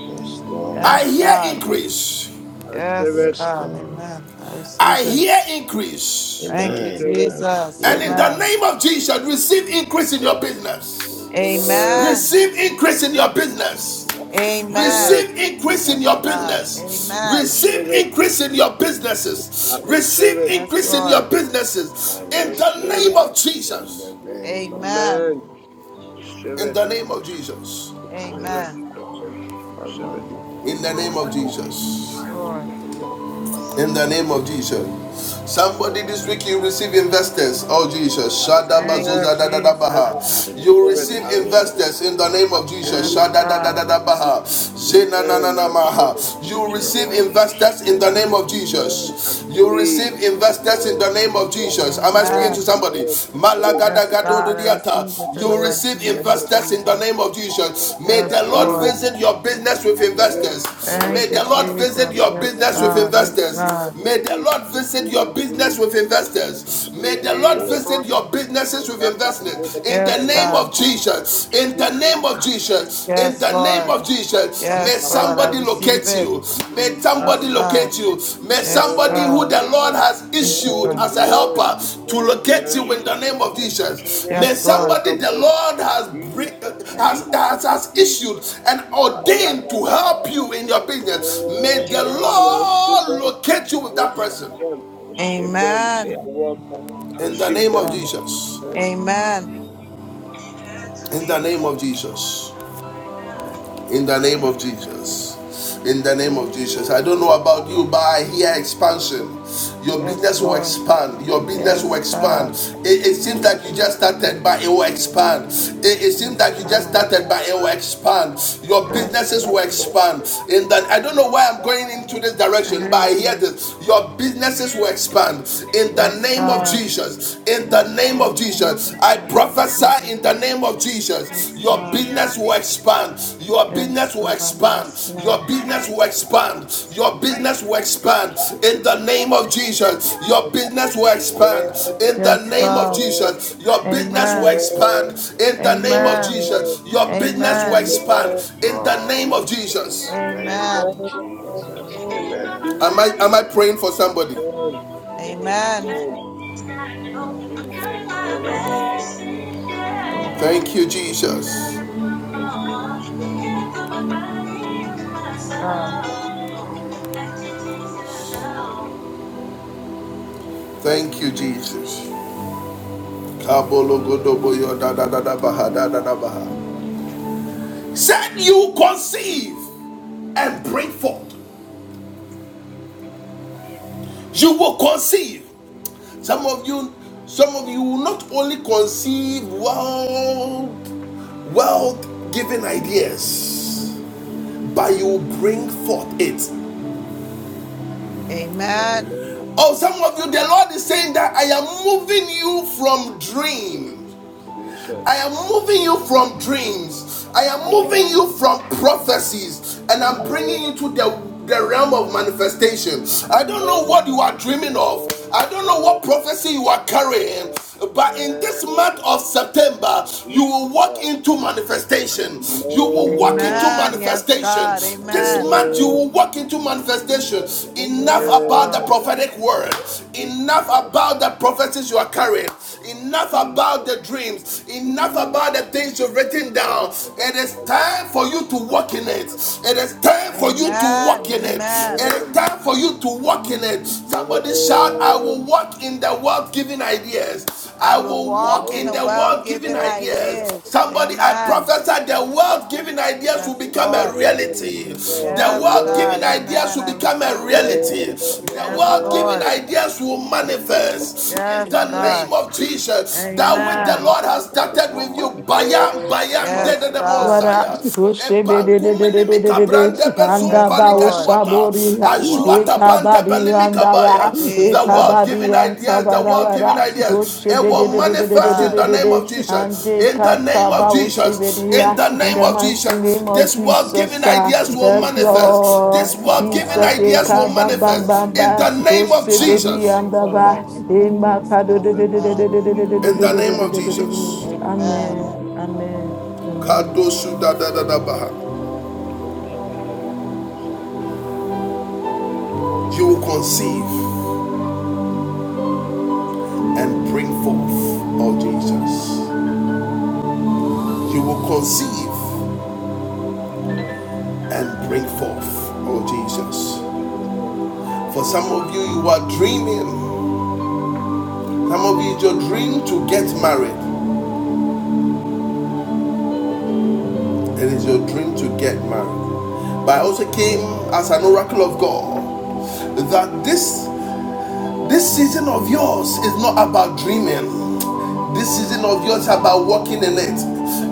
S6: Yes,
S1: I
S6: Lord.
S8: Yes,
S1: hear
S8: God.
S1: increase.
S9: I receive
S8: Yes,
S9: it.
S6: Yes,
S8: God.
S6: Lord.
S8: Amen. I
S1: I
S8: receive it.
S1: hear increase.
S9: I
S8: Thank you,
S6: Amen.
S9: receive
S6: I
S9: it.
S8: Jesus.
S1: And
S6: receive
S1: in
S6: it.
S1: the
S8: Amen.
S1: name of Jesus, receive increase in your business.
S9: Lord,
S8: Amen.
S9: I
S1: Receive increase in your business.
S9: receive it.
S8: Amen.
S1: Receive increase in
S8: Yes,
S1: your
S8: God.
S1: business.
S8: Amen.
S1: Receive
S9: Receive it.
S1: increase in your
S9: I
S1: businesses.
S9: receive it. I receive
S1: Receive
S9: it.
S8: Yes,
S1: increase in
S6: Receive
S1: your
S8: Lord.
S6: it. I
S1: businesses.
S9: I
S1: In the
S9: receive
S1: name
S6: receive
S9: it.
S1: of
S6: it in
S1: Jesus.
S6: the name of
S8: Amen.
S9: Amen.
S6: Jesus.
S9: Receive
S1: In
S9: it.
S1: the name of
S9: Receive it.
S1: Jesus.
S11: I was
S9: Receive it.
S8: Amen.
S11: looking for
S9: Receive it.
S6: As
S9: Receive
S6: my
S9: it.
S1: In the
S11: you were
S1: name of
S11: upset or you
S1: Jesus.
S8: Yes, Lord.
S9: Lord, Lord, Lord,
S1: In
S9: Lord,
S1: the name
S9: Lord.
S1: of Jesus.
S9: Receive
S1: Somebody this
S9: it.
S1: week you receive investors. Oh Jesus.
S9: I
S1: Shada
S9: receive
S8: Thank
S9: it.
S8: you,
S1: bazuza da da da
S8: Jesus.
S1: baha.
S6: spirit,
S1: You
S6: I
S9: it.
S1: receive
S9: I
S6: receive
S9: receive
S6: it.
S9: it.
S1: investors in the name
S9: I
S1: of Jesus.
S8: Yes,
S1: Shada
S9: believe.
S1: da da da
S8: God.
S9: I
S1: da baha.
S9: believe.
S1: She na na na
S9: Man, I
S1: na
S9: receive it.
S1: You
S6: Thank you,
S9: Receive
S1: receive
S6: Holy
S1: investors in the
S6: Spirit.
S1: name of
S9: Man, I
S1: Jesus. You
S9: believe.
S1: receive investors in the
S9: Man,
S1: name of
S9: man,
S1: Jesus. Am I speaking to
S9: man,
S8: Amen.
S1: somebody?
S9: man, man,
S1: Malagada
S8: Yes, God. I receive it
S9: man,
S8: in
S1: you
S8: the
S9: man,
S8: mighty
S1: receive
S9: man.
S8: name of
S1: investors in the
S8: Jesus.
S1: name of Jesus. May
S9: And I
S1: the
S8: Yes,
S1: Lord
S9: believe it.
S8: Lord.
S1: visit your business with
S9: Receive it.
S1: investors.
S6: And yes,
S9: Believe
S1: May
S8: Thank
S9: it.
S8: you,
S1: the
S9: I
S1: Lord
S6: Lord.
S1: visit
S9: believe,
S8: Jesus.
S9: it.
S1: your
S9: And
S8: Yes,
S9: I
S1: business with
S9: believe it.
S8: God. Yes,
S1: investors.
S9: Receive
S8: God.
S9: I
S1: May the
S9: believe.
S1: Lord visit
S9: Receive
S1: your
S9: it. I believe.
S1: business
S9: it.
S1: with
S9: I
S1: investors. May the Lord
S9: receive it.
S1: visit your businesses with
S9: That bang, go
S1: investors.
S9: that
S1: In
S9: bang,
S1: the
S8: Yes,
S9: that
S1: name
S8: God.
S1: of Jesus. In the name of Jesus. In
S8: Yes,
S1: the name
S8: Lord.
S1: of Jesus. May
S8: Yes, Lord, I
S1: somebody
S8: receive
S1: locate
S8: it.
S1: you. May somebody
S8: Yes, God.
S1: locate you. May
S8: Yes,
S1: somebody who
S8: God.
S1: the Lord has
S8: Thank you,
S1: issued
S9: Man, man,
S8: God.
S1: as a
S9: man,
S1: helper to
S9: man,
S1: locate
S9: man.
S1: you in the name of
S9: I receive
S1: Jesus.
S9: it.
S1: May
S8: Yes, Lord.
S1: somebody
S9: Welcome
S1: the
S9: to
S1: Lord has
S9: Jesus,
S1: has,
S9: Jesus,
S1: has, has
S9: Jesus.
S1: issued and ordained to
S9: Ayadada.
S1: help you in your business.
S9: Man,
S1: May the
S9: I receive
S1: Lord
S9: them.
S1: locate you with
S9: I
S1: that person.
S9: receive them. I receive them. They are
S8: Amen.
S9: welcome. I
S1: In the
S9: receive
S1: name of
S9: them.
S8: God.
S1: Jesus.
S9: Amen.
S8: Amen.
S1: In the name of Jesus. in the name of Jesus. In the name of Jesus. I don't know about you, but I hear expansion. Your
S8: Yes,
S1: business will
S8: Lord.
S1: expand. Your business will
S8: Yes,
S1: expand.
S8: God.
S1: It, it seems like you just started, but it will expand. It, it seems
S8: Yes,
S1: like you just
S8: God.
S1: started, but it will expand. Your
S8: Yes,
S1: businesses will
S8: Jesus.
S1: expand. In that, I don't know why I'm going into this direction, but
S8: Thank
S1: I hear
S8: you.
S1: this. Your businesses will expand. In the
S8: Yes,
S1: name of
S8: God.
S1: Jesus. In the name of
S8: Amen. Thank
S1: Jesus,
S8: you,
S1: I
S8: God. I receive
S1: prophesy
S8: it.
S1: in the name of Jesus,
S8: Yes,
S1: your
S8: God.
S1: business will expand, your
S8: Yes,
S1: business will
S8: God.
S1: expand,
S8: Yes,
S1: your
S8: God.
S1: business will expand, your business will expand. In the name of Jesus, your business will expand. In the
S8: Yes,
S1: name of
S8: God.
S1: Jesus, your business will
S8: Amen.
S1: expand. In the name of
S8: Amen.
S1: Jesus, your business will
S8: Amen.
S1: expand.
S6: Yes,
S1: In the name
S6: Lord.
S1: of
S6: In
S1: Jesus.
S6: the name of
S8: Amen.
S6: Jesus. Amen.
S1: Am I am I
S6: Amen.
S1: praying for somebody?
S8: Amen.
S9: Jesus. All of my
S8: Mm,
S9: heart.
S8: mm,
S1: Thank you, Jesus.
S8: Yes, God.
S11: tired.
S1: Thank you, Jesus. Said you conceive and bring forth. You will conceive. Some of you, some of you will not only conceive well, well given ideas, but you will bring forth it.
S8: Amen.
S9: Amen.
S1: Oh, some of you, the Lord is saying that I am moving you from dream.
S9: Jesus.
S1: I am moving you from dreams. I am moving you from prophecies. And I'm bringing you to the the realm of manifestation. I don't know what you are
S10: Amen.
S1: dreaming of. I don't know what prophecy you are carrying. But in this month of September, you will walk into manifestation. You will walk into
S10: Amen.
S8: Amen. Yes,
S1: manifestation.
S8: God.
S1: This
S8: Amen.
S1: month, you
S10: Amen.
S1: will walk into manifestation.
S10: Amen.
S1: Enough
S8: Yes,
S1: about the
S8: Lord.
S10: Amen.
S1: prophetic word. Enough about the prophecies you are carrying. Enough about the dreams, enough about the things you've written down. It is time for you to walk in it. It is time for you to walk
S8: Amen.
S1: in it. It
S8: Amen.
S1: is time for you to walk in it. Somebody shout, I will walk in the world giving ideas.
S8: I
S1: I
S8: will
S1: will
S8: walk
S10: In
S1: walk
S10: the
S8: in
S1: in
S8: the
S1: the
S10: name
S8: wealth
S1: world
S10: of
S1: giving
S8: given
S1: ideas.
S10: Jesus.
S8: ideas.
S1: Somebody, I
S8: Amen.
S1: prophesy the world giving ideas will
S8: Yes,
S1: become a
S8: Lord.
S1: reality.
S10: Amen.
S1: The
S8: Yes,
S1: world
S8: God.
S1: giving ideas
S8: Amen.
S1: will
S8: I
S1: become a
S8: receive it.
S1: reality. The
S8: Yes,
S1: world
S10: Amen.
S1: giving
S8: Lord.
S1: ideas will manifest in
S8: Yes,
S1: in the
S10: Amen.
S1: name
S8: God.
S1: of Jesus. That which the
S8: Amen.
S1: Lord has
S10: Amen.
S6: This
S1: started
S6: will
S1: with you,
S6: manifest
S1: Bayan, Bayan,
S6: over my
S1: Dede
S8: Yes,
S1: de
S6: life,
S8: God.
S6: over
S2: Bara,
S1: Mosiah.
S6: my
S10: Jesus.
S6: destiny.
S2: ushebe de de de de
S1: Ebankuminimi
S2: de de
S6: In
S2: de de
S6: the
S1: kabrande
S2: ushebedededededede,
S6: name of
S1: bezum
S8: Yes,
S2: andaba
S8: Lord.
S6: Jesus.
S10: Amen.
S1: paligaduata.
S2: ushaboriha,
S1: Ajuata
S6: Ribowamba.
S1: bande
S2: ekabadi
S1: belimi kabaya.
S2: andawa,
S1: The world
S8: Jesus.
S2: ekabadi
S1: giving
S2: anta
S1: ideas, the
S2: bara
S1: world giving
S2: bara
S1: ideas. It
S2: ushebe de
S1: will
S2: de, de de de
S8: Yes,
S1: manifest
S2: de de
S1: in
S8: God.
S2: de
S1: the
S2: de
S1: name of
S2: de
S1: Jesus.
S2: ande
S1: In the name of
S2: kataba
S1: Jesus. In
S2: ushebediha.
S1: the
S2: In
S1: name
S2: the
S1: of
S2: mighty
S1: Jesus.
S2: name of
S1: This world giving
S2: Jesus, ah,
S8: I
S1: ideas will
S8: receive
S2: yes,
S8: my wealth
S1: manifest.
S8: given
S2: Lord.
S1: This
S8: I
S1: world
S8: days,
S1: giving
S2: Jesus,
S8: God, in the
S1: ideas will
S8: mighty
S2: ekaba
S8: name of
S2: bam
S1: manifest.
S2: bam
S1: In
S2: ba
S1: the
S8: Jesus.
S1: name of
S8: I
S2: ushebe de
S1: Jesus.
S8: receive
S2: anda
S8: my
S2: ba
S8: wealth given I days,
S2: emakado
S8: God.
S2: de, andaba, de. de de de
S8: Amen.
S2: de de de de de
S1: In the
S2: de
S1: name
S2: de
S1: of
S2: de de de.
S1: Jesus,
S8: Amen.
S2: Amen, amen, amen.
S1: you will conceive and bring forth, oh Jesus. You will conceive and bring forth, oh Jesus. For some of you, you are dreaming. Some of you, it's your dream to get married. It is your dream to get married. But I also came as an oracle of God that this This season of yours is not about dreaming. This season of yours is about walking in it.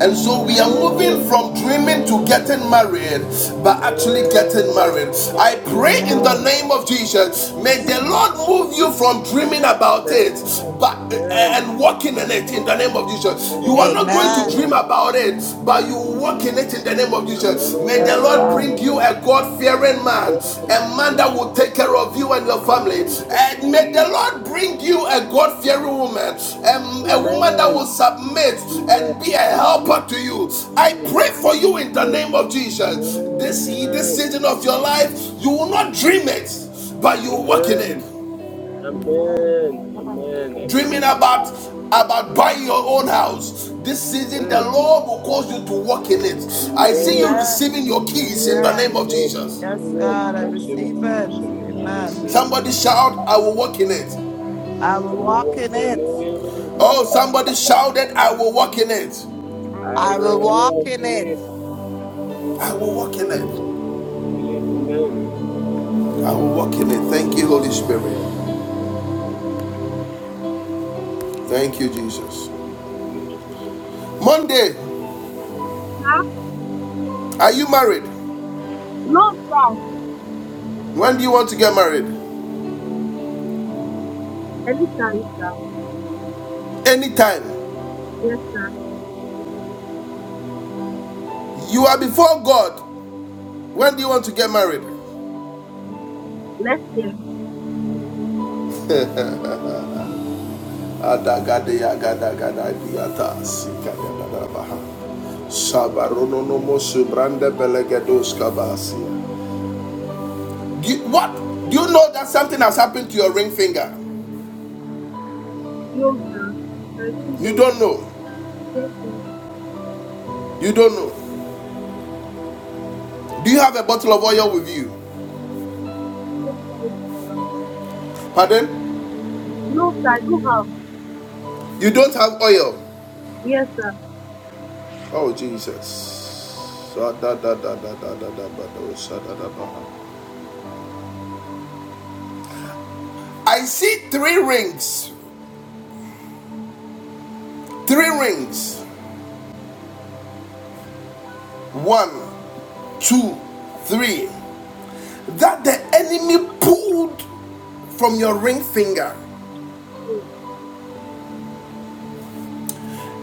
S1: And so we are
S8: Amen.
S1: moving from dreaming to getting
S8: God.
S1: married, but actually getting married. I pray in the
S8: Amen.
S1: name of Jesus, may
S8: Yes,
S1: the
S8: Lord.
S1: Lord move you from dreaming about it, but eh, and walk in it in the name of Jesus. You are not going to
S8: Amen.
S1: dream about it, but you walk in it in the name of Jesus. May the
S8: Yes,
S1: Lord
S8: God.
S1: bring you a God-fearing man, a man that will take care of you and your family. And may the Lord bring you a God-fearing woman, a, a woman that will
S9: Amen.
S1: submit
S9: See her.
S1: and be a
S9: I
S1: helper
S9: receive
S1: to you. I
S9: her.
S1: pray
S9: I
S1: for you in
S9: receive
S1: the
S9: her.
S1: name of Jesus. This,
S8: Yes, Lord.
S1: this
S9: Amen.
S1: season of your life, you will
S9: Oh,
S1: not dream
S9: Jesus.
S1: it, but you walk in it
S9: Amen.
S8: Amen. Amen.
S9: Amen.
S8: Amen.
S9: Amen. I
S1: dreaming
S9: believe.
S1: about about buying your own house this season the
S8: Um,
S1: lord will cause you to walk in it i see you
S9: Amen.
S8: Amen.
S1: receiving your
S9: Lord,
S1: keys in
S9: oh
S1: the name
S8: Amen.
S1: of
S9: Lord, I
S1: jesus
S8: Yes,
S9: receive it.
S8: God,
S9: I
S8: I
S9: receive it.
S8: receive it.
S9: Receive it.
S6: I
S8: Amen.
S9: Receive
S6: receive it.
S9: it.
S1: somebody
S6: In the
S1: shout i will walk in it
S10: I
S8: I
S9: I
S8: will
S10: will
S9: will
S10: walk
S8: walk
S9: walk
S8: in
S10: in it.
S9: in
S8: it.
S9: it.
S1: oh somebody shouted i will walk in it
S10: I
S9: I
S8: I
S10: will
S8: will
S9: will
S10: walk
S8: walk
S9: walk
S8: in
S10: in
S9: in
S10: it.
S8: it.
S9: it.
S1: i will walk in it
S9: I believe. Amen.
S10: I
S1: i will walk in it thank you holy
S9: Amen.
S1: spirit thank you jesus monday
S12: Sir?
S1: are you married
S12: No, sir.
S1: when do you want to get married
S12: Anytime, sir.
S1: anytime
S12: Yes,
S1: you are before god when do you want to get married
S12: let's say.
S1: Adagadeya gadagada diata sikadadadabaha. Shabarononomo subrande belegedos kabasi. What? Do you know that something has happened to your ring finger?
S12: No, sir. I don't
S1: You
S12: know.
S1: don't know.
S12: Yes, sir.
S1: You don't know. Do you have a bottle of oil with you?
S12: Yes, sir. I don't-
S1: Pardon?
S12: No, sir, I don't have.
S1: You don't have oil.
S12: Yes, sir.
S1: Oh Jesus. I see three rings. Three rings. One, two, three. that the enemy pulled from your ring finger.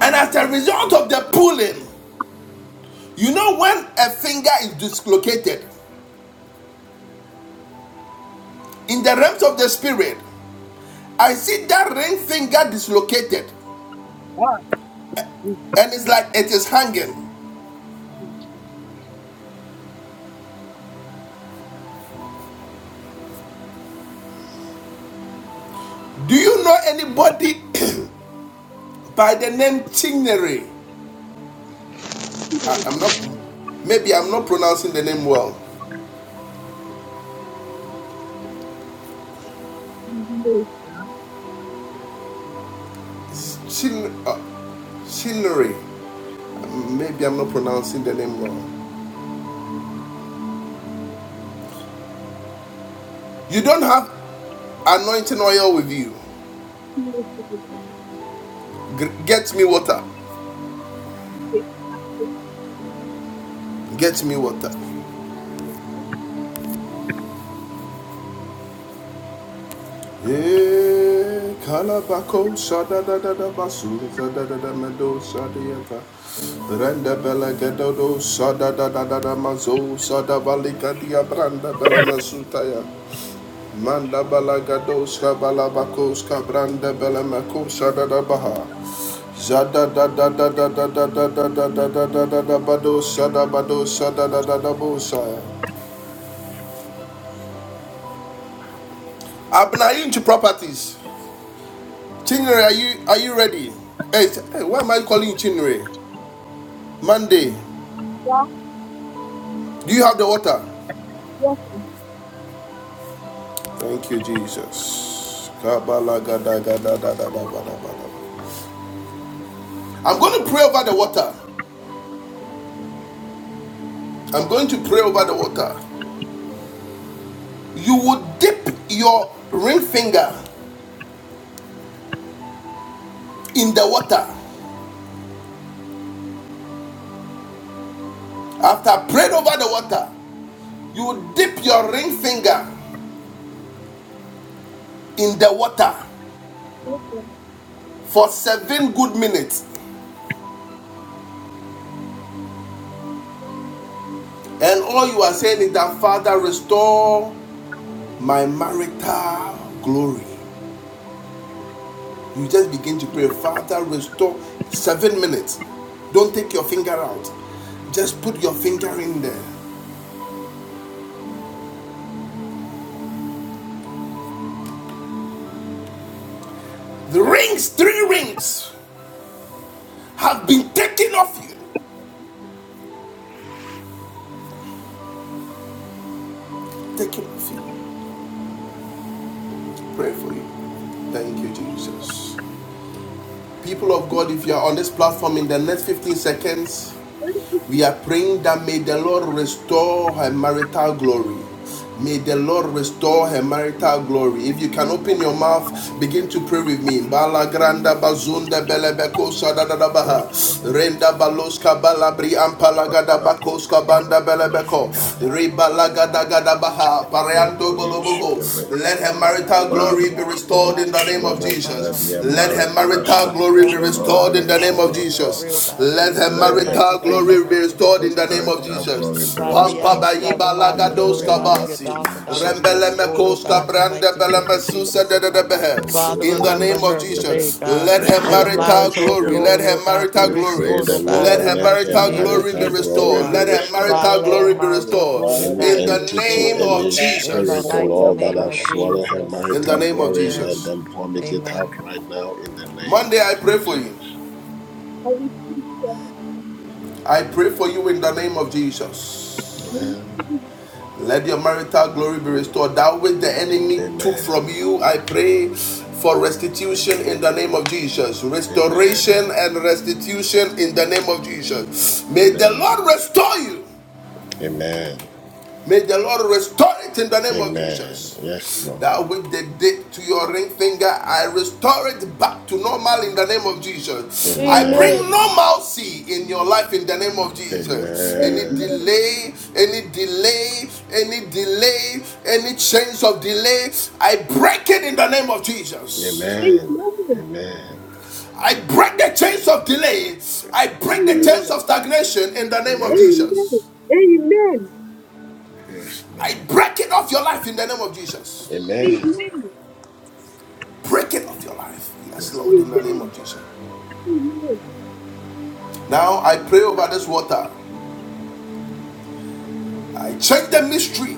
S1: And as a result of the pulling, you know when a finger is dislocated, in the realms of the spirit, I see that ring finger dislocated
S12: Ah, yes.
S1: and it's like it is hanging. Do you know anybody by the name Chinere? I, I'm not, maybe I'm not pronouncing the name well.
S12: No,
S1: Chin, uh, Chinere. Maybe I'm not pronouncing the name well. You don't have anointing oil with you.
S12: no, sir, I don't have.
S1: Get me water.
S12: Yes,
S1: Get me water. Eh, Manda bela gado, shabalabako, shkabranda bela meko, Zada da da da da da da da da da da da da da da bado sada bado sada da da da bosaya. Abner, are you into properties? Chinere, are you are you ready? Hey, t- hey, why am I calling you Chinere? Monday.
S12: sir.
S1: Do you have the water?
S12: Yes,
S1: Thank you, Jesus. Kabala gada gada da da da ba da da. I'm going to pray over the water. I'm going to pray over the water. You would dip your ring finger in the water. After I prayed over the water, You dip your ring finger in the water
S12: sir.
S1: for seven good minutes, and all you are saying is that, Father, restore my marital glory. You just begin to pray, Father, restore seven minutes. Don't take your finger out, just put your finger in there. The rings, three rings, have been taken off you. Taken off you. Pray for you. Thank you, Jesus. People of God, if you are on this platform in the next 15 seconds, We are praying that may the Lord restore her marital glory. May the Lord restore her marital glory. If you can open your mouth, begin to pray with me. Bala bazunda belebeko
S6: you,
S1: sadadadabaha.
S8: Survival, mighty
S6: Holy
S1: Renda
S8: glory,
S1: baloska
S8: God, the God
S1: balabri
S8: of God,
S1: ampalagada
S8: we
S6: Father,
S8: serve, mighty
S6: Lord,
S1: banda
S8: God.
S6: in
S1: belebeko.
S6: the name of
S8: Father, we ask, God,
S6: Jesus.
S8: in the knowledge of
S1: Ribalagadagadabaha.
S6: Thank
S8: glory,
S6: you,
S8: God,
S1: Pareando
S8: that your
S6: Holy
S8: God will be
S1: boloboho.
S6: Spirit.
S1: Let her
S8: restored, oh God.
S1: marital
S6: Father,
S1: glory
S8: We
S1: be
S8: ask, oh
S6: Holy
S1: restored
S8: God,
S1: in
S8: that
S1: the
S8: you
S1: name of
S6: Spirit,
S8: remember
S6: let
S8: her, oh
S1: Jesus.
S6: your
S1: Let
S8: God.
S1: her
S6: marriage
S1: marital
S6: master,
S8: Father, we
S1: glory be
S6: so
S8: ask, oh
S6: Lord, be
S8: God,
S1: restored
S8: the
S1: in the name
S8: knowledge
S1: of
S6: restored, O
S8: of
S6: Lord.
S8: memory, oh
S1: Jesus.
S8: God, be
S1: Let her
S6: Let
S8: restored,
S6: your
S8: mighty
S1: marital
S8: God, in the
S6: finger
S1: glory be
S8: mighty name
S1: restored
S8: of
S6: of
S1: in the name
S8: Jesus,
S1: of
S8: oh
S6: marital
S8: God.
S6: glory
S1: Jesus.
S6: be
S8: Father, we
S1: Pampa
S6: restored
S8: ask, oh God, the
S1: baiba
S8: knowledge
S6: in
S8: of
S6: the
S1: lagados
S8: glory, God,
S6: name
S8: of
S6: of
S8: your
S1: kabasi.
S8: daughter, God, will
S6: Jesus.
S8: be
S1: Rembele
S8: restored,
S6: Your
S8: oh
S1: mekos
S8: God, in
S6: Holy
S8: the
S1: kabrande
S8: mighty
S1: bele
S6: Spirit.
S8: name of
S1: mesusa
S8: Jesus,
S1: de
S8: oh
S1: de de
S8: God.
S1: behe.
S6: Thank
S8: Father,
S6: you,
S1: In the
S6: Holy
S8: remember
S1: name of
S8: her
S6: Spirit.
S8: today,
S1: Jesus,
S8: God.
S1: let her
S6: Thank
S8: Let
S6: you,
S8: the
S1: marital
S6: Holy
S8: marital
S1: glory,
S6: Spirit.
S1: let
S8: glory,
S1: her
S8: oh God, be
S1: marital
S6: We
S1: glory,
S6: pray
S8: restored, oh
S6: the
S8: God,
S1: let
S8: in
S6: Lord,
S8: the
S1: her
S6: let
S8: mighty
S6: her
S1: marital
S8: name of
S1: glory be
S6: marital
S8: Jesus, oh
S6: glory
S1: restored.
S8: God.
S6: be
S1: Let her
S6: restored,
S8: Father,
S6: O
S1: marital
S8: let our
S1: glory
S6: Lord.
S1: be
S8: mouth of
S1: restored.
S8: glory of
S6: Any
S8: God
S1: In
S8: be
S1: the
S6: entity,
S8: restored,
S1: name
S8: Lord.
S1: of
S6: any
S8: In the
S6: spirit, O
S1: Jesus.
S8: mighty
S6: Lord, that
S8: name
S6: has
S8: of
S6: swallowed her
S8: Jesus.
S1: In the
S6: marital
S1: name of
S6: glory,
S8: Amen.
S6: let
S1: Jesus.
S6: them vomit it out
S8: Amen.
S6: right now in the name of
S1: Monday, I pray for you.
S6: Jesus.
S12: I will, sir.
S1: I pray for you in the name of Jesus.
S6: Amen.
S1: Let your marital glory be restored. That which the enemy took from
S6: Amen.
S1: you, I pray for restitution in the name of Jesus. Restoration
S6: Amen.
S1: and restitution in the name of Jesus. May the Lord
S6: Amen.
S1: restore you.
S6: Amen.
S1: May the Lord restore it in the name of
S6: Amen.
S1: Jesus.
S6: Yes, Lord.
S1: That with the did to your ring finger, I restore it back to normal in the name of Jesus. I
S12: Amen.
S1: bring
S6: Amen.
S1: normalcy in your life in the name of Jesus. Any
S12: Amen.
S6: Amen.
S1: delay, any delay, any delay, any chains of delay, I break it in the name of Jesus.
S12: Amen.
S6: Amen.
S12: Amen.
S6: Amen.
S1: I break the chains of delay. I break the
S12: Amen.
S1: chains
S6: Amen.
S1: of stagnation in the name of
S6: Amen.
S12: Amen.
S1: Jesus.
S12: Amen. Amen.
S6: Yes,
S1: I
S6: Lord.
S1: break it off your life in the name of Jesus.
S6: Amen.
S12: Amen.
S1: Break it off your life. Yes,
S6: Yes,
S1: Lord, in the
S6: Lord.
S1: name
S12: Amen.
S1: of Jesus.
S12: Amen.
S1: Now I pray over this water. I check the mystery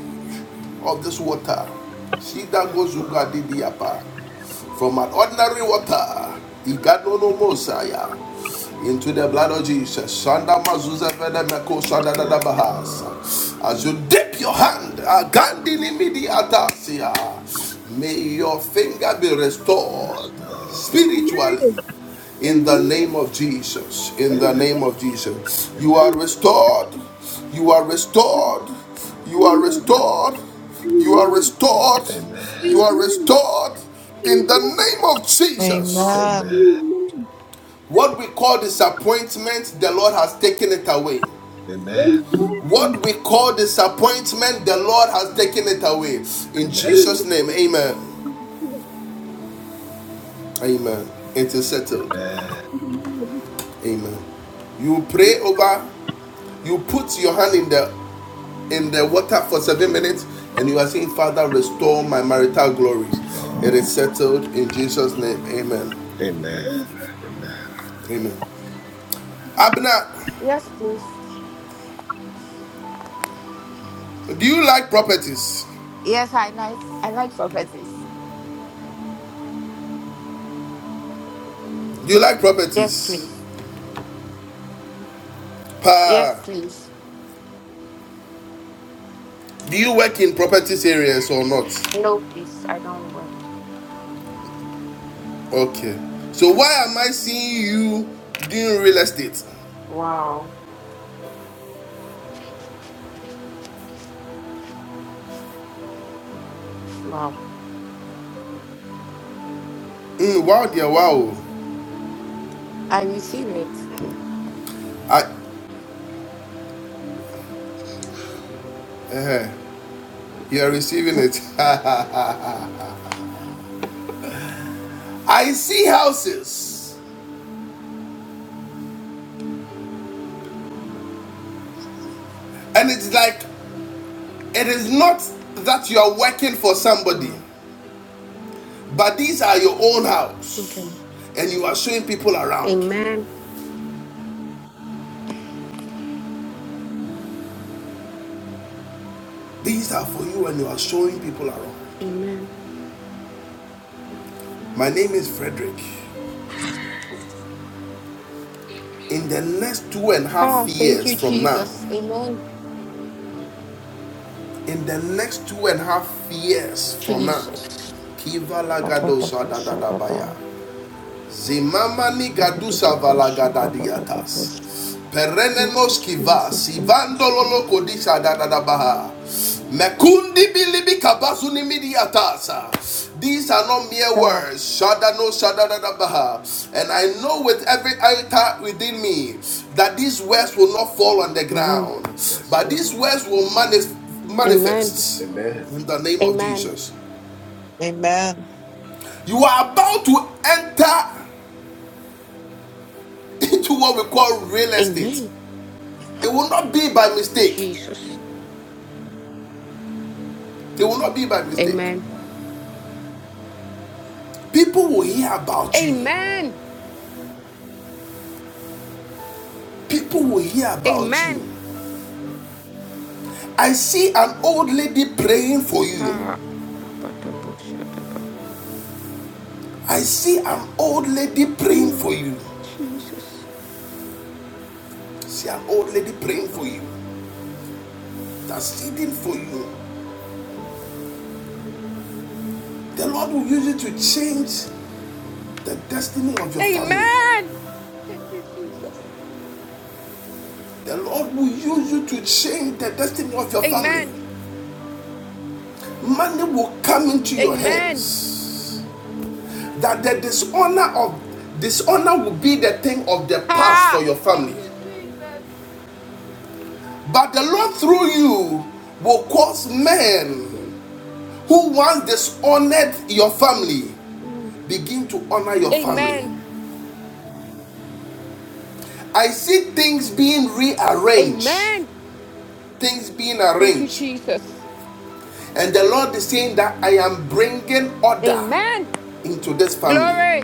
S1: of this water. See that
S6: Yes,
S1: goes Uga
S6: Lord.
S1: Didiapa. From an ordinary water, He got no Iganono Mosiah, into the blood of Jesus. Shanda Mazuza Meko Shanda Dada
S6: Yes,
S1: Bahasa.
S6: Lord.
S1: As you dip your hand, Agandini Midi Atasia, may your finger be restored
S6: Yes, Lord.
S1: spiritually in the name of Jesus. In the
S6: Amen.
S1: name of Jesus. You
S6: Amen.
S1: are restored. You are restored. You are
S12: Amen. Amen.
S1: restored. You are
S12: Amen.
S1: restored.
S6: Amen.
S1: You
S12: Amen.
S1: are
S12: Amen.
S1: restored in the
S12: Amen.
S1: name of Jesus.
S8: Amen.
S6: Amen.
S1: What we call disappointment, the Lord has taken it away.
S6: Amen.
S12: Amen.
S1: What we call disappointment, the Lord has taken it away. In
S6: Amen.
S1: Jesus' name,
S12: Amen.
S1: amen. Amen. It is settled.
S6: Amen.
S12: Amen.
S1: Amen. You pray over, you put your hand in the in the water for seven minutes and you are saying, Father, restore my marital glory.
S6: Lord.
S1: It is settled in Jesus' name. Amen.
S6: Amen. Amen.
S1: Amen. Abner,
S13: Yes, please.
S1: do you like properties?
S13: Yes, I like I like prophecies.
S1: Do you like
S13: Yes,
S1: properties?
S13: please. Yes,
S1: Pa,
S13: please.
S1: do you work in properties areas or not?
S13: No, please. I don't want.
S1: Okay. So why am I seeing you doing real estate?
S13: Wow. Wow.
S1: Mm, wow, dear, wow.
S13: I receive it.
S6: Hmm.
S1: I, you are receiving it. I see houses, and it's like It is not that you are working for somebody,
S13: Wow.
S1: but these are your own
S13: Okay.
S1: house and you are showing people around.
S13: Amen.
S1: These are for you and you are showing people around.
S13: Amen.
S1: My name is Frederick. In the next two and a half
S13: Ah, thank
S1: years
S13: you,
S1: from now,
S13: Jesus. Amen.
S1: in the next two and a half years from now,
S13: Jesus.
S1: Kiva
S13: Thank you,
S1: Lagadosa
S13: Jesus.
S1: Dadadabaya. Zimamani gadusa valagadadiatas.
S13: Thank
S1: Perenenos kivas.
S13: you, Jesus.
S1: Ivandololo kodisa dadadabaha. Mekundi bilibi kabazuni midiatasa. These are not mere
S13: Ah,
S1: words. Shadano shadadadabaha. And I know with every iota within me that these words will not fall on the
S13: Amen.
S1: ground,
S6: Yes,
S1: but
S6: Lord.
S1: these words will manif-
S13: Amen.
S1: manifest
S6: Amen.
S1: in the name of
S13: Amen.
S1: Jesus.
S8: Amen.
S1: You are about to enter into what we call real estate.
S13: Amen.
S1: It will not be by mistake.
S13: Jesus.
S1: It will not be by mistake.
S13: Amen.
S1: People will hear about you.
S13: Amen.
S1: People will hear about you.
S13: Amen.
S1: I see an old lady praying for you.
S13: Ha. ba, ba, da, bo, sha, da, ba.
S1: I see an old lady praying
S13: Mm.
S1: for you.
S13: Jesus.
S1: See an old lady praying for you. That's pleading for you. The Lord will use you to change the destiny of your family.
S13: Amen. Thank you, Jesus.
S1: The Lord will use you to change the destiny of your family.
S13: Amen.
S1: Money will come into your
S13: Amen.
S1: hands that the dishonor of dishonor will be the thing of the past for
S13: Ha.
S1: your
S13: Thank
S1: family.
S13: you, Jesus.
S1: But the Lord through you will cause men
S13: Mm,
S1: who once dishonored your
S13: mm.
S1: family
S13: mm.
S1: begin to honor your family.
S13: Amen.
S1: I see things being rearranged,
S13: Amen.
S1: things being
S13: Thank you,
S1: arranged.
S13: Jesus.
S1: And the Lord is saying that I am bringing order
S13: Amen.
S1: into this family
S13: Glory.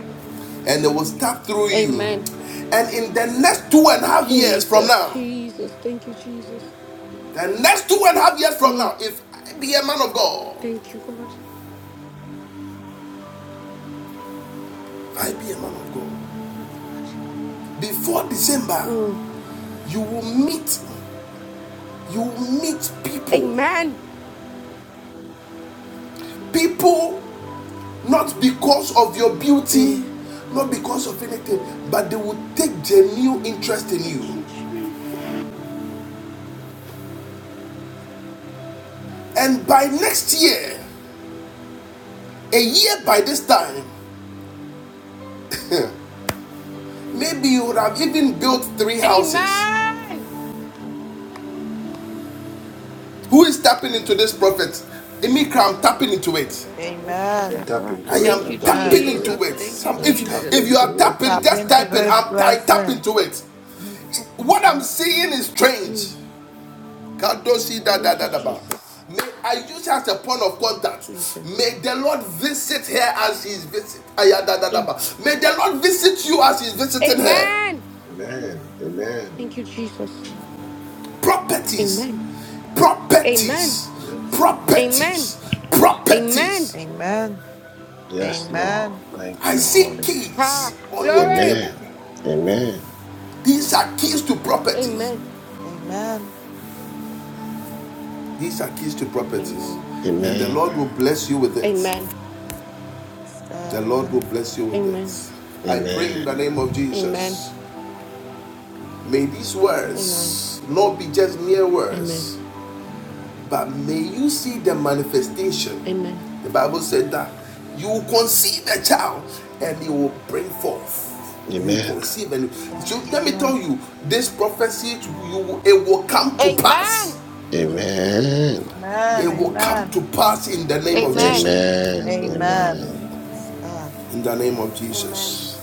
S1: and it will start through you.
S13: Amen.
S1: And in the next two and a half years from
S13: Jesus.
S1: now,
S13: Jesus. Thank you, Jesus.
S1: The next two and a half years from
S13: Mm.
S1: now, if I be a man of God,
S13: Thank you, God.
S1: I be a man of God.
S13: Thank you, God.
S1: Before December,
S13: Mm.
S1: you will meet, you will meet people.
S13: Amen.
S1: People not because of your
S13: Mm.
S1: beauty, not because of anything, but they will take genuine interest in you. And by next year, a year by this time, maybe you would have even built three houses.
S13: Amen.
S1: Who is tapping into this prophet? Emikra,
S13: Jesus.
S1: tapping into it.
S6: I
S8: Amen.
S6: tap
S13: Ba-ba-da-bo-sha-da-ba.
S1: I
S6: into it.
S1: am
S13: Thank
S6: I
S13: you,
S6: tap
S1: tapping
S8: Amen.
S6: into
S1: into
S13: Jesus.
S6: it.
S1: it.
S13: Thank you,
S1: Some,
S6: I
S1: if
S6: tap
S13: Jesus.
S1: if you are
S6: into
S8: I
S6: it.
S1: tapping,
S8: tap
S1: just
S8: into
S1: type it.
S8: this
S1: I'm I tap
S8: blessing.
S1: into it.
S10: tap
S1: What
S10: into
S1: I'm
S10: it.
S1: seeing is strange.
S13: Mm.
S1: God don't see that that
S13: Thank you,
S1: that about.
S13: Jesus.
S1: May I use her as a point of contact.
S13: Jesus.
S1: May the Lord visit her as He is visiting.
S13: Mm.
S1: May the Lord visit you as He is visiting her.
S13: Amen.
S6: Amen. Amen.
S13: Thank you, Jesus.
S1: Properties,
S13: Amen. Amen.
S1: properties,
S6: Yes, Lord.
S13: Amen.
S1: properties,
S6: Yes, Lord.
S13: Amen.
S1: properties.
S8: Amen.
S6: Yes, Lord.
S8: Amen.
S6: Thank
S1: I
S6: you,
S1: see
S6: Holy
S1: keys
S6: Spirit.
S13: Ha.
S1: on your table.
S13: Glory.
S6: Amen. Amen.
S1: These are keys to properties.
S13: Amen.
S8: Amen.
S1: These are keys to properties,
S13: Amen.
S1: and the
S6: Amen.
S1: Lord will bless you with it.
S13: Amen.
S8: Yes,
S1: The
S8: God.
S1: Lord will
S8: Amen. Yes,
S1: bless you with
S13: Amen.
S1: it. I pray in the name of
S6: Amen.
S13: Amen.
S1: Jesus. May these
S13: Amen.
S1: words not be just mere
S13: Amen. Amen.
S1: words, but may you see the manifestation.
S13: Amen.
S1: The Bible said that you will conceive a child and you will bring forth. You will
S6: Amen.
S1: conceive and so
S8: God.
S1: let me tell
S8: Amen.
S1: you, this prophecy you, it will come to pass.
S6: Amen.
S1: It
S8: Amen.
S1: will
S8: Amen.
S1: come to pass in the name of
S13: Amen.
S1: Jesus.
S6: Amen.
S8: Amen.
S6: Amen.
S8: Yes, God.
S1: In the name of
S13: Amen.
S1: Jesus.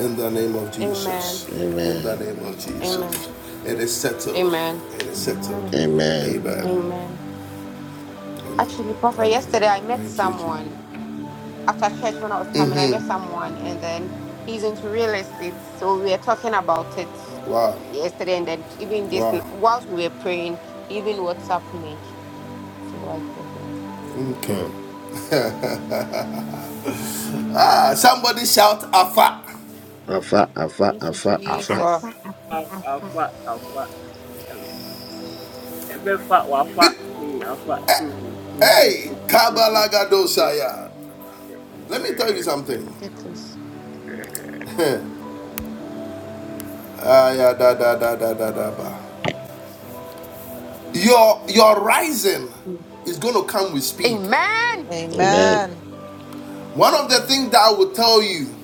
S1: In the name of
S13: Amen.
S1: Jesus. In the
S6: Amen.
S1: name of
S13: Amen.
S1: Jesus. It is settled.
S13: Amen.
S1: It is settled.
S8: Amen.
S6: Amen.
S1: Amen.
S8: Amen.
S13: Amen. Actually, Prophet, yesterday
S1: Amen.
S13: I met
S1: Thank you,
S13: someone
S1: Jesus.
S13: after church when I was coming. I met someone, and then he's into real estate, so we were talking about it
S1: Wow.
S13: yesterday, and then even this
S1: Wow.
S13: whilst we were praying, he even WhatsApp me. So I say that.
S1: Okay.
S6: Hmm.
S1: Uh, somebody shout Afa.
S6: Afa, afa,
S13: Thank you,
S6: afa, afa.
S8: Alpha.
S13: Jesus.
S10: Alpha, Alpha, Alpha.
S9: Alpha, Alpha, Alpha. Um, Ebe fa, wa fa. Hmm, Alpha. Hmm.
S1: Hey, Kabalagadosaya. Let me tell you something.
S13: Okay, please.
S1: Ah, yeah, da, da, da, da, da, da, ba. Your your rising
S13: Mm.
S1: is going to come with speed.
S13: Amen.
S6: Amen.
S8: Amen.
S1: One of the things that I will tell you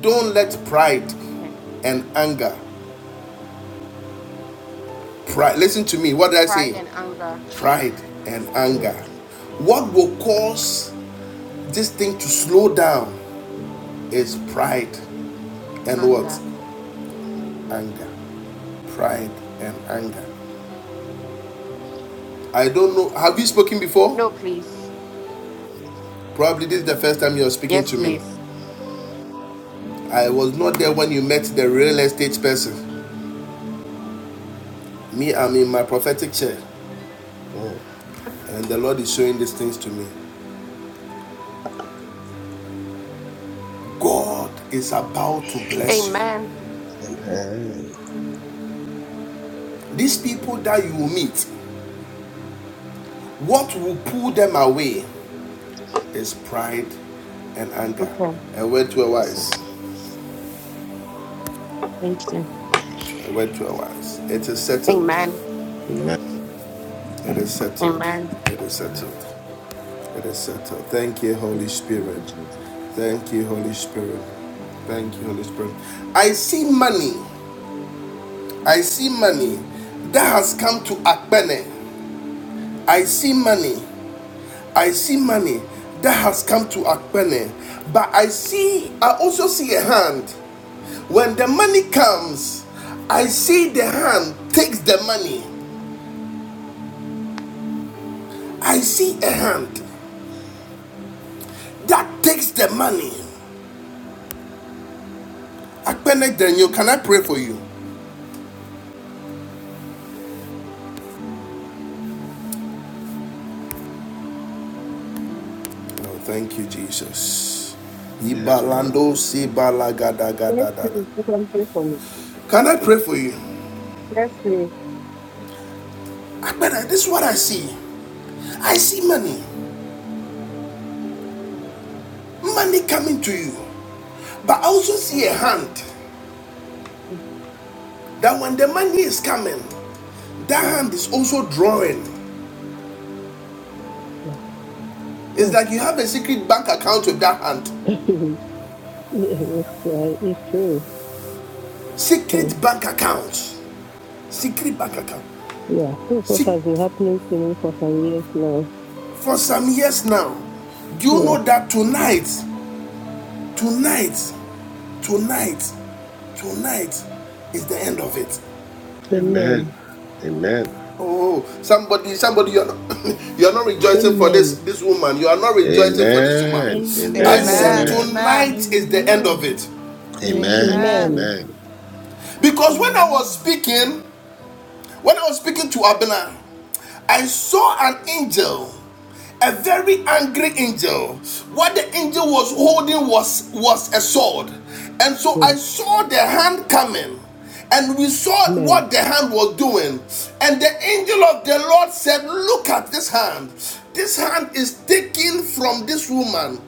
S1: Don't let pride
S13: Okay.
S1: and anger. Pride. Listen to me. What did I say?
S13: Pride and anger.
S1: Pride and
S13: Yes,
S1: anger.
S6: Hmm.
S13: please.
S1: What will cause this thing to slow down is pride and what?
S13: Anger.
S1: Anger. Pride and anger. I don't know. Have you spoken before?
S13: No, please.
S1: Probably this is the first time you're speaking
S13: Yes,
S1: to me.
S13: please.
S1: I was not there when you met the real estate person. Me, I'm in my prophetic chair,
S6: Hmm.
S1: and the Lord is showing these things to me. God is about to bless you.
S13: Amen.
S6: Amen.
S1: These people that you meet, what will pull them away is pride and anger.
S13: Okay.
S1: A went to a wise,
S13: Thank you.
S1: a went to a wise. It is settled.
S13: Amen.
S6: Amen.
S1: It is settled.
S13: Amen.
S1: It is settled. It is settled. Thank you, Holy
S13: Thank
S1: Spirit.
S13: you, Jesus.
S1: Thank you, Holy Spirit. Thank you, Holy Spirit. I see money. I see money that has come to Akbene. I see money. I see money that has come to Akpene, but I see, I also see a hand. When the money comes, I see the hand takes the money. I see a hand that takes the money. Akpene Daniel, can I pray for you? Oh, thank you, Jesus.
S6: Yes,
S1: Ibalando
S6: Lord.
S1: si
S4: Yes,
S1: balagadagada.
S4: please, you can pray for me.
S1: Can I pray for you?
S4: Yes, please.
S1: Akpene, this is what I see. I see money, money coming to you, but I also see a
S4: Thank
S1: hand.
S4: you.
S1: That when the money is coming, that hand is also drawing.
S4: Yeah.
S1: It's
S4: Oh.
S1: like you have a secret bank account with that hand.
S4: Yeah, it's true. It's true.
S1: Secret bank account. Secret bank account.
S4: Yeah, this is what
S1: See,
S4: has been happening to me for some years now.
S1: for some years now, do you
S4: Yeah.
S1: know that tonight, tonight, tonight, tonight is the end of it?
S4: Amen.
S6: Amen. Amen.
S1: Oh, somebody, somebody, you're not, you're not rejoicing for this
S4: Amen.
S1: this woman. You are not rejoicing for this woman.
S6: Amen.
S1: I
S6: Amen.
S1: said
S8: Amen.
S4: Amen.
S10: Amen.
S6: Amen.
S8: Amen.
S1: tonight is the end of
S10: Amen.
S1: it,
S6: Amen.
S8: Amen.
S4: Amen.
S10: Amen.
S6: Amen.
S1: because when I was
S10: Amen.
S1: speaking.
S9: Amen.
S1: When I was speaking to Abena, I saw an angel, a very angry angel. What the angel was holding was, was a sword. And so I saw the hand coming, and we saw
S4: Amen.
S1: what the hand was doing. And the angel of the Lord said, Look at this hand. This hand is taken from this woman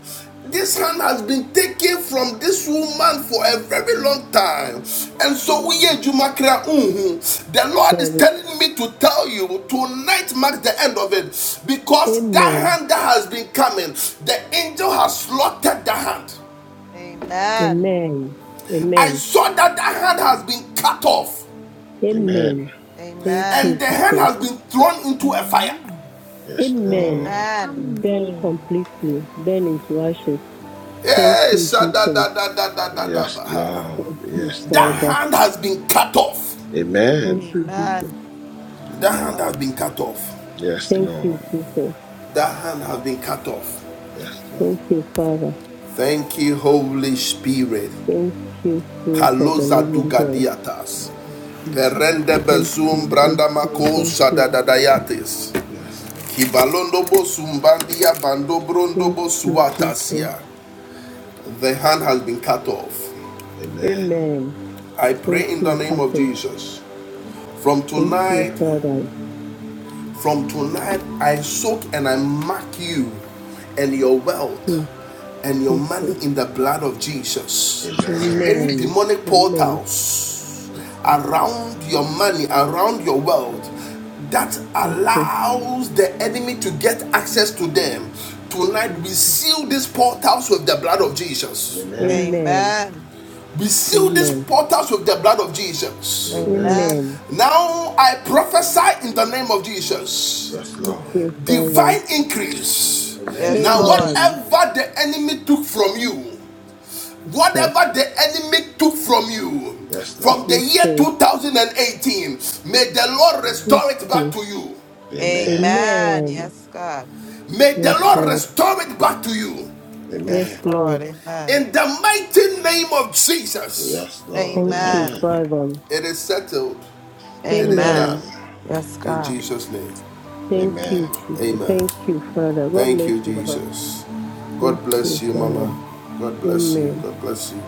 S1: this hand has been taken from this woman for a very long time. And so we here, Juma mhm. the Lord
S4: There
S1: is
S4: we-
S1: telling me to tell you tonight marks the end of it. Because that
S4: Amen.
S1: hand that has been coming, the angel has slaughtered the hand.
S8: Amen.
S4: Amen.
S1: I
S4: Amen.
S1: saw that that hand has been cut off
S6: Amen.
S4: Amen. Thank you,
S1: and
S8: Amen.
S1: the hand
S4: Jesus.
S1: has been thrown into a fire.
S10: Amen.
S6: Yes,
S4: Amen.
S6: Lord.
S8: Amen.
S4: Burn
S10: Amen.
S4: completely. Burn into ashes. Thank
S1: Hey,
S4: you,
S1: shada
S4: Jesus.
S1: da da da da da da
S6: Yes, Lord.
S4: Thank you,
S6: Yes,
S1: That
S4: Father.
S6: Lord.
S1: hand has been cut off.
S4: Thank
S6: Amen.
S4: you,
S8: Amen.
S4: Jesus.
S1: That
S8: Yes,
S1: hand has
S8: God.
S1: been cut off.
S6: Yes,
S4: Thank you,
S6: Lord.
S4: Jesus.
S1: That hand has been cut off.
S6: Yes,
S4: Thank
S6: Lord.
S4: you, Father.
S1: Thank you, Holy Spirit.
S4: Thank you, Spirit of the
S1: Kaloza
S4: Living
S1: dugadiatas.
S4: God.
S6: Yes, Lord.
S1: Perende
S4: Thank
S1: bezum
S4: you, thank
S1: branda
S4: you,
S1: mako
S4: thank you,
S1: sadadadayates.
S6: Yes, Lord.
S1: Kibalondo bosumbandia bando brondo
S4: thank
S6: Yes,
S4: you, Jesus.
S1: bosuatasia.
S6: Lord.
S1: The hand has been cut off.
S6: Amen.
S4: Amen.
S1: I
S4: Thank
S1: pray in the
S4: you,
S1: name of
S4: Jesus.
S1: Jesus. From
S4: Thank you,
S1: tonight,
S4: Father.
S1: From tonight, I soak and I mark you and your wealth
S4: Yes,
S1: and your money
S4: Jesus.
S1: in the blood of Jesus.
S6: Amen.
S1: Any
S4: Amen.
S1: demonic
S4: Amen.
S1: portals
S6: Yes, Lord.
S1: around your money, around your wealth, that
S4: Jesus.
S1: allows the enemy to get access to them. Tonight, we seal these portals with the blood of Jesus.
S6: Amen.
S4: Amen.
S8: Amen.
S1: We seal these
S4: Amen.
S1: portals with the blood of Jesus.
S6: Amen.
S8: Amen.
S4: Amen.
S1: Now I prophesy in the name of Jesus
S6: Yes,
S4: Thank
S6: Lord.
S4: you, Father.
S1: divine increase.
S6: Amen.
S8: Yes,
S1: Now,
S8: Lord.
S4: Amen.
S1: whatever the enemy took from you,
S4: Jesus.
S1: whatever the enemy took from you
S6: Yes,
S1: from
S6: Lord.
S1: the year
S4: Jesus.
S1: 2018, may the Lord restore it back
S4: Jesus.
S1: to you.
S6: Amen.
S8: Amen.
S4: Amen.
S8: Yes, God.
S1: May
S8: We
S4: Yes,
S1: the
S8: say
S1: Lord
S4: Lord.
S8: God,
S1: restore it back to
S8: Jesus.
S1: you.
S4: Yes,
S8: Yes,
S6: Amen.
S8: Lord.
S4: Lord.
S8: Amen.
S1: In the mighty name of Jesus,
S6: Yes, Lord.
S4: Thank you,
S8: Amen.
S6: Amen.
S4: Father.
S1: it is settled, it is
S8: Amen.
S1: done.
S4: Amen.
S6: Amen.
S8: Yes,
S1: In
S8: God.
S1: Jesus' name,
S4: Thank you,
S6: Amen.
S4: Jesus.
S1: amen.
S4: Thank you, Father. God
S1: Thank
S4: bless
S1: you,
S4: you, Papa.
S1: Jesus.
S4: Thank
S1: God
S4: you,
S1: bless you,
S4: Father.
S1: Mama. God bless you.
S4: Amen.
S1: God bless you.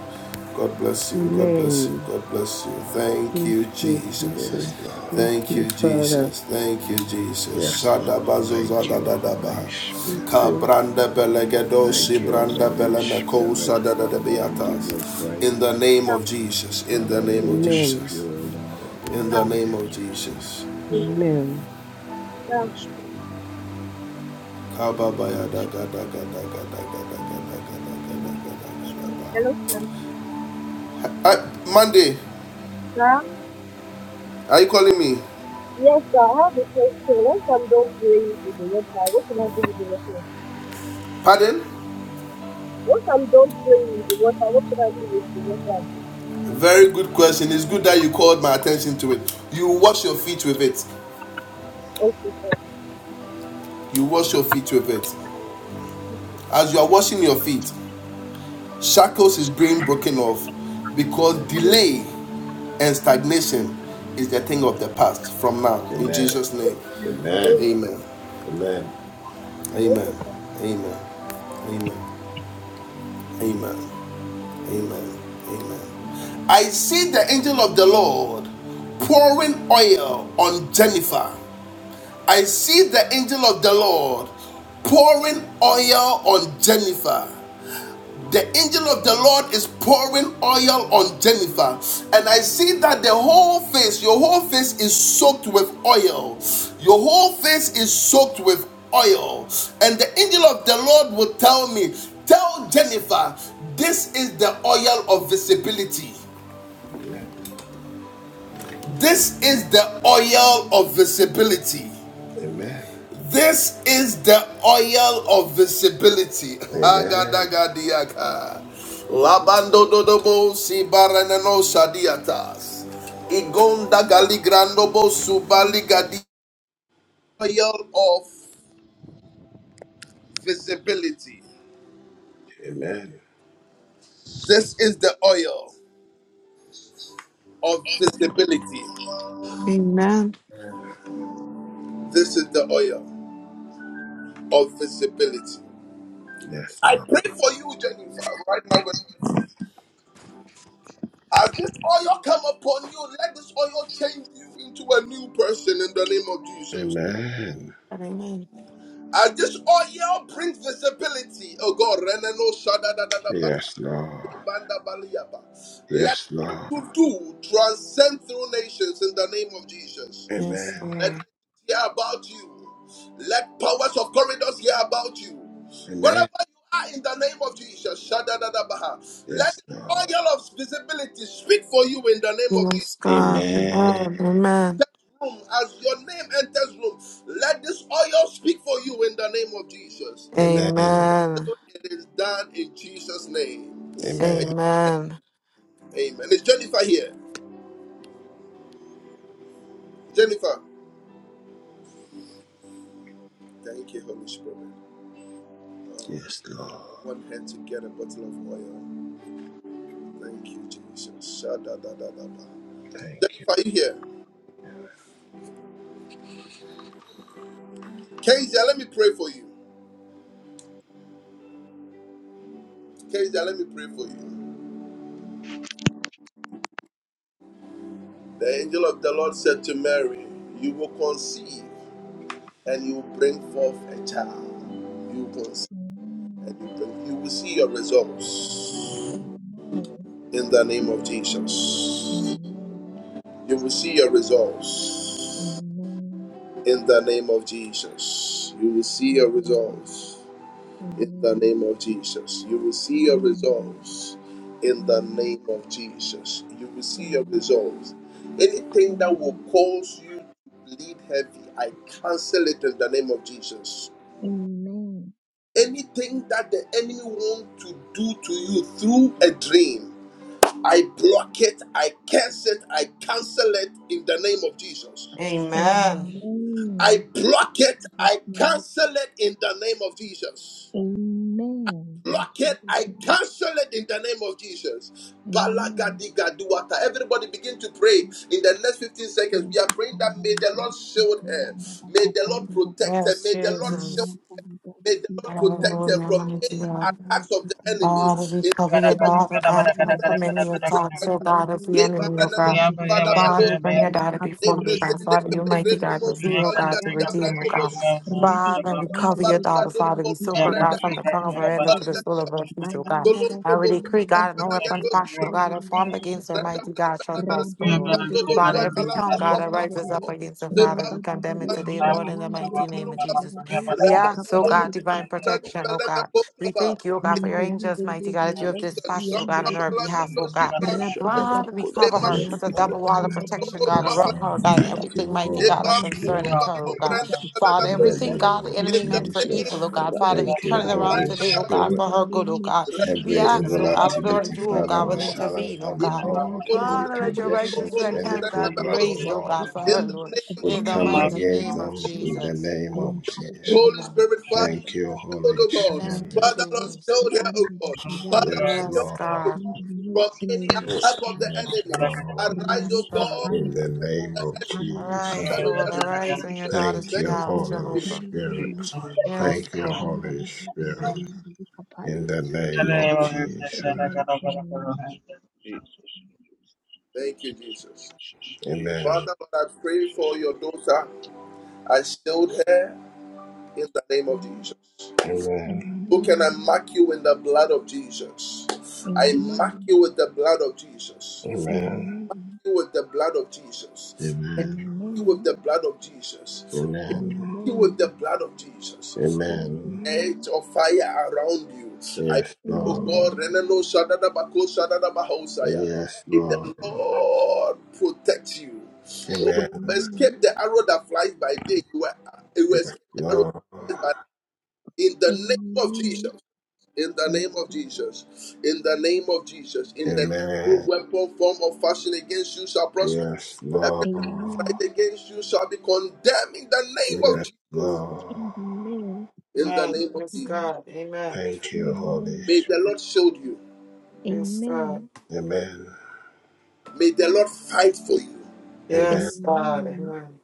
S1: God bless you. God bless you.
S4: Amen.
S1: God bless you. Thank
S4: Thank
S1: you,
S4: you,
S1: Jesus.
S4: Jesus.
S6: Yes, Lord.
S4: Thank
S1: Thank you,
S4: you, Father.
S1: Jesus. Thank you, Jesus.
S6: Yes, Lord.
S1: Shadabazo
S6: Thank you,
S1: zadadadaba.
S6: Holy
S4: Thank
S6: Spirit.
S4: you.
S1: Kabranda belegedo
S6: Thank you,
S1: branda
S6: Holy
S1: belemeko
S6: Spirit. Father, we give you
S1: sadadadabiatas. In the
S6: praise.
S1: name of Jesus. In the
S6: Father, we
S1: name of
S6: worship
S4: Amen.
S1: Jesus.
S6: you, O Lord,
S1: In
S6: in
S1: the
S6: the
S12: Sam,
S1: name
S6: name
S1: of
S6: of Jesus.
S1: Jesus.
S4: Amen.
S12: Sam,
S9: Holy Spirit. Thank you, Holy Spirit. Thank you, Holy Spirit.
S12: hello, Sam.
S1: Uh, Monday,
S12: Sam?
S1: are you calling me?
S12: Yes, sir, I have a question. Once I'm done praying with the water, what can I do with the water?
S1: Pardon?
S12: Once I'm done praying with the water, what should I do with the water?
S1: Very good question. It's good that you called my attention to it. You wash your feet with it.
S12: Okay, sir.
S1: You wash your feet with it. As you are washing your feet, shackles is being broken off because delay and stagnation is the thing of the past from now. In Jesus'
S6: Amen.
S1: name,
S12: Thank you, sir.
S6: Amen.
S1: amen.
S6: Amen.
S12: Thank
S1: Amen. Amen. Amen. Amen. Amen. Amen. I see the angel of the Lord pouring oil on Jennifer. I see the angel of the Lord pouring oil on Jennifer. The angel of the Lord is pouring oil on Jennifer, and I see that the whole face, your whole face is soaked with oil. Your whole face is soaked with oil. And the angel of the Lord will tell me, Tell Jennifer, this is the oil of visibility.
S6: Amen.
S1: This is the oil of visibility.
S6: Amen.
S1: This is the oil of visibility.
S6: Amen.
S1: Agadagadiaka. Labando dodobo si baranano shadiatas. Igonda galigrandobo subaligadi. Oil of visibility.
S6: Amen.
S1: This is the oil of visibility.
S8: Amen.
S1: This is the oil of visibility.
S6: Yes, Lord.
S1: Pray for you, Jennifer, right now. in the name of As this oil come upon you, let this oil change you into a new person in the name of Jesus.
S6: Amen.
S8: Amen.
S1: As this oil brings visibility, oh God, Renano Shadadadadaba,
S6: Yes, Lord.
S1: Ibanda Baliaba. let
S6: Yes,
S1: what
S6: Lord.
S1: you do transcend through nations in the name of Jesus.
S8: Yes,
S6: Amen.
S1: Let
S8: Lord.
S1: nations hear about you. Let powers of corridors hear about you. Wherever
S6: Amen.
S1: you are in the name of Jesus, Shadadadabaha. let
S6: Yes, Lord.
S1: the oil of visibility speak for you in the name of Jesus.
S8: Yes, God. Amen.
S6: Amen.
S8: Amen.
S1: room, as your name enters room, let this oil speak for you in the name of Jesus.
S6: Amen.
S8: Amen.
S1: So it is done in Jesus' name.
S6: Amen.
S8: Amen.
S1: Amen. Is Jennifer here? Jennifer, thank you, Holy Spirit.
S6: Yes, Lord.
S1: I want her to get a bottle of oil. Thank you, Jesus. Shadadadadaba.
S6: Thank you.
S1: Jennifer, you here? Kezia, let me pray for you. Kezia, let me pray for you. The angel of the Lord said to Mary, You will conceive and you will bring forth a child. You will conceive
S10: Amen.
S1: and you, can, you will see your results
S10: Amen.
S1: in the name of
S10: Amen.
S1: Jesus.
S10: Amen.
S1: You will see your results
S10: Amen.
S1: in the name of Jesus. You will see your
S10: Amen.
S1: results in the
S10: Amen.
S1: name of Jesus. You will see your
S10: Amen.
S1: results in the
S10: Amen. Amen. Amen.
S1: name of Jesus. You will see your results. Anything that will cause you to bleed heavy, I cancel it in the name of Jesus. Anything that the enemy wants to do to you through a dream. I block it, I curse it, I cancel it in the name of Jesus.
S8: Amen.
S1: I
S10: In
S1: block it,
S10: Jesus'
S1: I
S10: name.
S1: cancel it in the name of Jesus.
S10: Amen. In
S1: Block it,
S10: Jesus'
S1: I
S10: name.
S1: cancel it in the name of Jesus.
S10: Amen.
S1: Balagadigaduata. Everybody begin to pray in the next 15 seconds.
S10: Thank
S1: We are praying that may the Lord shield her, may the Lord protect her,
S8: Yes,
S1: may the Lord shield,
S8: Jesus.
S1: may the Lord protect her
S8: Hallelujah,
S1: from
S8: mighty
S1: any
S8: God.
S1: attacks of the enemy.
S8: Father, we
S1: In
S8: cover
S1: the
S8: your
S1: name of
S8: daughter, God, from, from any
S1: Jesus
S7: Barakada,
S8: attacks, oh God, of the
S1: They present
S8: enemy, oh
S1: The
S8: God.
S7: Thank
S10: you.
S8: Father, we bring your
S1: Libaranamosubalabalosaba.
S8: daughter before you, God. Father, you mighty God, reveal, oh God, to redeem, oh God.
S1: Lepesendefelegrenomosubaligadiabrandomosu.
S8: Father, we cover your daughter,
S1: Baragado
S8: Father. We
S1: Bolua
S8: soak her, God,
S1: Brenda
S8: from the crown of her head to the sole
S1: Barigadia
S8: of her feet, oh God.
S1: Dolonto
S8: I would
S1: Bolua
S8: decree, God, no weapon
S1: Temperagados
S8: fashioned, oh God, or formed against her,
S1: Brenda
S8: mighty
S1: Bella
S8: God, shall
S1: Bella Bella
S8: prosper, Lord.
S1: Pando
S8: Father,
S1: Bolua
S8: every
S1: Palam
S8: tongue,
S1: Balua
S8: God, that rises up
S1: Palamaco
S8: against her, Father,
S1: Zimbam
S8: we condemn it
S1: Balum
S8: today, Lord, in
S1: Balum
S8: the
S1: Balum
S8: mighty name
S1: Balum
S8: of
S1: Baba
S8: Jesus. We
S1: Remba
S8: ask, oh
S1: Balum
S8: God, divine
S1: Balum
S10: Rabba
S1: Brenda
S8: protection, oh
S1: Bella
S8: God. We
S1: Bella
S8: thank you, oh God, for your
S10: Rabba Divine
S8: angels, mighty God, that you have
S1: Jesus
S8: dispatched, oh God,
S1: Zamba
S8: on our behalf, oh
S1: Balagadoski
S8: God.
S1: Brandes
S8: Father, we cover
S1: Zema
S8: her, and put
S6: Yes,
S8: a double
S6: Lord.
S8: wall of protection, God,
S6: Yes,
S8: around
S1: Tomorua
S6: Lord.
S8: her, God, and
S6: Thank
S8: everything,
S6: you,
S8: mighty
S6: Holy
S8: God,
S10: preservation,
S8: that
S1: Ebam,
S10: oh Lord,
S1: bum,
S8: concerning
S6: Spirit.
S8: her,
S10: I
S1: balum,
S8: oh God.
S10: pray for
S1: branda, balama,
S8: Father,
S10: protection,
S6: In
S10: oh
S6: the
S1: kosa.
S10: God.
S8: everything, God,
S6: name
S8: the
S10: May
S6: of
S1: In
S10: you
S8: enemy
S1: the
S10: be
S8: meant
S10: a
S8: for
S10: shield
S6: Jesus.
S8: evil, oh
S10: around
S1: name
S8: God.
S1: of
S10: me
S8: Father,
S10: in
S8: we
S10: the
S6: Thank you,
S8: turn it
S1: Jesus,
S10: house of your
S8: around
S6: Holy
S1: Zanda,
S10: Lord.
S8: today, oh God,
S1: Dalia,
S6: Spirit.
S10: In
S8: for
S10: the
S8: her good, oh
S10: name of
S8: God.
S1: Rana,
S8: We
S6: Every
S10: Jesus,
S1: kosa,
S8: ask,
S6: evil
S8: oh
S10: Maka
S1: baba,
S8: God,
S1: liga,
S8: Lord, that
S6: activity,
S8: you,
S1: daba,
S10: Payanda
S8: oh
S1: koka,
S6: Father,
S8: God, will
S6: we
S1: koka.
S10: Kayanda,
S6: silence
S8: intervene, oh
S6: them, O
S8: God.
S1: Ibrahim,
S7: you.
S6: Lord.
S1: bolu,
S10: Rabaya
S6: Any
S8: Father, let
S1: brando,
S8: your
S10: Kanda, may
S1: bosom,
S8: righteous
S6: projections,
S1: bolu,
S8: right
S10: the
S6: any
S8: hand,
S1: abranda,
S8: God, be
S6: program, O
S1: balosa.
S8: raised, oh
S6: Lord,
S8: God, for
S10: guilty
S1: In
S8: her,
S1: the
S8: Lord,
S10: attack of
S1: name
S10: the
S6: we
S1: of
S8: in the
S10: enemy
S6: come
S10: in the
S8: mighty
S6: against
S8: name
S10: name of
S8: of
S6: them
S1: Jesus,
S6: in the
S10: Jesus.
S8: Jesus.
S6: name
S10: I am
S6: of
S10: covered by
S6: Jesus.
S10: the
S1: Holy
S10: blood
S8: Amen.
S10: of
S1: Spirit, Father,
S6: Thank
S10: Jesus.
S6: you,
S1: Lord, shield,
S6: Holy
S1: oh God.
S8: Thank
S10: Mayande
S8: you,
S6: Spirit.
S1: Father,
S10: the
S1: Lord,
S8: Jesus.
S10: Boshi
S1: shield her, oh
S10: under the
S1: God.
S10: Kayanda
S1: Father,
S10: the
S6: Yes,
S1: Lord, shield
S8: Yes,
S1: her,
S6: Lord.
S1: oh
S8: God.
S1: God.
S10: in the
S1: From
S10: mighty
S1: any
S10: name of
S1: attack of the
S10: Jesus.
S6: Yes,
S1: enemy,
S6: Lord.
S1: arise,
S10: Rally
S8: Yes,
S1: oh
S8: God.
S1: God,
S10: Kapandi
S6: In the
S10: the
S6: name
S1: and
S6: of
S10: Bosa
S1: let the enemy
S10: under
S1: be
S10: the
S8: Arise,
S6: Jesus.
S1: scattered
S10: Kapaya.
S1: in
S8: Lord.
S1: the name of
S10: And
S8: Arise on your
S1: Jesus.
S8: daughter's
S6: Thank
S1: Thank
S6: you,
S8: behalf,
S6: Holy
S1: you,
S10: In
S8: Jehovah.
S1: Spirit.
S10: Jesus' mighty name,
S6: Spirit.
S8: Yes,
S6: Thank you,
S10: Ika
S8: God.
S10: under
S6: Holy
S10: the Boshi
S6: Spirit.
S8: Amen.
S10: under the Kapaya.
S6: In the name
S7: Okay,
S6: of
S10: In Jesus'
S6: Jesus.
S10: mighty name.
S1: Thank you, Jesus.
S6: Amen.
S1: Father, Lord, I pray for your daughter. I shield her in the name of Jesus.
S6: Amen.
S1: Who can I
S10: Amen.
S1: mark you in the blood of Jesus? I mark
S10: Amen.
S1: you with the blood of Jesus.
S6: Amen.
S10: Amen.
S1: you with the blood of Jesus. I mark
S6: Amen.
S1: you with
S10: Amen.
S1: the blood of Jesus. I
S6: Amen.
S1: mark you with
S10: Amen.
S1: the blood of Jesus.
S6: Amen.
S1: Edge
S10: Amen.
S1: of fire around you. I
S6: Yes,
S1: pray, oh
S6: Lord.
S1: God,
S10: Amen.
S1: Renano Shadada Bako Shadada Bahosaya.
S6: Yes,
S1: May the
S6: Lord.
S1: Lord protect you. Oh,
S6: Amen.
S1: you
S10: Amen.
S1: escape the arrow that flies by day. You will you will
S6: Yes,
S1: escape the
S6: Lord.
S1: arrow in the
S10: Amen.
S1: name of
S10: Amen.
S1: Jesus. In the
S10: Yes,
S1: name of
S10: please.
S1: Jesus. In the name of Jesus. In the no
S6: Amen.
S1: weapon, form, or fashion against you shall prosper.
S6: Yes,
S1: Every
S6: Lord.
S1: time that
S10: Amen.
S1: right against you shall be condemned in the name of
S6: Yes,
S1: Jesus.
S6: Lord.
S10: Amen. In
S1: In the
S8: Amen.
S1: name of
S10: Jesus'
S8: Yes,
S1: Jesus.
S10: name.
S8: God. Amen.
S6: Thank you, Holy
S10: Amen.
S1: May the
S6: Spirit.
S1: Lord shield you.
S8: Yes,
S10: Amen.
S8: God.
S6: Amen.
S1: May the Lord fight for you.
S6: Amen.
S8: Yes, God.
S10: Amen.
S8: Amen.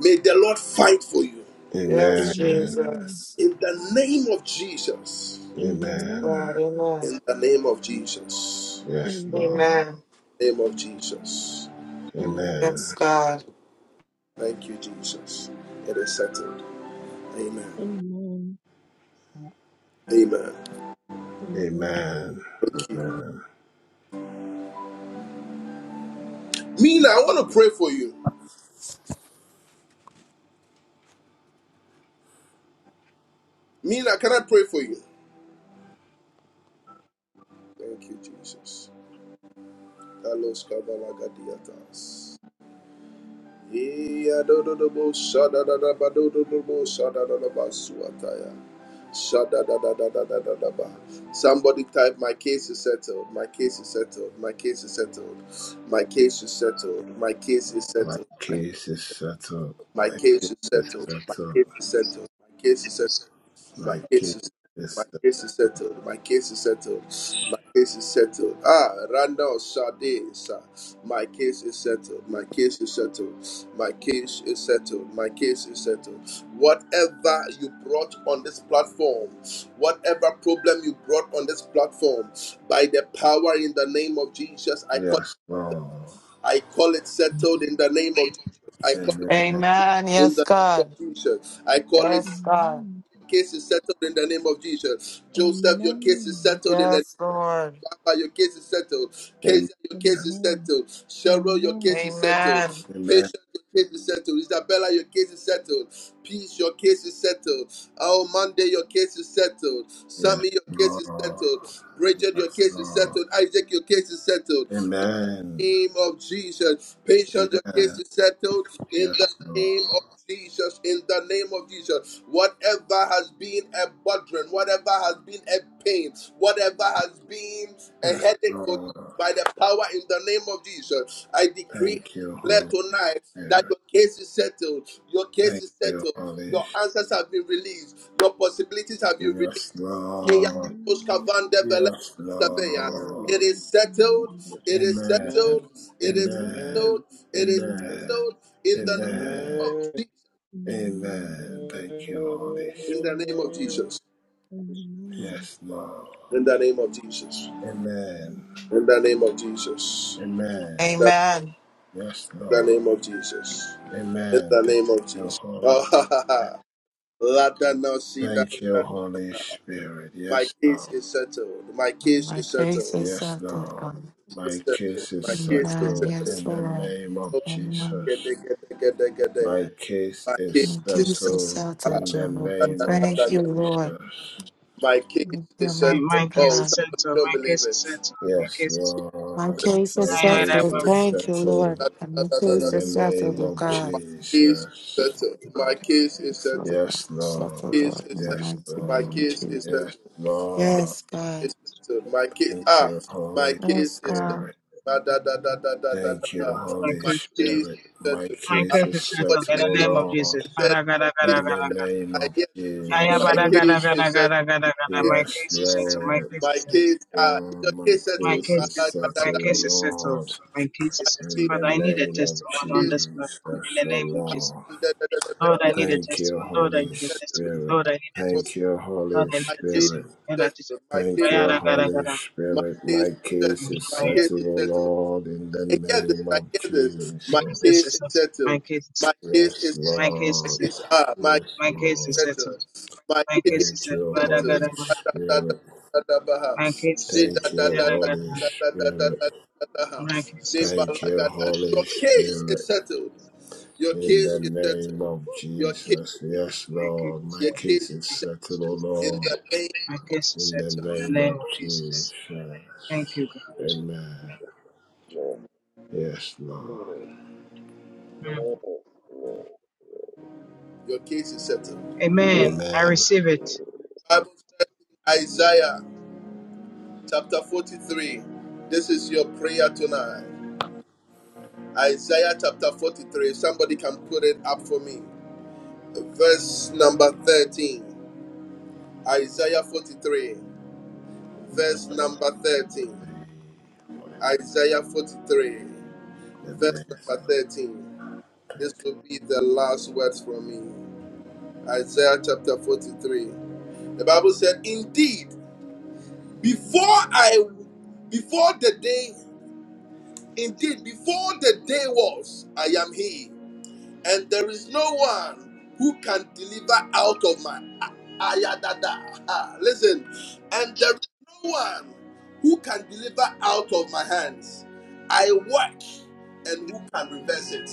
S1: May the Lord fight for you.
S8: Yes,
S6: Amen.
S10: Amen.
S8: Jesus.
S1: In the name of Jesus.
S6: Amen.
S10: Amen.
S8: God. Amen.
S1: In the name of Jesus.
S6: Yes, Lord.
S10: Amen.
S8: Amen.
S1: Name of Jesus.
S10: Amen.
S8: Yes,
S6: Amen.
S8: God.
S1: Thank you, Jesus. It is settled. Amen.
S10: Amen.
S1: Amen.
S10: Amen.
S6: Amen.
S1: Thank you.
S6: Amen.
S1: Mina, I want to pray for you. Mina, can I pray for you? Thank you, Jesus. Carlos Cavalagadiatas. Yeah, do do do bo, shada da da ba, do do do bo, shada da da ba, suataya. Shada da da da da da da da ba. Somebody type, my case is settled, my case is settled, my case is settled, my case is settled, my case is
S6: My
S1: settled, my,
S6: case is settled.
S1: my
S6: My case
S1: case is
S6: is
S1: settled, my case
S6: settled.
S1: is settled, my case is settled, My
S6: My
S1: case
S6: case
S1: is my
S6: is settled.
S1: case is settled. My case is settled. My case is settled. Ah, Randall Sade, sir. My case is settled. My case is settled. My case is settled. My case is settled. Whatever you brought on this platform, whatever problem you brought on this platform, by the power in the name of Jesus, I call
S6: Yes, Lord.
S1: I call it settled in the name of Jesus. I call it
S6: Amen.
S1: settled
S8: Amen.
S1: in
S8: Yes,
S1: the name
S8: God.
S1: of Jesus. I call it
S8: Yes, God.
S10: Amen.
S1: case is settled in the name of Jesus. Joseph, your case is
S10: Amen.
S1: settled in the
S8: Yes,
S1: name
S8: Lord.
S1: of Abba, your case is settled.
S6: Amen.
S1: Kezia, your case is
S10: Amen.
S1: settled. Cheryl, your case
S10: Amen. Amen.
S1: is settled.
S8: Amen.
S6: Amen.
S1: Patience, your case is settled. Isabella, your case is settled. Peace, your case is settled. Oh, Monday, your case is settled.
S6: Yeah.
S1: Sammy, your case is
S6: Lord.
S1: settled. Bridget, your
S6: Yes,
S1: case is
S6: Lord.
S1: settled. Isaac, your case is settled
S6: Amen.
S1: name of Jesus. Patient, your case
S6: Amen.
S1: is settled in the
S6: Yes, Lord.
S1: name of Jesus. In the name of Jesus. Whatever has been a burden, whatever has been a pain, whatever has been a
S6: Yes,
S1: headache for you,
S6: Lord.
S1: by the power in the name of Jesus, I decree
S6: Thank
S1: and
S6: you,
S1: declare
S6: Holy
S1: tonight that
S6: Spirit.
S1: your case is settled. Your case
S6: Thank
S1: is
S6: you,
S1: settled.
S6: Holy
S1: Your answers have been released. Your possibilities have been
S6: Spirit.
S1: released.
S6: Yes,
S1: It
S6: Lord.
S10: Mandibus,
S6: Yes, Lord.
S10: mandibus,
S1: is settled.
S10: mandibus.
S1: It is
S6: Amen.
S1: settled. It is
S10: Amen.
S6: Amen.
S1: settled.
S9: Man,
S1: It is
S10: Amen.
S6: Amen.
S1: settled in the name
S10: Amen.
S6: Amen.
S9: man,
S1: of Jesus.
S6: Amen.
S10: Amen.
S6: Thank
S10: In
S6: you, Holy
S10: Jesus'
S1: In
S6: Spirit.
S1: the name of
S10: name.
S1: Jesus.
S10: Amen.
S6: Yes, Lord.
S1: In the name of Jesus.
S6: Amen.
S10: Amen.
S1: In the name of Jesus.
S6: Amen.
S1: In
S8: Amen.
S6: Yes,
S1: the
S6: Lord.
S1: name of Jesus. In
S6: Amen.
S1: the
S6: Thank
S1: name of
S6: you,
S1: Jesus. Oh,
S6: Holy
S1: ha, ha,
S6: Spirit.
S1: ha. Lada no si da,
S6: Thank
S1: da.
S6: you, Holy Spirit.
S1: My
S6: Yes,
S1: case
S6: Lord.
S1: is settled. My case
S8: My
S1: is
S8: case
S1: settled.
S8: is
S6: Yes,
S8: settled,
S6: Lord.
S8: God.
S1: It's
S6: My
S1: settled.
S6: case is
S1: My case is
S8: Amen.
S6: settled
S1: settled.
S8: Yes,
S6: in the
S8: Lord.
S6: name of
S8: Amen.
S1: Get Get
S6: Jesus.
S1: there. get there. Get there. Get there.
S6: My case
S1: My case
S6: is
S1: is settled.
S8: cases
S6: settled
S8: out of
S1: Ah,
S6: in the
S1: da,
S8: Jehovah.
S1: da,
S6: name
S1: da,
S6: of
S1: da,
S8: Thank you,
S1: da.
S8: Lord.
S6: Jesus.
S1: My case
S8: Thank you,
S1: is settled.
S8: mighty
S7: my case
S1: Oh,
S7: is
S8: God.
S1: somebody
S7: settled.
S1: don't
S7: My
S1: believe
S7: case is
S1: it.
S7: settled. My
S6: Yes,
S7: case is.
S8: My
S6: Lord.
S8: case is
S6: My
S7: I had a
S6: case
S8: settled.
S6: is
S8: Thank you, Lord.
S6: settled
S8: And my
S6: in
S8: case
S6: the
S8: is settled,
S6: name
S8: oh
S6: of
S8: God.
S1: My case is
S8: We
S6: Jesus.
S8: thank
S1: settled.
S8: you,
S1: My
S8: God.
S1: case is
S8: Thanks, Lord
S1: settled.
S8: God.
S6: Yes,
S8: It's
S1: My
S8: Settled,
S6: Lord.
S1: case
S8: Lord,
S1: is
S8: in the
S1: settled.
S6: Yes,
S8: mighty
S1: My
S8: name
S6: Lord.
S8: of
S1: case is
S8: Jesus.
S6: Yes,
S1: settled. My
S6: Lord.
S1: case
S8: Yes, God.
S1: is settled. My case
S6: Thank
S1: ah.
S6: you,
S1: My
S6: Holy
S8: Yes,
S1: case is settled.
S8: God.
S6: Spirit.
S1: Da, da, da, da, da, da, da, da,
S6: Thank you,
S1: da.
S7: my
S6: Holy
S1: My
S7: case. is
S1: case
S7: settled.
S6: Spirit.
S1: is
S6: My
S1: settled.
S7: My
S6: case
S1: Ah,
S7: case
S6: is
S7: is settled
S1: somebody
S7: in
S6: settled,
S1: I
S6: O
S7: the
S1: hear.
S7: name of Jesus.
S6: Lord,
S1: I said
S7: Gada
S1: my
S7: gada gada
S6: in
S1: case
S6: the
S1: is
S7: gada gada.
S1: settled.
S6: name
S1: I
S6: of
S1: hear this.
S7: Aya
S1: My
S7: bada gada
S1: case
S6: Jesus.
S7: gada
S1: is settled.
S7: gada gada
S1: My
S7: gada.
S1: case
S7: My
S1: is
S6: Yes,
S7: case is settled.
S1: settled.
S7: My
S6: Lord.
S7: case
S1: My
S7: is
S6: Yes,
S1: case ah. Is
S6: Lord.
S1: your
S6: My
S1: case
S7: My
S1: settled?
S6: case
S1: My
S7: case is
S6: is
S1: da, da,
S7: settled.
S1: da,
S7: My
S6: settled,
S1: da, da.
S7: case
S6: O
S7: is settled.
S6: Lord,
S7: My case
S1: My
S7: is settled.
S6: in
S1: kids,
S6: the
S7: But I need a
S6: name of
S1: my
S7: testimony on
S1: kids,
S7: this platform in
S6: Jesus,
S7: the
S6: O
S7: name of
S1: my
S7: Jesus.
S6: Lord.
S1: kids, my kids,
S7: Lord, I need a
S6: Thank you,
S7: testimony. Lord, I
S6: Holy
S7: need a testimony.
S6: Spirit.
S7: Lord, I need a
S6: Thank
S7: testimony.
S6: you, Holy
S7: Lord, I need
S1: my kids, my kids, My
S7: a
S1: kids
S6: Spirit.
S7: testimony. Lord,
S1: is
S7: I need a
S1: settled. My
S6: Thank
S1: kids
S7: testimony.
S6: you,
S1: is
S7: My
S6: Holy
S1: my
S6: Spirit.
S1: kids
S6: My
S1: is settled.
S6: case is
S1: My kids is
S6: settled, O
S1: settled.
S6: Lord, in the
S1: I hear this.
S6: name
S1: I
S6: of
S1: hear this. My
S6: Jesus.
S7: case is
S1: case is
S7: settled.
S1: settled.
S7: My case is
S1: My case
S6: Yes,
S1: is
S7: settled. my
S1: settled.
S7: case
S1: My
S7: is
S6: Lord.
S7: settled.
S1: case ah my
S6: Yes,
S7: My
S1: case
S7: case
S1: is
S7: is
S6: Lord.
S1: settled.
S7: settled.
S1: My
S7: My
S1: case
S7: case is
S6: Thank
S7: settled.
S6: you,
S1: is
S7: My
S1: settled.
S7: case
S6: Holy
S7: is
S1: Da
S7: settled.
S1: da da
S6: Spirit.
S1: da da da da ha.
S7: My case is
S1: Ze da
S6: Thank
S1: da
S6: you,
S1: da da
S6: Holy
S7: settled.
S1: da da da da da
S6: Spirit.
S1: da da ha.
S7: My case
S1: Ze
S7: is settled.
S6: Thank you,
S1: balaga da.
S6: Holy
S1: Your case is
S6: Spirit.
S1: settled. Your
S6: In
S1: case
S6: the
S1: is
S6: name
S1: settled.
S6: of
S1: Your case
S6: Jesus.
S1: is
S6: Yes,
S7: My case
S6: Lord.
S7: is
S6: My
S1: your case
S6: case
S1: is
S6: is
S1: settled
S6: settled, O
S7: settled.
S1: in
S6: Lord.
S1: the name
S7: My
S1: of
S7: case is
S6: In the
S7: settled
S1: Jesus.
S7: in
S6: name
S7: the name
S6: of
S7: of Jesus.
S6: Jesus.
S7: Thank you, God.
S6: Amen. Yes, Lord.
S7: Mm.
S1: Your case is settled.
S7: Amen. I
S6: Amen.
S7: receive it.
S1: Bible says in Isaiah. chapter 43. This is your prayer tonight. Isaiah chapter 43. Somebody can put it up for me. Verse number 13. Isaiah 43. Verse number 13.
S6: forty-three.
S1: Isaiah 43.
S6: The
S1: Verse
S6: best,
S1: number
S6: not
S1: 13.
S6: petty.
S1: This will be the last words from me. Isaiah chapter 43. The Bible said, Indeed, before I before the day, indeed, before the day was, I am he and there is no one who can deliver out of my ayadada. Ah, Listen, and there is no one who can deliver out of my hands. I work, and who can reverse it?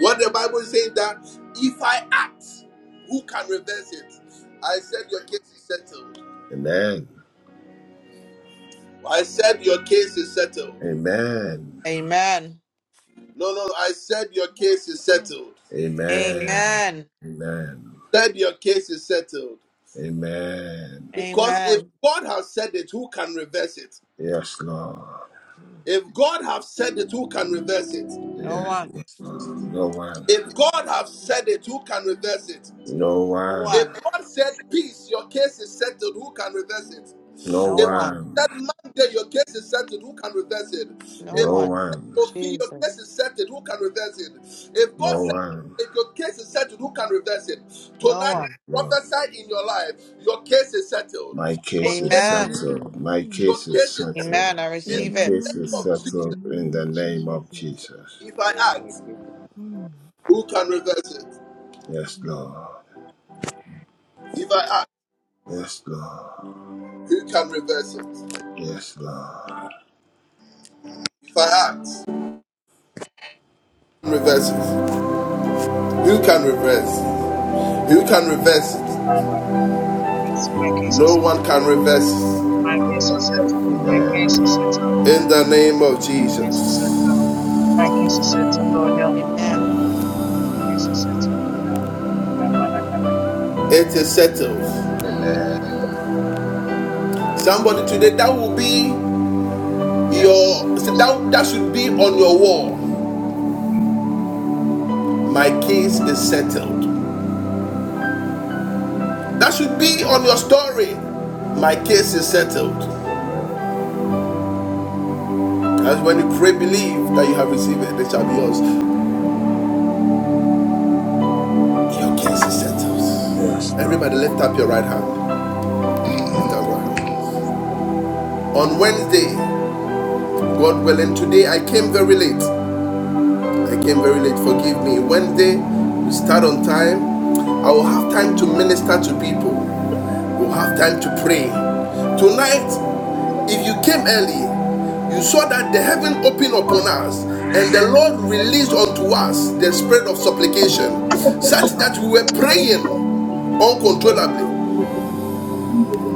S1: What the Bible is saying that if I act, who can reverse it? I said your case is settled.
S6: Amen.
S1: I said your case is settled.
S6: Amen.
S8: Amen.
S1: No, no, no. I said your case is settled.
S6: Amen.
S8: Amen.
S6: Amen.
S1: Said your case is settled.
S6: Amen.
S1: Because if
S8: Amen.
S1: God has said it, who can reverse it?
S6: Yes, Lord.
S1: If God has said it, who can reverse it?
S8: No
S6: Yes,
S8: one.
S6: Lord. No one.
S1: If God has said it, who can reverse it?
S6: No
S8: No
S6: one.
S1: If
S8: one.
S1: God said peace, your case is settled, who can reverse it?
S6: No
S8: No
S1: If God
S8: one.
S1: said
S6: one.
S1: Monday, your case is settled, who can reverse it?
S8: No
S1: If
S6: No
S1: God
S8: one.
S1: said
S6: one.
S1: Sophie, your
S8: Jesus.
S1: case is settled, who can reverse it? If God
S6: No
S1: said
S6: one.
S1: if your case is settled, who can reverse it?
S8: No
S1: Tonight, I
S8: one.
S6: Lord.
S1: prophesy in your life, your case is settled.
S6: My
S1: Your
S6: case
S10: Amen.
S6: is
S1: case,
S8: Amen.
S6: settled. My
S10: Amen.
S1: your
S6: case is
S1: case is settled
S6: settled.
S8: Amen. I
S1: in
S6: My
S8: receive
S1: the
S8: it.
S6: case is
S1: name of Jesus.
S10: In the
S6: settled
S10: name
S6: in the
S10: of
S6: name of
S10: Jesus.
S6: Jesus.
S1: If I act,
S10: Mm.
S1: who can reverse it?
S6: Yes,
S10: Mm.
S6: Lord.
S1: If I act,
S6: Yes, Lord.
S1: who can reverse it?
S6: Yes, Lord.
S1: If I act, who can reverse it. Who can reverse? Who can reverse it?
S7: My case my case
S1: No
S7: is
S1: one can reverse it.
S7: my case is settled. My case is
S6: Amen.
S7: settled.
S1: In the name of
S7: My case is settled.
S1: Jesus,
S7: My case is settled. Lord help.
S8: Amen.
S7: My case is settled. Lord help.
S1: it is settled.
S6: Amen.
S1: Somebody today, that will be
S7: Yes,
S1: your
S7: I receive
S1: that that should be on your wall. My case is settled. That should be on your story. My case is settled.
S6: Amen.
S1: As when you pray, believe that you have received it, it shall be yours. Your case is
S6: Yes,
S1: settled.
S6: Lord.
S1: Everybody, lift up your right hand. Lift up your right hand. On Wednesday, God willing, today I came very late. I came very late. Forgive me. Wednesday, we start on time. I will have time to minister to people. We'll have time to pray. Tonight, if you came early, you saw that the heaven opened upon us, and the Lord released unto us the spirit of supplication, such
S6: Yes,
S1: that
S6: Lord.
S1: we were praying uncontrollably.
S12: you,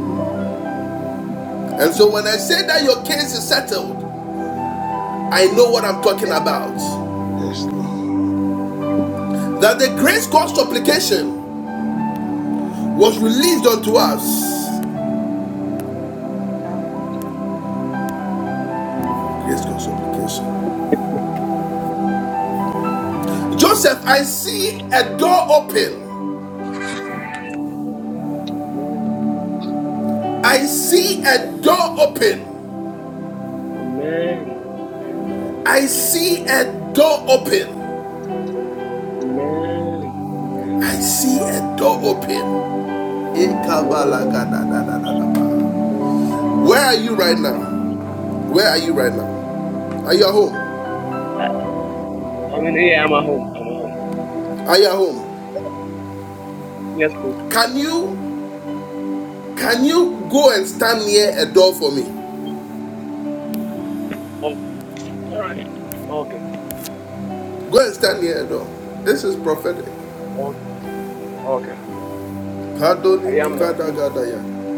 S12: sir.
S1: And so when I say that your case is settled, I know what I'm talking about.
S6: Yes, Lord.
S1: That the grace cause supplication was released unto us.
S8: God.
S1: Grace cause supplication. Joseph, I see a door open. I see a door open. I see a door open. I see a door
S9: man.
S1: open. In Kabbalah, Where are you right now? Where are you right now? Are you at home?
S9: I mean, yeah.
S1: Are you at home?
S9: Yes, please.
S1: Can you Can you go and stand near a door for me?
S9: Oh, all right. Okay.
S1: Go and stand near a door. This is prophetic.
S9: Oh, okay. I am now.
S1: Kadonimikadagadaya.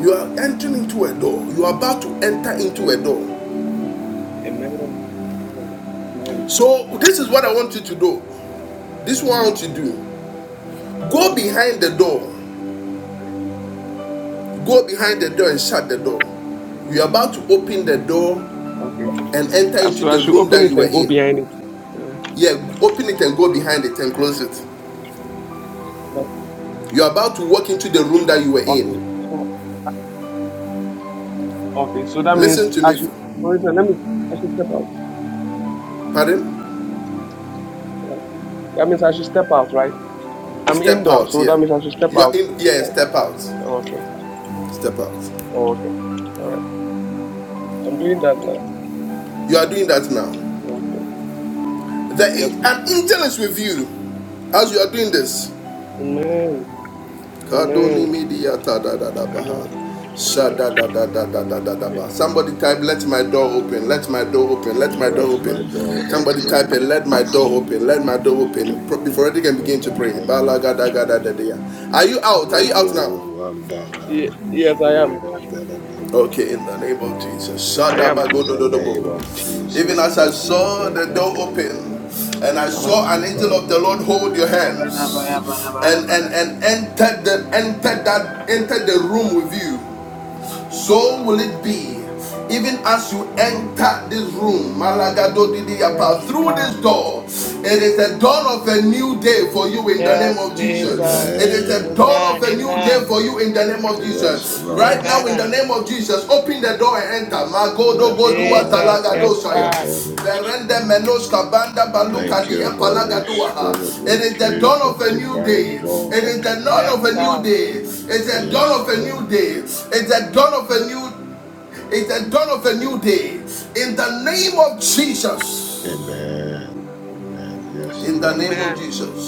S1: You are entering into a door. You are about to enter into a door.
S9: Amen. Amen.
S1: So, this is what I want you to do. This is what I
S9: Mm,
S1: want you to do.
S9: yeah.
S1: Go behind the door. Go behind the door and shut the door. You are about to open the door
S9: Okay.
S1: and enter
S9: And
S1: into
S9: so I
S1: the
S9: should
S1: room
S9: open
S1: that
S9: it
S1: you were
S9: and go
S1: in.
S9: behind it. Uh,
S1: Yeah, open it and go behind it and close it.
S9: yeah,
S1: You are about to walk into the room that you were
S9: okay.
S1: in.
S9: So okay. So that means
S1: Listen to
S9: I
S1: me.
S9: should. For instance, let me. I should step out.
S1: Pardon?
S9: Uh, that means I should step out, right? I'm
S1: Step
S9: indoor,
S1: out
S9: so that
S1: here.
S9: means I should step
S1: You are
S9: out.
S1: in here. Yeah,
S9: Uh,
S1: Step out.
S9: okay.
S1: Step out.
S9: Okay. All right. I'm doing that now.
S1: You are doing that now.
S9: Okay.
S1: The
S9: Yes,
S1: an-
S9: please.
S1: an angel is with you as you are doing this.
S9: Amen. Amen.
S1: Kadoni media ta da da da
S9: Amen.
S1: baha. Sha
S9: Amen.
S1: da da da da da da da da
S9: Okay.
S1: ba. Somebody type, let my door open, let my door open, let my door
S6: Let my door
S1: open. Somebody type
S6: open.
S1: it, let my door open, let
S6: My
S1: my door
S6: door
S1: open. Before
S6: open.
S1: they can begin
S6: In
S1: to
S6: the
S1: pray.
S6: name
S1: Bala
S6: of
S1: ga da ga da da da Are you out? Are you out
S6: Rebel
S1: now?
S6: Wambara,
S9: Ye- yes, I am.
S6: Spirit of the Living God.
S1: Okay, in the name of Jesus.
S9: I am.
S6: In the
S1: Shadabagodododobo.
S6: name of
S1: Even
S6: Jesus,
S1: as I
S6: let my
S1: saw
S6: door
S1: the door
S6: open.
S1: open, and I
S9: Shall
S1: saw
S6: Yes,
S1: an angel of
S6: Lord.
S1: the Lord hold your hands, and and and
S7: it.
S1: entered the entered that entered the room with you. So will it be, even as you enter this room, Malagado
S8: Yes,
S1: through this
S8: God.
S1: door. It is the dawn of a new day for you in the name
S8: Yes,
S1: of Jesus. It
S8: Jesus.
S1: is the
S6: Amen.
S1: dawn of
S8: Amen.
S1: a new day
S8: Amen.
S1: for you in the name of
S6: Yes,
S1: Jesus.
S9: Jesus.
S1: Right now, in
S6: Lord.
S1: the
S8: Amen.
S1: name of Jesus, open the door and enter. Magodo
S6: Yes,
S1: Godua
S6: Lord.
S8: Jesus.
S1: Talagado
S6: Thank
S8: Yes,
S6: you,
S8: God.
S1: Shaya.
S6: Holy Spirit. Thank you, Holy Spirit.
S1: It
S6: We
S1: is the
S6: pray
S1: dawn
S6: for
S1: of a new
S6: divine
S1: day.
S6: door
S1: It is the
S6: open,
S1: dawn
S8: Yes,
S6: Lord.
S1: of a new
S8: God.
S1: day. It's the dawn
S6: Yes,
S1: of a new day.
S6: Lord.
S1: It's the dawn of a new. It's the dawn of a new day. In the name of Jesus.
S6: Amen. Amen. Yes,
S1: In the
S6: Lord.
S1: name of
S8: Amen.
S1: Jesus.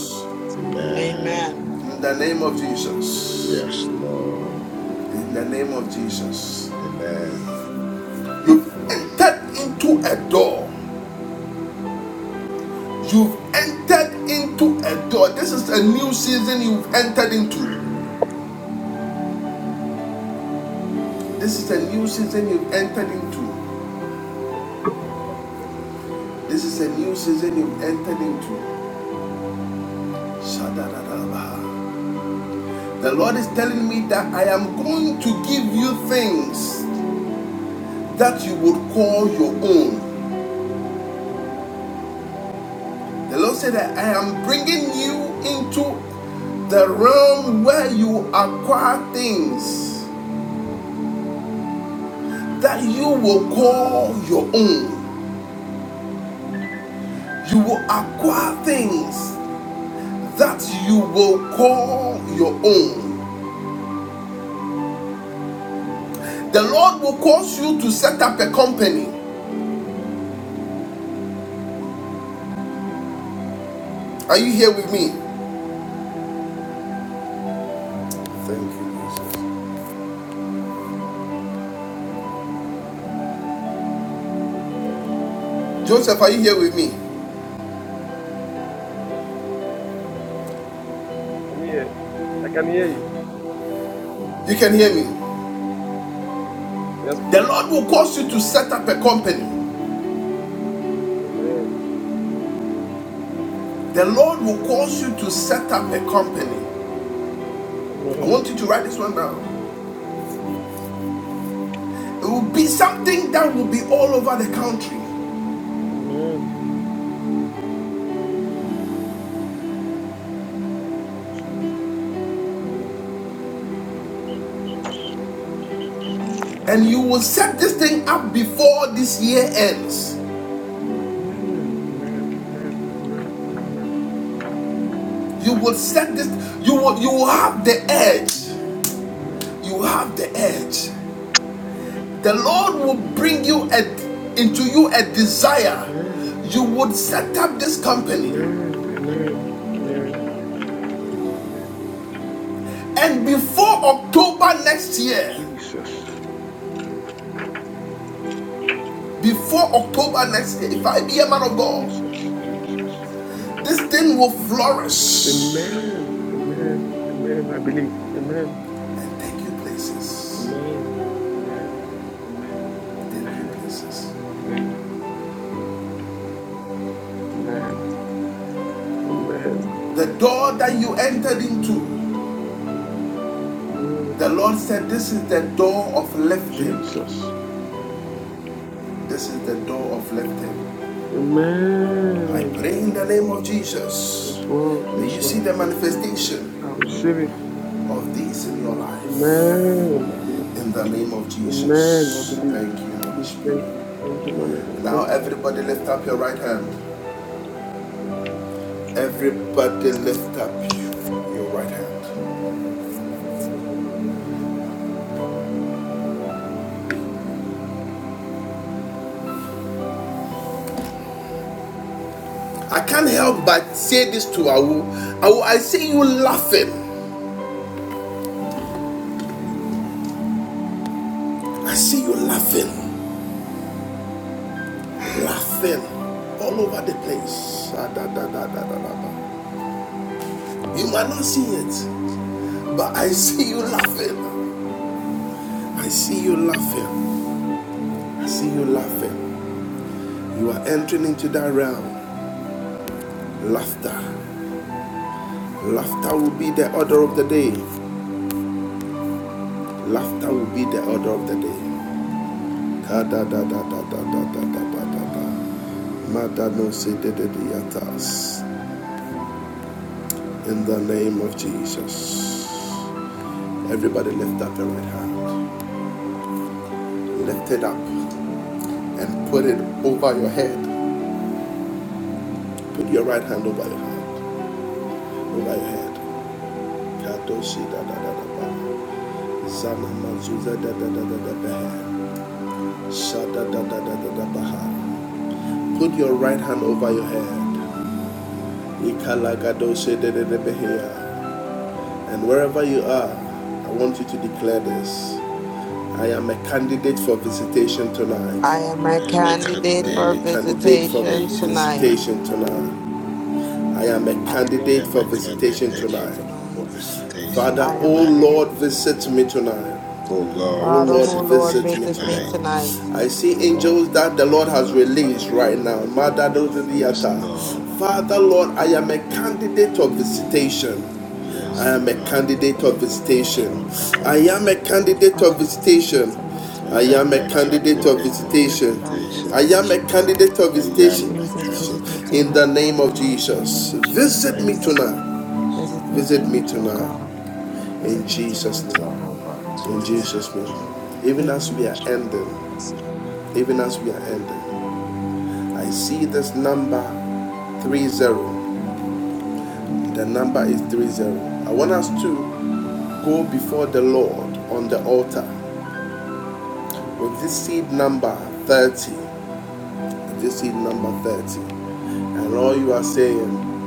S6: Amen.
S8: Amen.
S1: In the name of Jesus.
S6: Yes, Lord.
S1: In the name of Jesus.
S6: Amen.
S1: You've entered into a door. You've entered into a door. This is a new season you've entered into. This is a new season you've entered into. This is a new season you've entered into. Shadadadabaha. The Lord is telling me that I am going to give you things that you would call your own. The Lord said that I am bringing you into the realm where you acquire things that you will call your own. You will acquire things that you will call your own. The Lord will cause you to set up a company. Are you here with me? Thank you, Jesus. Joseph, are you here with me?
S9: I'm here. I can hear you.
S1: You can hear me.
S9: Yes,
S1: The
S9: please.
S1: Lord will cause you to set up a company.
S9: Amen,
S1: The Lord will cause you to set up a company. I
S9: Amen.
S1: want you to write this one down. It will be something that will be all over the country.
S9: Amen.
S1: And you will set this thing up before this year ends.
S9: Amen. Amen. Amen. Amen. Amen.
S1: You will set this, you will you will have the edge.
S9: Amen. Amen. Amen.
S1: You have the edge. The Lord will bring you a, into you a desire. You would set up this company.
S9: Amen. Amen. Amen. Amen.
S1: And before October next year,
S9: Jesus.
S1: before October next year, if I be a man of God,
S9: Jesus. Jesus.
S1: this thing will flourish
S9: Amen. Amen. Amen. I believe. Amen.
S1: and take you places.
S9: Amen. Amen. Amen. Amen.
S1: Take you
S9: Amen.
S1: places.
S9: Amen. Amen. Amen.
S1: The door that you entered into, the Lord said, This is the door of lifting.
S9: Jesus.
S1: This is the door of lifting. I
S9: Amen.
S1: pray in the name of Jesus.
S9: Yes, Lord.
S1: May
S9: Yes,
S1: you see
S9: Lord.
S1: the
S9: Yes.
S1: manifestation
S9: I receive it.
S1: of these in your life.
S9: Amen.
S1: In the name of
S9: Amen. I
S1: Jesus.
S9: believe.
S1: Thank you,
S9: I
S1: Holy
S9: believe. Thank
S1: Spirit.
S9: you. Thank you, man. of God.
S1: Now,
S9: Thank you,
S1: everybody lift up your right hand. Everybody lift up your right hand. I can't help but say this to Awu. Awu, I see you laughing. I see you laughing. Laughing all over the place. Da, da, da, da, da, da, You might not see it, but I see you laughing. I see you laughing. I see you laughing. You are entering into that realm Laughter. Laughter will be the order of the day. Laughter will be the order of the day. Kada da da da da da da da da da da. Madano se de de de yatas. In the name of Jesus. Everybody lift up your right hand. Lift it up and put it over your head. Put your right hand over your head. Over your head. Kadoshi da da da da da. Zana mazuza da da da da da da. Shada da da da da da da. Put your right hand over your head. Ikalagadoshedededebeheya. And wherever you are, I want you to declare this. I am a candidate for visitation tonight.
S8: I am a
S6: I am a
S8: candidate
S1: I am
S8: for
S1: a
S6: candidate for
S1: candidate for
S8: visitation
S6: visitation
S8: tonight.
S6: tonight.
S1: visitation tonight.
S10: Tonight,
S1: I am a
S8: I
S6: I
S1: candidate
S6: am
S1: for
S6: a
S1: visitation
S8: visitation
S6: candidate
S1: tonight.
S6: for
S8: tonight.
S10: I
S6: visitation
S10: am
S1: Father,
S8: I
S10: a
S8: am
S1: oh
S8: a
S6: tonight.
S1: Lord,
S10: candidate
S8: candidate. for
S1: visit me
S8: visitation.
S1: tonight.
S6: Oh
S1: Oh
S6: Lord,
S8: Father,
S1: Lord,
S8: oh
S6: visit
S10: for the
S8: Lord,
S6: me
S1: visit me
S8: visit
S10: mercy
S8: me
S10: of
S1: tomorrow.
S10: the
S6: tonight.
S10: Saint
S8: tonight.
S1: I
S10: King
S1: see
S9: oh
S10: tonight.
S9: Lord.
S1: angels that
S9: Visit
S1: the
S9: me
S1: Lord has
S9: tonight, Father.
S1: released
S9: Visit
S1: right now.
S9: me
S10: Mm.
S9: tonight.
S8: Father,
S6: Yes, Lord.
S1: Madadododiata. Father, Lord, I am a candidate of visitation. I
S6: Yes,
S8: I'm
S1: am
S8: a
S1: a
S6: Father.
S10: I'm a
S8: candidate
S1: candidate
S8: of
S1: of
S10: candidate for
S6: Lord,
S10: the
S8: visitation,
S10: mercy of the
S1: visitation.
S8: oh
S6: I'm a
S10: Saint King.
S8: God.
S1: I am
S6: candidate
S1: a
S6: of
S8: Oh,
S1: candidate of
S8: Father,
S6: visitation.
S8: forgive me
S1: visitation.
S8: tonight, oh
S1: I
S6: I
S8: God.
S1: am
S6: am
S1: a
S6: a
S8: I'm
S1: candidate
S8: a
S1: of
S6: candidate
S8: family
S6: of
S8: day to God, a
S1: visitation. I
S6: visitation.
S1: am a
S8: visitation, oh God.
S1: candidate of
S6: I
S1: visitation.
S6: am a
S8: Jesus, visit me
S6: candidate
S1: In
S6: of
S8: tonight,
S1: the
S8: Lord,
S1: name
S8: in the
S1: of
S8: mighty
S6: visitation.
S8: name
S1: Jesus,
S8: of
S6: In the
S1: visit
S10: Mm,
S1: me
S6: name of
S8: Jesus.
S1: tonight.
S6: Jesus.
S8: Visit me
S1: Visit me
S8: tonight, oh
S1: tonight.
S8: God.
S10: mm,
S8: Visit
S1: In
S10: mm.
S8: me
S1: Jesus'
S8: tonight,
S1: name.
S8: Jehovah, in
S1: In
S8: Jesus'
S6: Amen.
S8: name.
S1: Jesus' name. Even as we
S8: Amen.
S1: are ending,
S8: Yes, God.
S1: even as we are ending, I see this number 30. The number is 30. I want us to go before the Lord on the altar with this seed number 30. This seed number 30. And all you are saying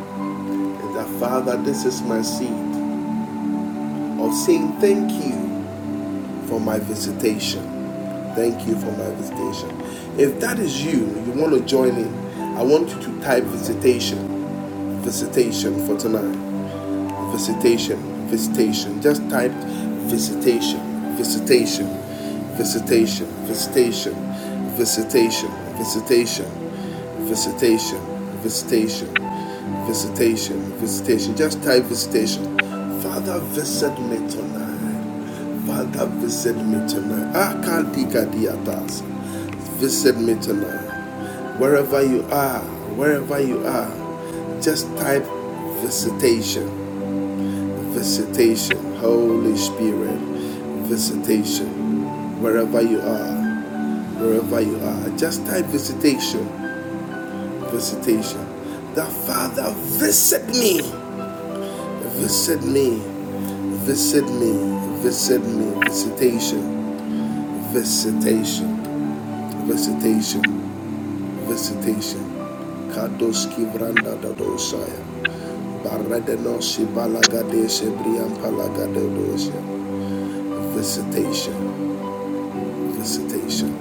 S1: is that, Father, this is my seed of saying thank you for my visitation. Thank you for my visitation. If that is you, you want to join in, I want you to type visitation, visitation for tonight. Visitation, visitation. Just type visitation, visitation, visitation, visitation, visitation, visitation, visitation, visitation, visitation, visitation. Just type visitation. Father, visit me tonight. Father, visit me tonight. I can't dig at the others. Visit me tonight. Wherever you are, wherever you are, just type visitation Visitation, Holy Spirit, visitation. Wherever you are, wherever you are, just type visitation, visitation. That Father, visit me, visit me, visit me, visit me, visitation, visitation, visitation, visitation. Kadoski Vranda Dadosaya. Baradenosi Balagadeshe Brian Palagadosia. Visitation. Visitation.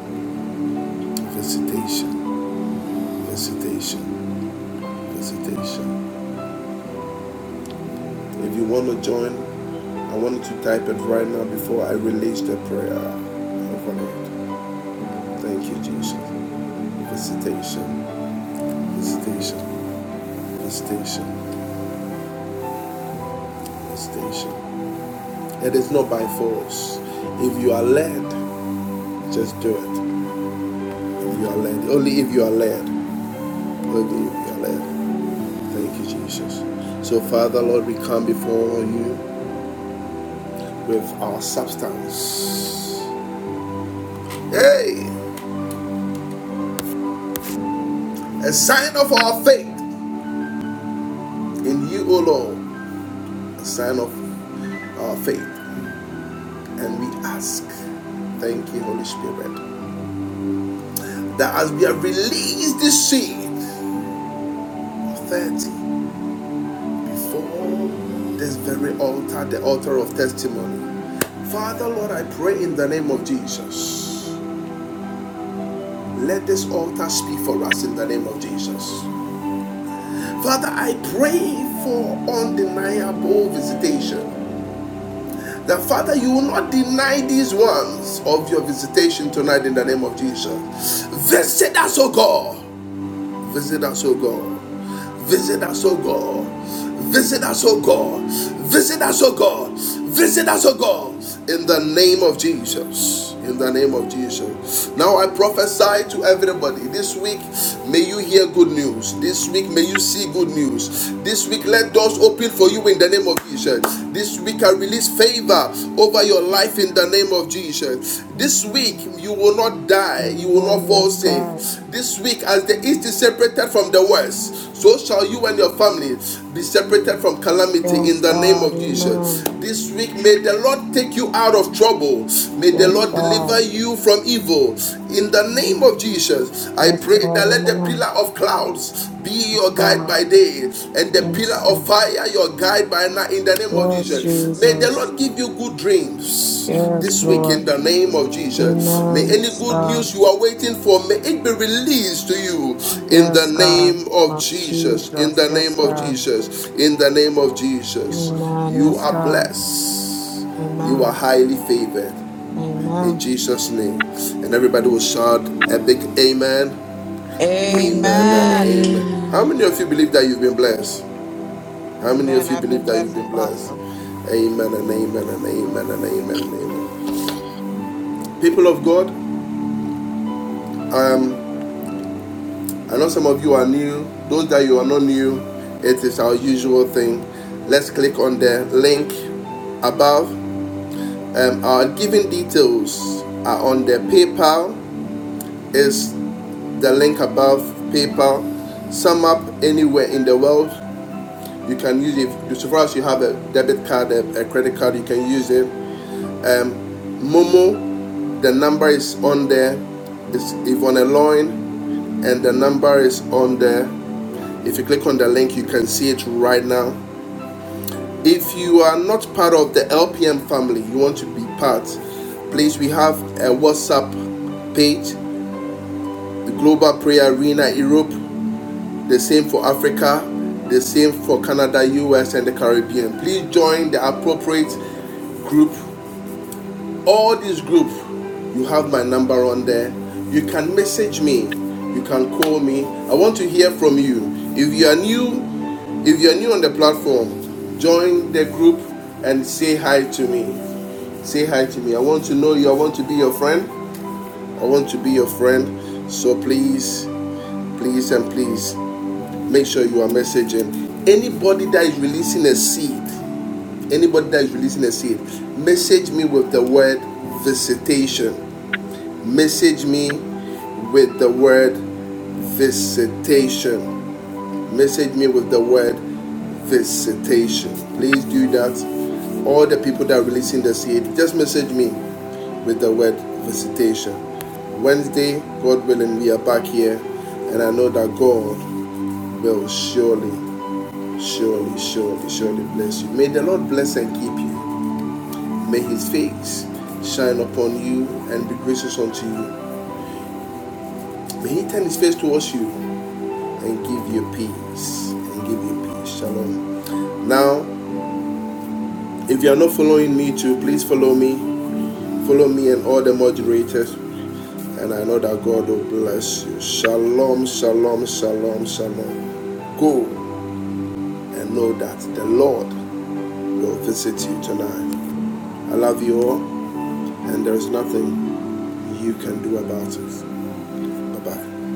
S1: Visitation, visitation, visitation. If you want to join, I want you to type it right now before I release the prayer over it. Thank you, Jesus. Visitation, visitation, visitation, visitation. It is not by force. If you are led, just do it. If you are led, only if you are led, only if you are led. Thank you, Jesus. So, Father, Lord, we come before you with our substance. Hey, a sign of our faith in you, O Lord, a sign of our faith. And we ask, thank you, Holy Spirit, that as we have released this seed of 30 before this very altar, the altar of testimony, Father, Lord, I pray in the name of Jesus. Let this altar speak for us in the name of Jesus. Father, I pray for undeniable visitation. That Father, you will not deny these ones of your visitation tonight in the name of Jesus. Visit us, O God. Visit us, O God. Visit us, O God. Visit us, O God. Visit us, O God. Visit us, O God. In the name of Jesus. In the name of Jesus. Now I prophesy to everybody this week, may you hear good news. This week, may you see good news. This week, let doors open for you in the name of Jesus. This week, I release favor over your your life in the name of Jesus. This week,
S10: Amen.
S1: you will not die, you will not
S8: Amen.
S1: fall
S8: Yes,
S1: sick.
S8: God.
S10: Amen.
S1: This week, as the
S10: In
S1: east
S10: the
S1: is
S10: name
S1: separated from
S10: of
S1: the
S10: God.
S1: west, so shall you and your family be separated
S10: Amen.
S1: from calamity in
S8: Yes,
S1: the name
S8: God.
S1: of Jesus.
S8: Amen.
S1: This week, may the Lord take you out of trouble. May the
S8: Yes,
S1: Lord
S8: God.
S1: deliver
S10: Amen.
S1: you from evil. In the name of
S10: Amen.
S1: Jesus, I
S8: Yes,
S1: pray
S8: God.
S1: that let
S10: Amen.
S1: the pillar
S8: Amen.
S1: of clouds be be your
S8: Yes,
S10: Amen.
S1: guide
S8: God.
S1: by day and the pillar
S8: Yes,
S1: of
S8: God.
S10: Amen.
S1: fire your guide by night in the name of
S8: Yes,
S1: Jesus. May
S10: Amen.
S1: the
S8: Jesus.
S1: Lord give you good dreams
S8: Yes,
S1: this week
S8: Lord.
S1: in the
S10: Amen.
S1: name of Jesus. May
S8: Amen.
S1: any
S8: Yes,
S1: good
S8: God.
S1: news
S10: Amen.
S1: you are waiting for, may it be released to you in the
S8: Yes, God.
S1: name
S10: Amen.
S1: of
S8: My
S1: Jesus. In
S8: Jesus.
S1: the
S8: Yes,
S1: name of
S8: God.
S1: Jesus. In the name of Jesus.
S8: Amen.
S1: You
S8: Yes,
S1: are
S8: God.
S1: blessed.
S10: Amen.
S1: You are
S8: Amen.
S1: highly
S10: Amen.
S1: favored in
S8: Amen.
S10: Amen.
S1: Jesus' name. And everybody will shout a big amen. Amen and
S8: Amen.
S1: amen.
S6: Amen.
S1: How
S2: Amen.
S1: many of you believe
S6: Amen.
S1: that you've been blessed? How many of
S8: Amen.
S1: you
S8: I've
S1: believe
S8: been
S1: that you've
S8: blessed,
S1: been blessed?
S10: Amen.
S8: Apostle.
S10: Amen.
S1: Amen and amen and amen and amen and amen. People of God, um, I know some of you are new. Those that you are not new, it is our usual thing. Let's click on the link above. Um, our giving details are on the PayPal. Is the link above PayPal? Sum up anywhere in the world. You can use it if- so far as you have a debit card, a, a credit card, you can use it. Um, Momo, the number is on there. It's Yvonne Loin, and the number is on there. If you click on the link, you can see it right now. If you are not part of the LPM family, you want to be part, please, we have a WhatsApp page, the Global Prayer Arena Europe the same for Africa, the same for Canada, US, and the Caribbean. Please join the appropriate group. All these groups, you have my number on there. You can message me, you can call me. I want to hear from you. If you are new, if you are new on the platform, join the group and say hi to me say hi to me. I want to know you. I want to be your friend. I want to be your friend. So please, please, and please make sure you are messaging anybody that is releasing a seed anybody that is releasing a seed message me with the word visitation message me with the word visitation message me with the word visitation please do that all the people that are releasing the seed just message me with the word visitation wednesday god willing we are back here and i know that god will surely surely, surely, surely bless you. May the Lord bless and keep you. May his face shine upon you and be gracious unto you. May he turn his face towards you and give you peace. And give you peace. Shalom. Now, if you are not following me too, please follow me. Follow me and all the moderators. And I know that God will bless you. Shalom, shalom, shalom, shalom. Go and know that the Lord will visit you tonight.
S8: Amen.
S1: I love you all, and there is nothing you can do about it.
S8: Amen.
S1: Bye bye.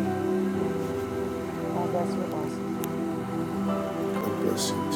S8: God bless you, Apostle.
S1: God bless you.